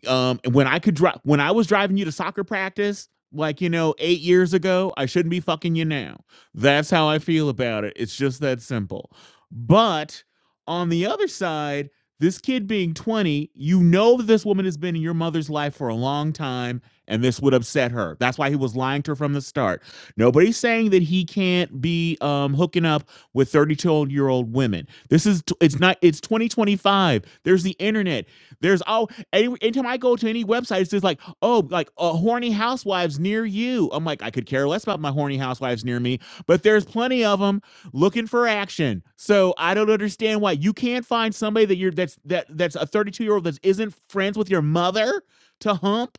Um, when I could drive, when I was driving you to soccer practice, like you know, eight years ago, I shouldn't be fucking you now. That's how I feel about it. It's just that simple. But on the other side, this kid being 20, you know that this woman has been in your mother's life for a long time, and this would upset her. That's why he was lying to her from the start. Nobody's saying that he can't be um, hooking up with 32 year old women. This is it's not it's 2025. There's the internet. There's all any, anytime I go to any website, it's just like, oh, like uh, horny housewives near you. I'm like, I could care less about my horny housewives near me, but there's plenty of them looking for action. So I don't understand why you can't find somebody that you're that's that that's a 32 year old that isn't friends with your mother to hump.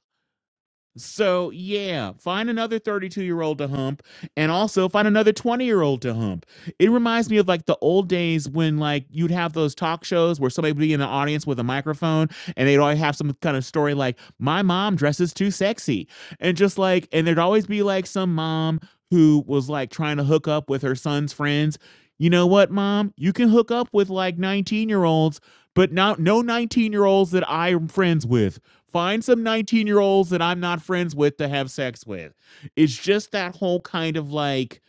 So yeah, find another 32 year old to hump and also find another 20 year old to hump. It reminds me of like the old days when like you'd have those talk shows where somebody would be in the audience with a microphone and they'd always have some kind of story like my mom dresses too sexy and just like and there'd always be like some mom who was like trying to hook up with her son's friends. You know what, mom? You can hook up with like 19 year olds, but not no 19 year olds that I'm friends with Find some 19 year olds that I'm not friends with to have sex with. It's just that whole kind of like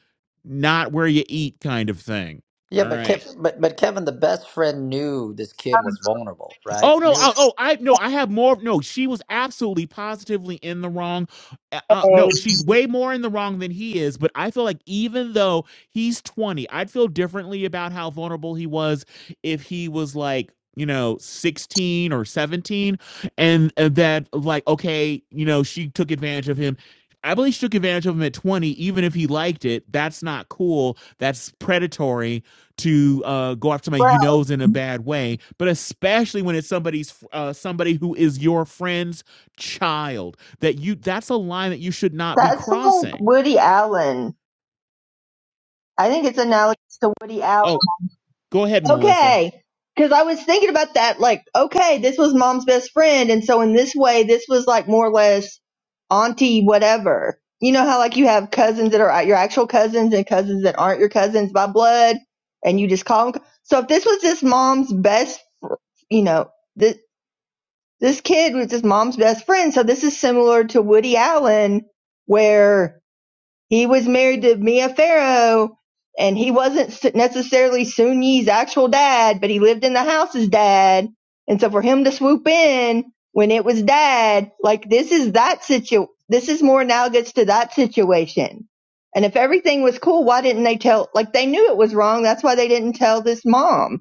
not where you eat kind of thing. Yeah, All but right. Kev, but but Kevin, the best friend knew this kid was vulnerable, right? Oh no! Knew. Oh, oh, I no. I have more. No, she was absolutely positively in the wrong. Uh, uh, no, she's way more in the wrong than he is. But I feel like even though he's twenty, I'd feel differently about how vulnerable he was if he was like you know 16 or 17 and uh, that like okay you know she took advantage of him i believe she took advantage of him at 20 even if he liked it that's not cool that's predatory to uh, go after somebody Well, you knows in a bad way, but especially when it's somebody's uh, somebody who is your friend's child. That you that's a line that you should not be that's like crossing. Woody Allen. I think it's analogous to Woody Allen. Oh, go ahead, Melissa. Okay. Because I was thinking about that, like, okay, this was mom's best friend. And so in this way, this was like more or less auntie whatever. You know how like you have cousins that are your actual cousins and cousins that aren't your cousins by blood and you just call them. So if this was just mom's best, you know, this, this kid was just mom's best friend. So this is similar to Woody Allen where He was married to Mia Farrow, and he wasn't necessarily Soon Yi's actual dad, but he lived in the house as dad. And so for him to swoop in when it was dad, like this is that situ, this is more analogous to that situation. And if everything was cool, why didn't they tell, like they knew it was wrong. That's why they didn't tell this mom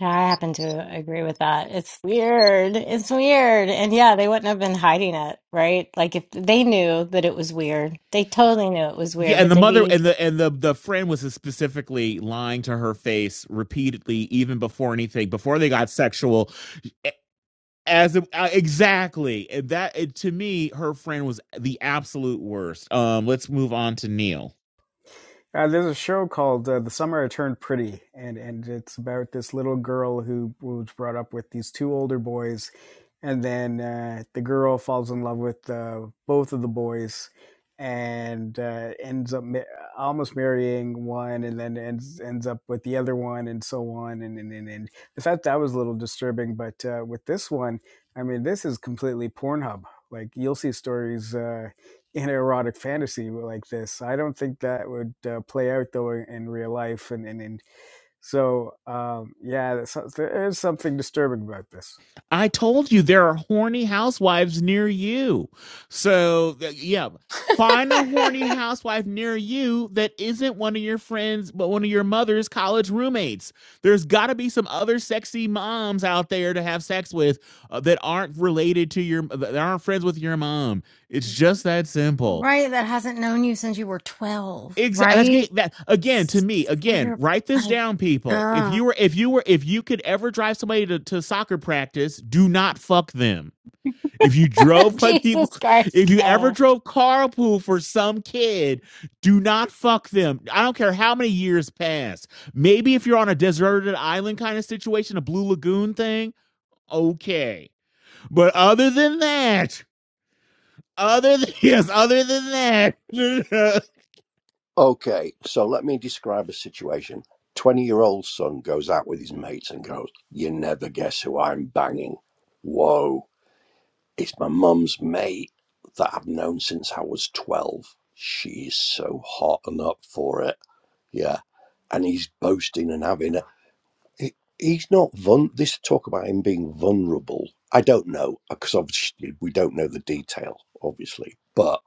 Yeah, I happen to agree with that. It's weird. It's weird. And yeah, they wouldn't have been hiding it, right? Like if they knew that it was weird, they totally knew it was Yeah, weird, and but the they'd mother be and the and the the friend was specifically lying to her face repeatedly, even before anything, before they got sexual. As a- uh, exactly that it, to me, her friend was the absolute worst. Um, let's move on to Neil. Uh, there's a show called uh, "The Summer I Turned Pretty," and and it's about this little girl who was brought up with these two older boys and then uh, the girl falls in love with uh, both of the boys and uh, ends up ma- almost marrying one and then ends ends up with the other one and so on and and, and, and i thought that was a little disturbing but uh, with this one i mean this is completely pornhub like you'll see stories uh, in erotic fantasy like this i don't think that would uh, play out though in, real life and, and, and so um, yeah there's there is something disturbing about this I told you there are horny housewives near you. So, uh, yeah, find a horny housewife near you that isn't one of your friends, but one of your mother's college roommates. There's got to be some other sexy moms out there to have sex with uh, that aren't related to your, that aren't friends with your mom. It's just that simple. right. That hasn't known you since you were 12, Exactly. That's right? ga- that again to S- me. Again, We're write this like, down, people. If oh, you were, if you were, if you could ever drive somebody to, to soccer practice, do not fuck them if you drove by people, Jesus if Christ, you ever drove carpool for some kid, do not fuck them. I don't care how many years pass. Maybe if you're on a deserted island kind of situation, a Blue Lagoon thing, okay. But other than that, other than, yes, other than that, Okay, so let me describe a situation. 20 year old son goes out with his mates and goes, You never guess who I'm banging. Whoa, it's my mum's mate that I've known since I was 12. She's so hot and up for it. Yeah. And he's boasting and having a. he- He's not vul. This talk about him being vulnerable. I don't know, because obviously we don't know the detail, obviously. But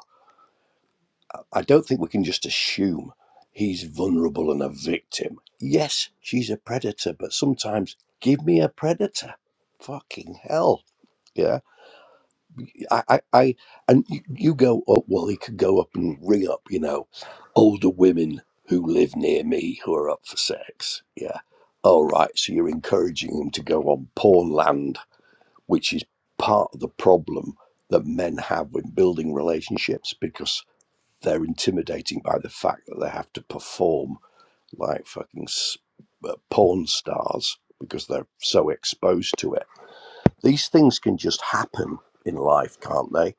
I don't think we can just assume he's vulnerable and a victim. Yes, she's a predator, but sometimes give me a predator. Fucking hell. Yeah. I, I, I and you, you go up, well, he could go up and ring up, you know, older women who live near me who are up for sex. Yeah. All right. So you're encouraging him to go on porn land, which is part of the problem that men have when building relationships because they're intimidating by the fact that they have to perform like fucking uh, porn stars because they're so exposed to it. These things can just happen in life, can't they?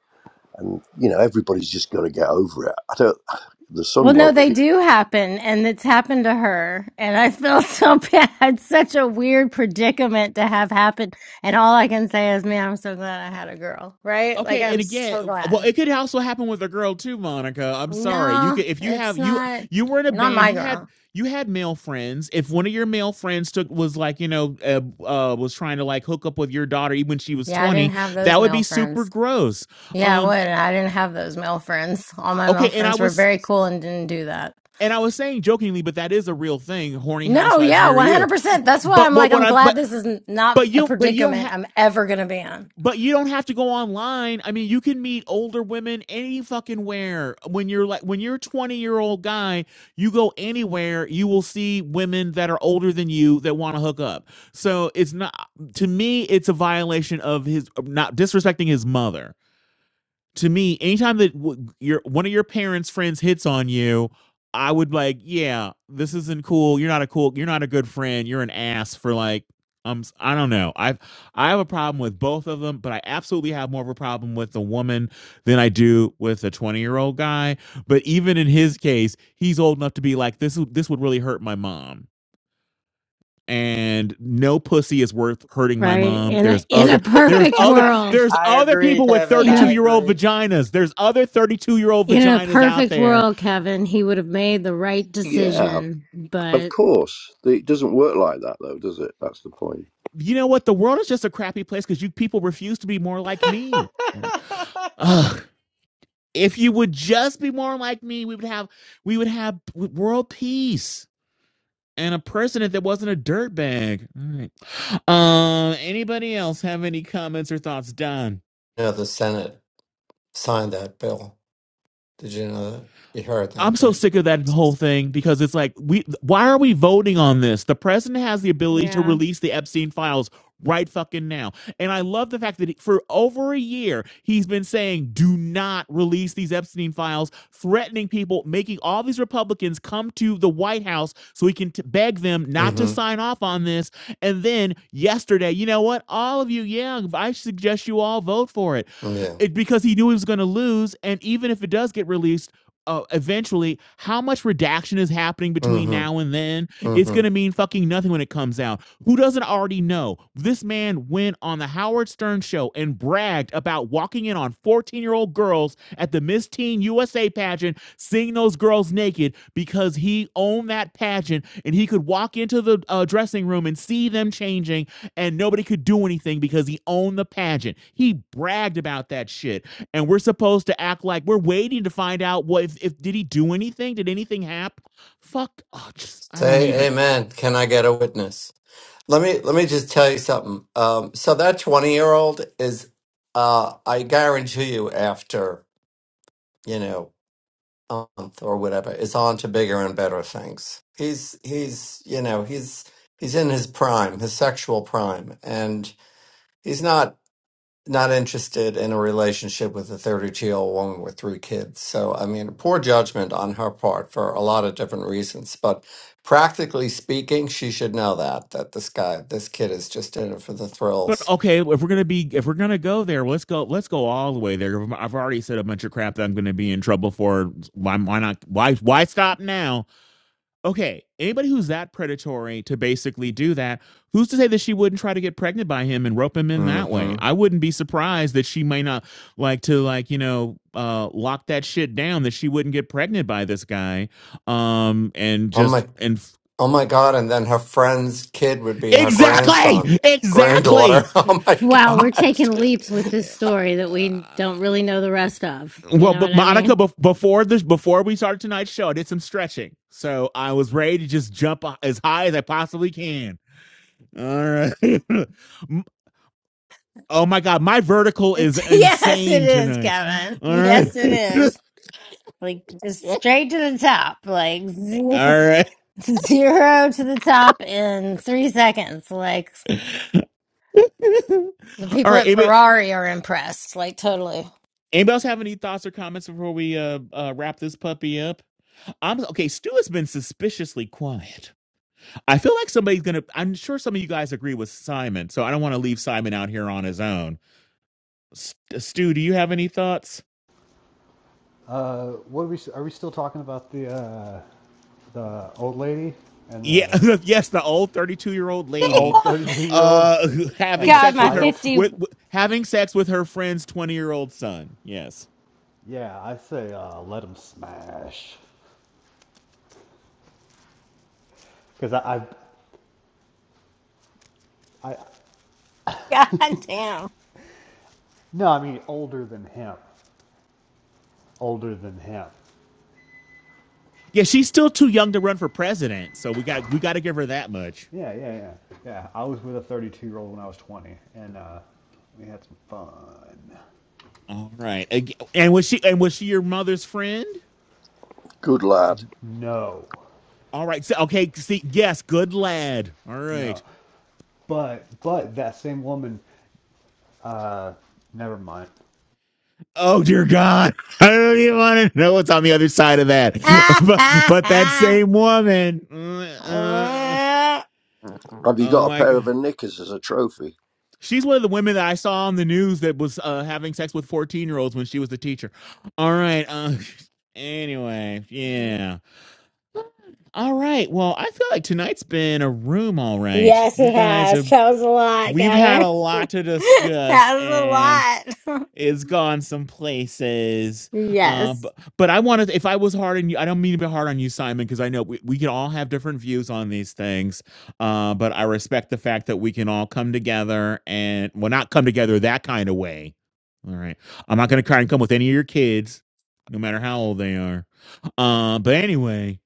And you know, everybody's just got to get over it. I don't. The Well, sun no, won't. they it- do happen, and it's happened to her. And I feel so bad. Such a weird predicament to have happen. And all I can say is, man, I'm so glad I had a girl, right? Like, Okay, I'm and again, so well, glad. it could also happen with a girl too, Monica. I'm sorry. You No, could if you have it's you not, you were in a not band, my you had girl. you had male friends. If one of your male friends took was like, you know, uh, uh was trying to like hook up with your daughter even when she was Yeah, I didn't 20, have those that would male be super friends. gross. Yeah, I Um would. And I didn't have those male friends. All my male okay, and I friends were was very cool and didn't do that. and I was saying jokingly, but that is a real thing, horny No, housewives yeah, near you. 100%. That's why I'm But but like, what I'm I glad but this is n- not but a you but you don't have predicament I'm ever going to be in. but you don't have to go online. I mean, you can meet older women any fucking where. When you're like when you're a 20 year old guy, you go anywhere, you will see women that are older than you that want to hook up. So it's not to me, it's a violation of his not disrespecting his mother to me, anytime that w- your one of your parents' friends hits on you, I would like, yeah, this isn't cool. You're not a cool. You're not a good friend. You're an ass for like. Um, s- I don't know. I've I have a problem with both of them, but I absolutely have more of a problem with the woman than I do with a 20 year old guy. But even in his case, he's old enough to be like, this. would- This would really hurt my mom and no pussy is worth hurting my Right. mom. In a, There's in a other there's perfect other world, there's I other agree, people with Kevin. in 32 I a year old agree. vaginas. There's other 32 year old in a vaginas out perfect there. world, Kevin, he would have made the right Yeah, decision. of But course. It doesn't work like that, though, does it? That's the point. You know what? The world is just a crappy place because you people refuse to be more like me. Right. Ugh. If you would just be more like me, we would have we would have world peace and a president that wasn't a dirtbag. All right. Um anybody else have any comments or thoughts? Don. know, the Senate signed that bill. Did you know that? You heard that, I'm so right? sick of that whole thing because it's like we why are we voting on this? The president has the ability to yeah. release the Epstein files right fucking now. And I love the fact that he- for over a year he's been saying do not release these Epstein files, threatening people, making all these Republicans come to the White House so he can t- beg them not to Mm-hmm. sign off on this. And then yesterday, you know what? All of you, yeah, I suggest you all vote for it Yeah. it because he knew he was going to lose. And even if it does get released uh, eventually how much redaction is happening between Mm-hmm. now and then it's Mm-hmm. going to mean fucking nothing when it comes out who doesn't already know this man went on the howard stern show and bragged about walking in on 14 year old girls at the miss teen usa pageant seeing those girls naked because he owned that pageant and he could walk into the uh, dressing room and see them changing and nobody could do anything because he owned the pageant he bragged about that shit and we're supposed to act like we're waiting to find out what if, if did he do anything? Did anything happen? Fuck, oh, just I don't Say even. amen. Can I get a witness? Let me let me just tell you something. Um, so that twenty year old is, uh, I guarantee you, after you know a month or whatever, is on to bigger and better things. He's he's you know he's he's in his prime, his sexual prime, and he's not not interested in a relationship with a 32 year old woman with three kids. So, I mean, poor judgment on her part for a lot of different reasons. But practically speaking, she should know that that this guy, this kid, is just in it for the But thrills. okay, if we're gonna be if we're gonna go there, let's go let's go all the way there. I've already said a bunch of crap that I'm gonna be in trouble for. Why, why not? Why why stop now? Okay, anybody who's that predatory to basically do that, who's to say that she wouldn't try to get pregnant by him and rope him in that way? hmm I wouldn't be surprised that she may not like to like, you know, uh lock that shit down that she wouldn't get pregnant by this guy. Um and Oh just my, and oh my God! And then her friend's kid would be her grandson, Exactly! granddaughter. Exactly. Oh my Wow, we're God! taking leaps with this story that we Uh, don't really know the rest of. You well, know but what I Monica, mean? before this, before we started tonight's show, I did some stretching, so I was ready to just jump uh, as high as I possibly can. All right, Oh my god, my vertical is yes, it insane is, tonight. Kevin. All right. Yes, it is. Like just All straight to the top. Like zero, right. zero to the top in 3 seconds. Like All the people right. at Anybody, Ferrari are impressed. Like totally. anybody else have any thoughts or comments before we uh, uh wrap this puppy up? I'm okay, Stu has been suspiciously quiet. I feel like somebody's gonna I'm sure some of you guys agree with Simon, so I don't want to leave Simon out here on his own. S- Stu, do you have any thoughts? Uh, what are we? Are we still talking about the uh, the old lady and yeah the yes the old 32 year old the lady old thirty two year old uh who- and having the God, sex my with her child? 50. with, with having sex with her friend's 20 year old son yes Yeah, I say uh, let him smash because I, I I God damn. no, I mean older than him, older than him. yeah she's still too young to run for president so we got we got to give her that much Yeah, yeah, yeah, yeah. I was with a thirty two year old when I was twenty, and uh, we had some fun. all right Ag- and was she and was she your mother's friend Good lad. No, all right so, okay see yes good lad all no, right but but that same woman. Uh, never mind. Oh dear God! I don't even want to know what's on the other side of that. but but that same woman. Mm, uh, okay. Have you oh got a my pair of God! her knickers as a trophy? She's one of the women that I saw on the news that was uh, having sex with 14 year olds when she was a teacher. All right. Uh, anyway, yeah. All right. Well, I feel like tonight's been a room. All right. yes, You it guys has. have, That was a lot, we've had Kevin. a lot to discuss, that and was a lot. is gone some places. Uh, yes. but, but I want to. if I was hard on you, I don't mean to be hard on you, Simon, because I know we, we can all have different views on these things. Uh, but I respect the fact that we can all come together and, well, not come together that kind of way. All right. I'm not going to try and come with any of your kids, no matter how old they are. Uh, but anyway.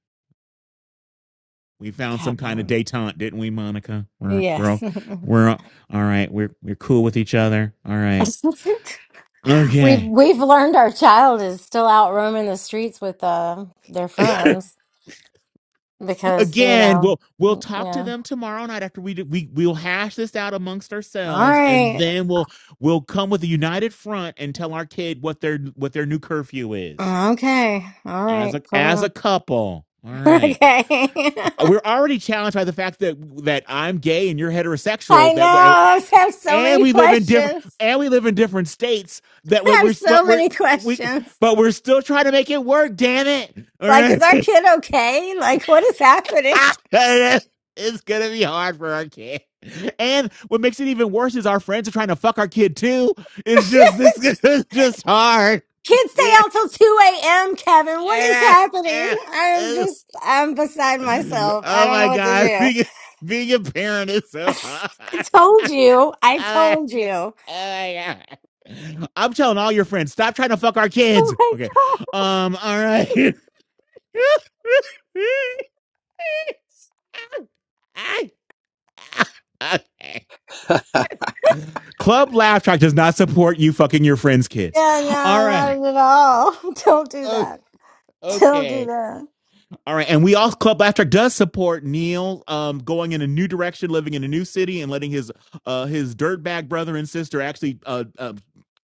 We found some kind of Kevin. detente, didn't we, Monica? We're we're Yes. all, we're all all right. We're we're cool with each other. All right. we've Okay. we've learned our child is still out roaming the streets with uh their friends because, you again know, we'll we'll mm, talk to yeah. them tomorrow night after we do, we we'll hash this out amongst All ourselves and right. then we'll we'll come with a united front and tell our kid what their what their new curfew is Okay. All as right. a as a Cool. couple all right Okay. Uh, we're already challenged by the fact that that i'm gay and you're I heterosexual that way know. I have so and many we live in different questions. and we live in different states that I have we're what so we're many we questions. but we're still trying to make it work damn it all Like, is right our kid okay? Like, what is happening? it's gonna be hard for our kid. And what makes it even worse is our friends are trying to fuck our kid too. It's just this Shit. is just hard. Kids stay out till 2 a.m., Kevin. What is happening? I'm uh, uh, just, I'm beside myself. I Oh don't know my what to god, do. being being a parent is so hard. I told you. I Oh my, told you. oh my god. I'm telling all your friends, stop trying to fuck our Oh kids. my Okay. God. Um, all right. okay. Club Laugh Track does not support you fucking your friends' kids. Yeah, All right. no, not at all. Don't do Oh, that. Don't do okay. that. All right, and we all Club Laughter does support Neil um, going in a new direction, living in a new city, and letting his uh, his dirtbag brother and sister actually uh, uh,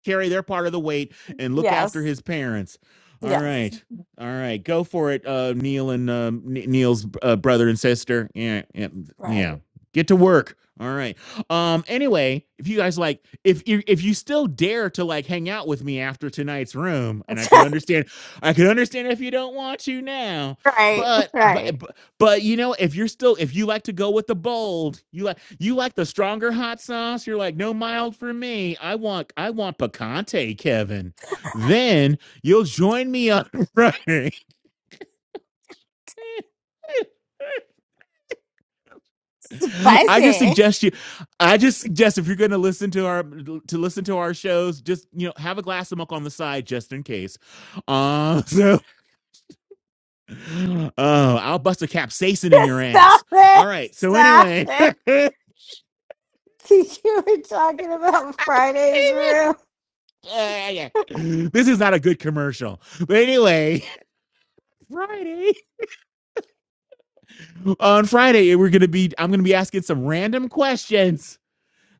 carry their part of the weight and look after Yes. his parents. All Yes. right, all right, go for it, uh, Neil and um, N- Neil's uh, brother and sister. Yeah, yeah, Right. yeah, get to work. All right. Um. Anyway, if you guys like, if you if you still dare to like hang out with me after tonight's room, and I could understand, I could understand if you don't want to now right. but, but Right. but you know if you're still if you like to go with the bold you like you like the stronger hot sauce you're like no mild for me i want i want picante kevin then you'll join me on running Bye, i just sis. suggest you i just suggest if you're going to listen to our to listen to our shows just you know have a glass of milk on the side just in case uh so oh i'll bust a capsaicin in your ass Stop it! all right so Stop anyway it! You were talking about Friday's room. yeah. yeah. This is not a good commercial. But anyway, Friday on Friday we're gonna be I'm gonna be asking some random questions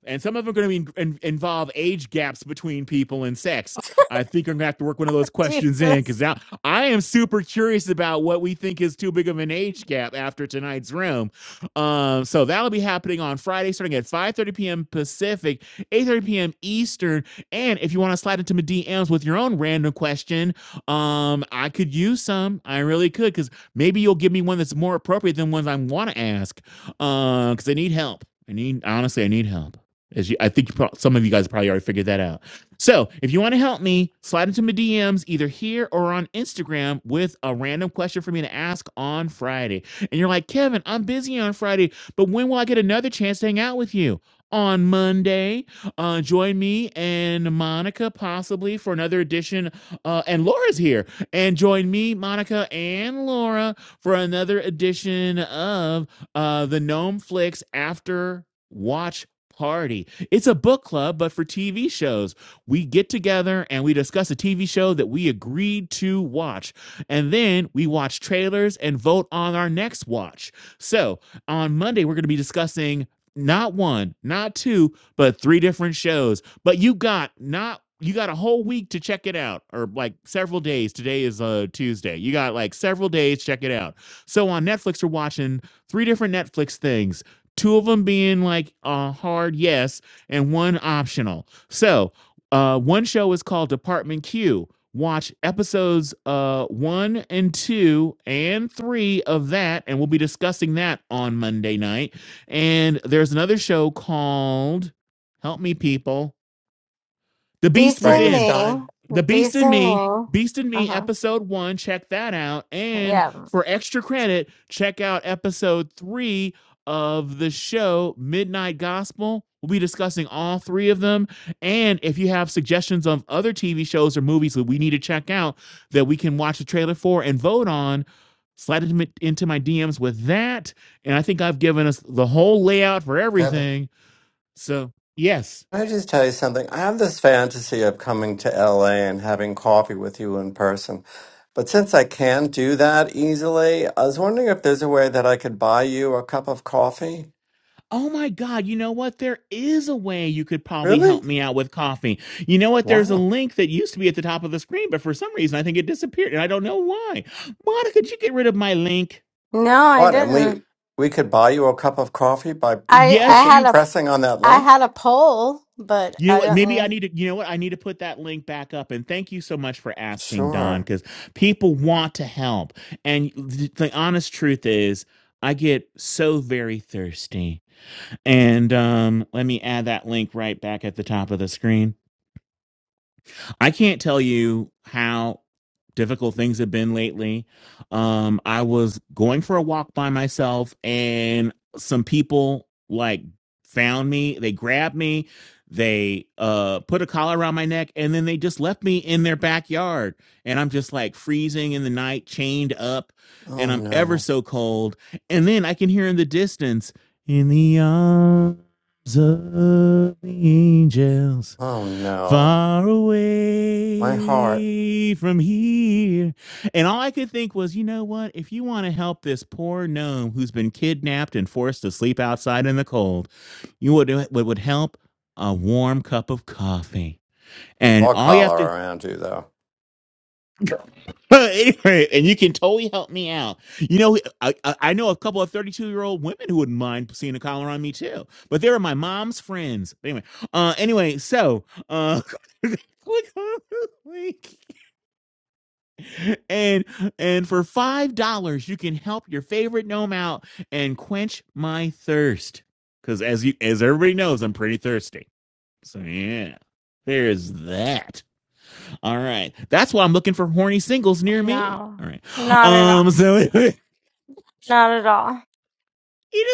and some of them are going to be in, involve age gaps between people and sex. I think I'm going to have to work one of those questions in because Jesus. now I am super curious about what we think is too big of an age gap after tonight's room. Um, so that'll be happening on Friday, starting at 5:30 p.m. Pacific, 8:30 p.m. Eastern. And if you want to slide into my DMs with your own random question, um, I could use some. I really could because maybe you'll give me one that's more appropriate than ones I want to ask. Um, because uh, I need help. I need honestly, I need help. As you, I think you pro- some of you guys probably already figured that out. So if you want to help me, slide into my DMs either here or on Instagram with a random question for me to ask on Friday. And you're like, Kevin, I'm busy on Friday, but when will I get another chance to hang out with you? On Monday, uh, join me and Monica possibly for another edition. Uh, and Laura's here. And join me, Monica, and Laura for another edition of uh, the Gnome Flicks After Watch party. It's a book club, but for TV shows. We get together and we discuss a TV show that we agreed to watch. And then we watch trailers and vote on our next watch. So on Monday, we're going to be discussing not one, not two, but three different shows. But you got not. You got a whole week to check it out, or like several days. Today is a Tuesday. You got like several days. to Check it out. So on Netflix, we're watching three different Netflix things two of them being like a hard yes and one optional. So, uh, one show is called Department Q. Watch episodes uh, one and two and three of that, and we'll be discussing that on Monday night. And there's another show called Help Me People The Beast Beast in Within. me. Frankenstein, The Beast Beast in in me. Me, Beast in Me, Uh-huh. episode one. Check that out. And Yeah. for extra credit, check out episode three of the show, Midnight Gospel. We'll be discussing all three of them. And if you have suggestions of other TV shows or movies that we need to check out that we can watch the trailer for and vote on, slide it into my DMs with that. And I think I've given us the whole layout for Kevin. everything. So, yes. Can I just tell you something? I have this fantasy of coming to LA and having coffee with you in person. But since I can't do that easily, I was wondering if there's a way that I could buy you a cup of coffee. Oh my God, you know what? There is a way you could probably Really? help me out with coffee. You know what? There's a Wow. link that used to be at the top of the screen, but for some reason I think it disappeared and I don't know why. Monica, could you get rid of my link? No, I What? And we didn't. we could buy you a cup of coffee by I I Yes, clicking had you a c- pressing on that I link? had a poll, but You know I what? Maybe I didn't need to, you know what? I need to put that link back up. And thank you so much for asking, Don, Sure. because people want to help. And the, the honest truth is, I get so very thirsty. And um, let me add that link right back at the top of the screen. I can't tell you how difficult things have been lately. Um, I was going for a walk by myself, and some people like found me. They grabbed me. They uh, put a collar around my neck, and then they just left me in their backyard. And I'm just like freezing in the night, chained up, Oh and I'm ever no. so cold. And then I can hear in the distance, in the arms of the angels Oh no. far My heart. away from here. And all I could think was, you know what? If you want to help this poor gnome who's been kidnapped and forced to sleep outside in the cold, you would what would help a warm cup of coffee. And I'll all you have collar to around you though. anyway, and you can totally help me out. You know, I, I I know a couple of 32 year old women who wouldn't mind seeing a collar on me too, but they were my mom's friends. Anyway, uh, anyway, so, uh, click on the link. and and for five dollars you can help your favorite gnome out and quench my thirst because as you as everybody knows i'm pretty thirsty so yeah there's that all right that's why i'm looking for horny singles near me no. all right Not at um all. so you Not at all.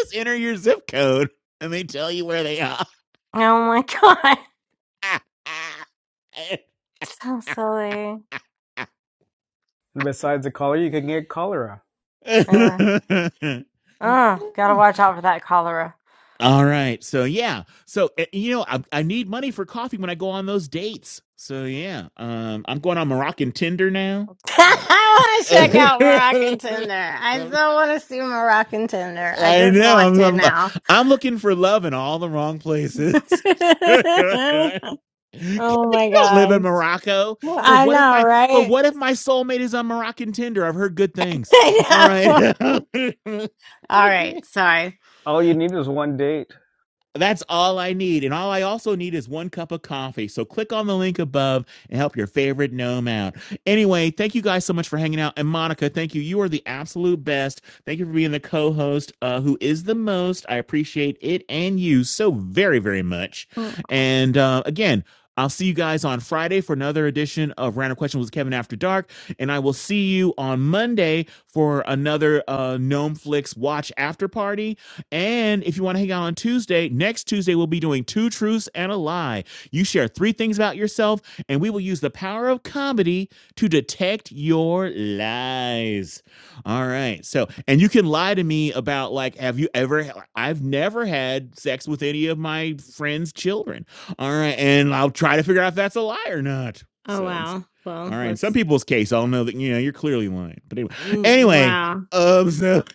just enter your zip code and they tell you where they are Oh my god. So silly. And besides the cholera, you can get cholera. Uh, uh, gotta watch out for that cholera. All right. So yeah. So uh, you know, I, I need money for coffee when I go on those dates. So yeah. Um, I'm going on Moroccan Tinder now. All right. I want to check out Moroccan Tinder. I still want to see Moroccan Tinder. I I just know. want I'm, to I'm uh, now. I'm looking for love in all the wrong places. Kevin, you oh my don't live in god. Morocco. But I what if know, my but right? what if my soulmate is on Moroccan Tinder? I've heard good things. All I know. right. All okay. right, sorry. All you need is one date. That's all I need. And all I also need is one cup of coffee. So click on the link above and help your favorite gnome out. Anyway, thank you guys so much for hanging out. And Monica, thank you. You are the absolute best. Thank you for being the co host uh, who is the most. I appreciate it and you so very, very much. Oh And uh, again, I'll see you guys on Friday for another edition of Random Questions with Kevin After Dark. And I will see you on Monday for another uh, Gnome Flix Watch After Party. And if you want to hang out on Tuesday, next Tuesday, we'll be doing Two Truths and a Lie. You share three things about yourself, and we will use the power of comedy to detect your lies. All right. So, and you can lie to me about, like, have you ever, I've never had sex with any of my friends' children. All right. And I'll try to figure out if that's a lie or not. oh, So, it's, wow. all Well, right. In some let's people's case, I'll know that, you know, you're clearly lying. But anyway, mm, anyway wow. um, so.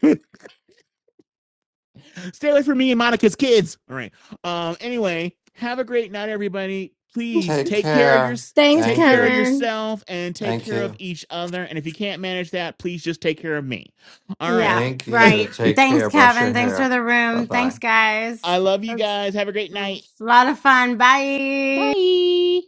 Stay away from me and Monica's kids. All right. Um. Anyway, have a great night, everybody. Please Take take care of your care. Thanks, take Thank care of you. Kevin. yourself and take Thank care of you. each other. And if you can't manage that, please just take care of me. All right. Yeah, Thank you. right. Take Thanks, care. Brush Kevin. your Thanks for hair. the Bye room. bye. Thanks, guys. I love you It guys. Have a great was night. a lot of fun. Bye. Bye.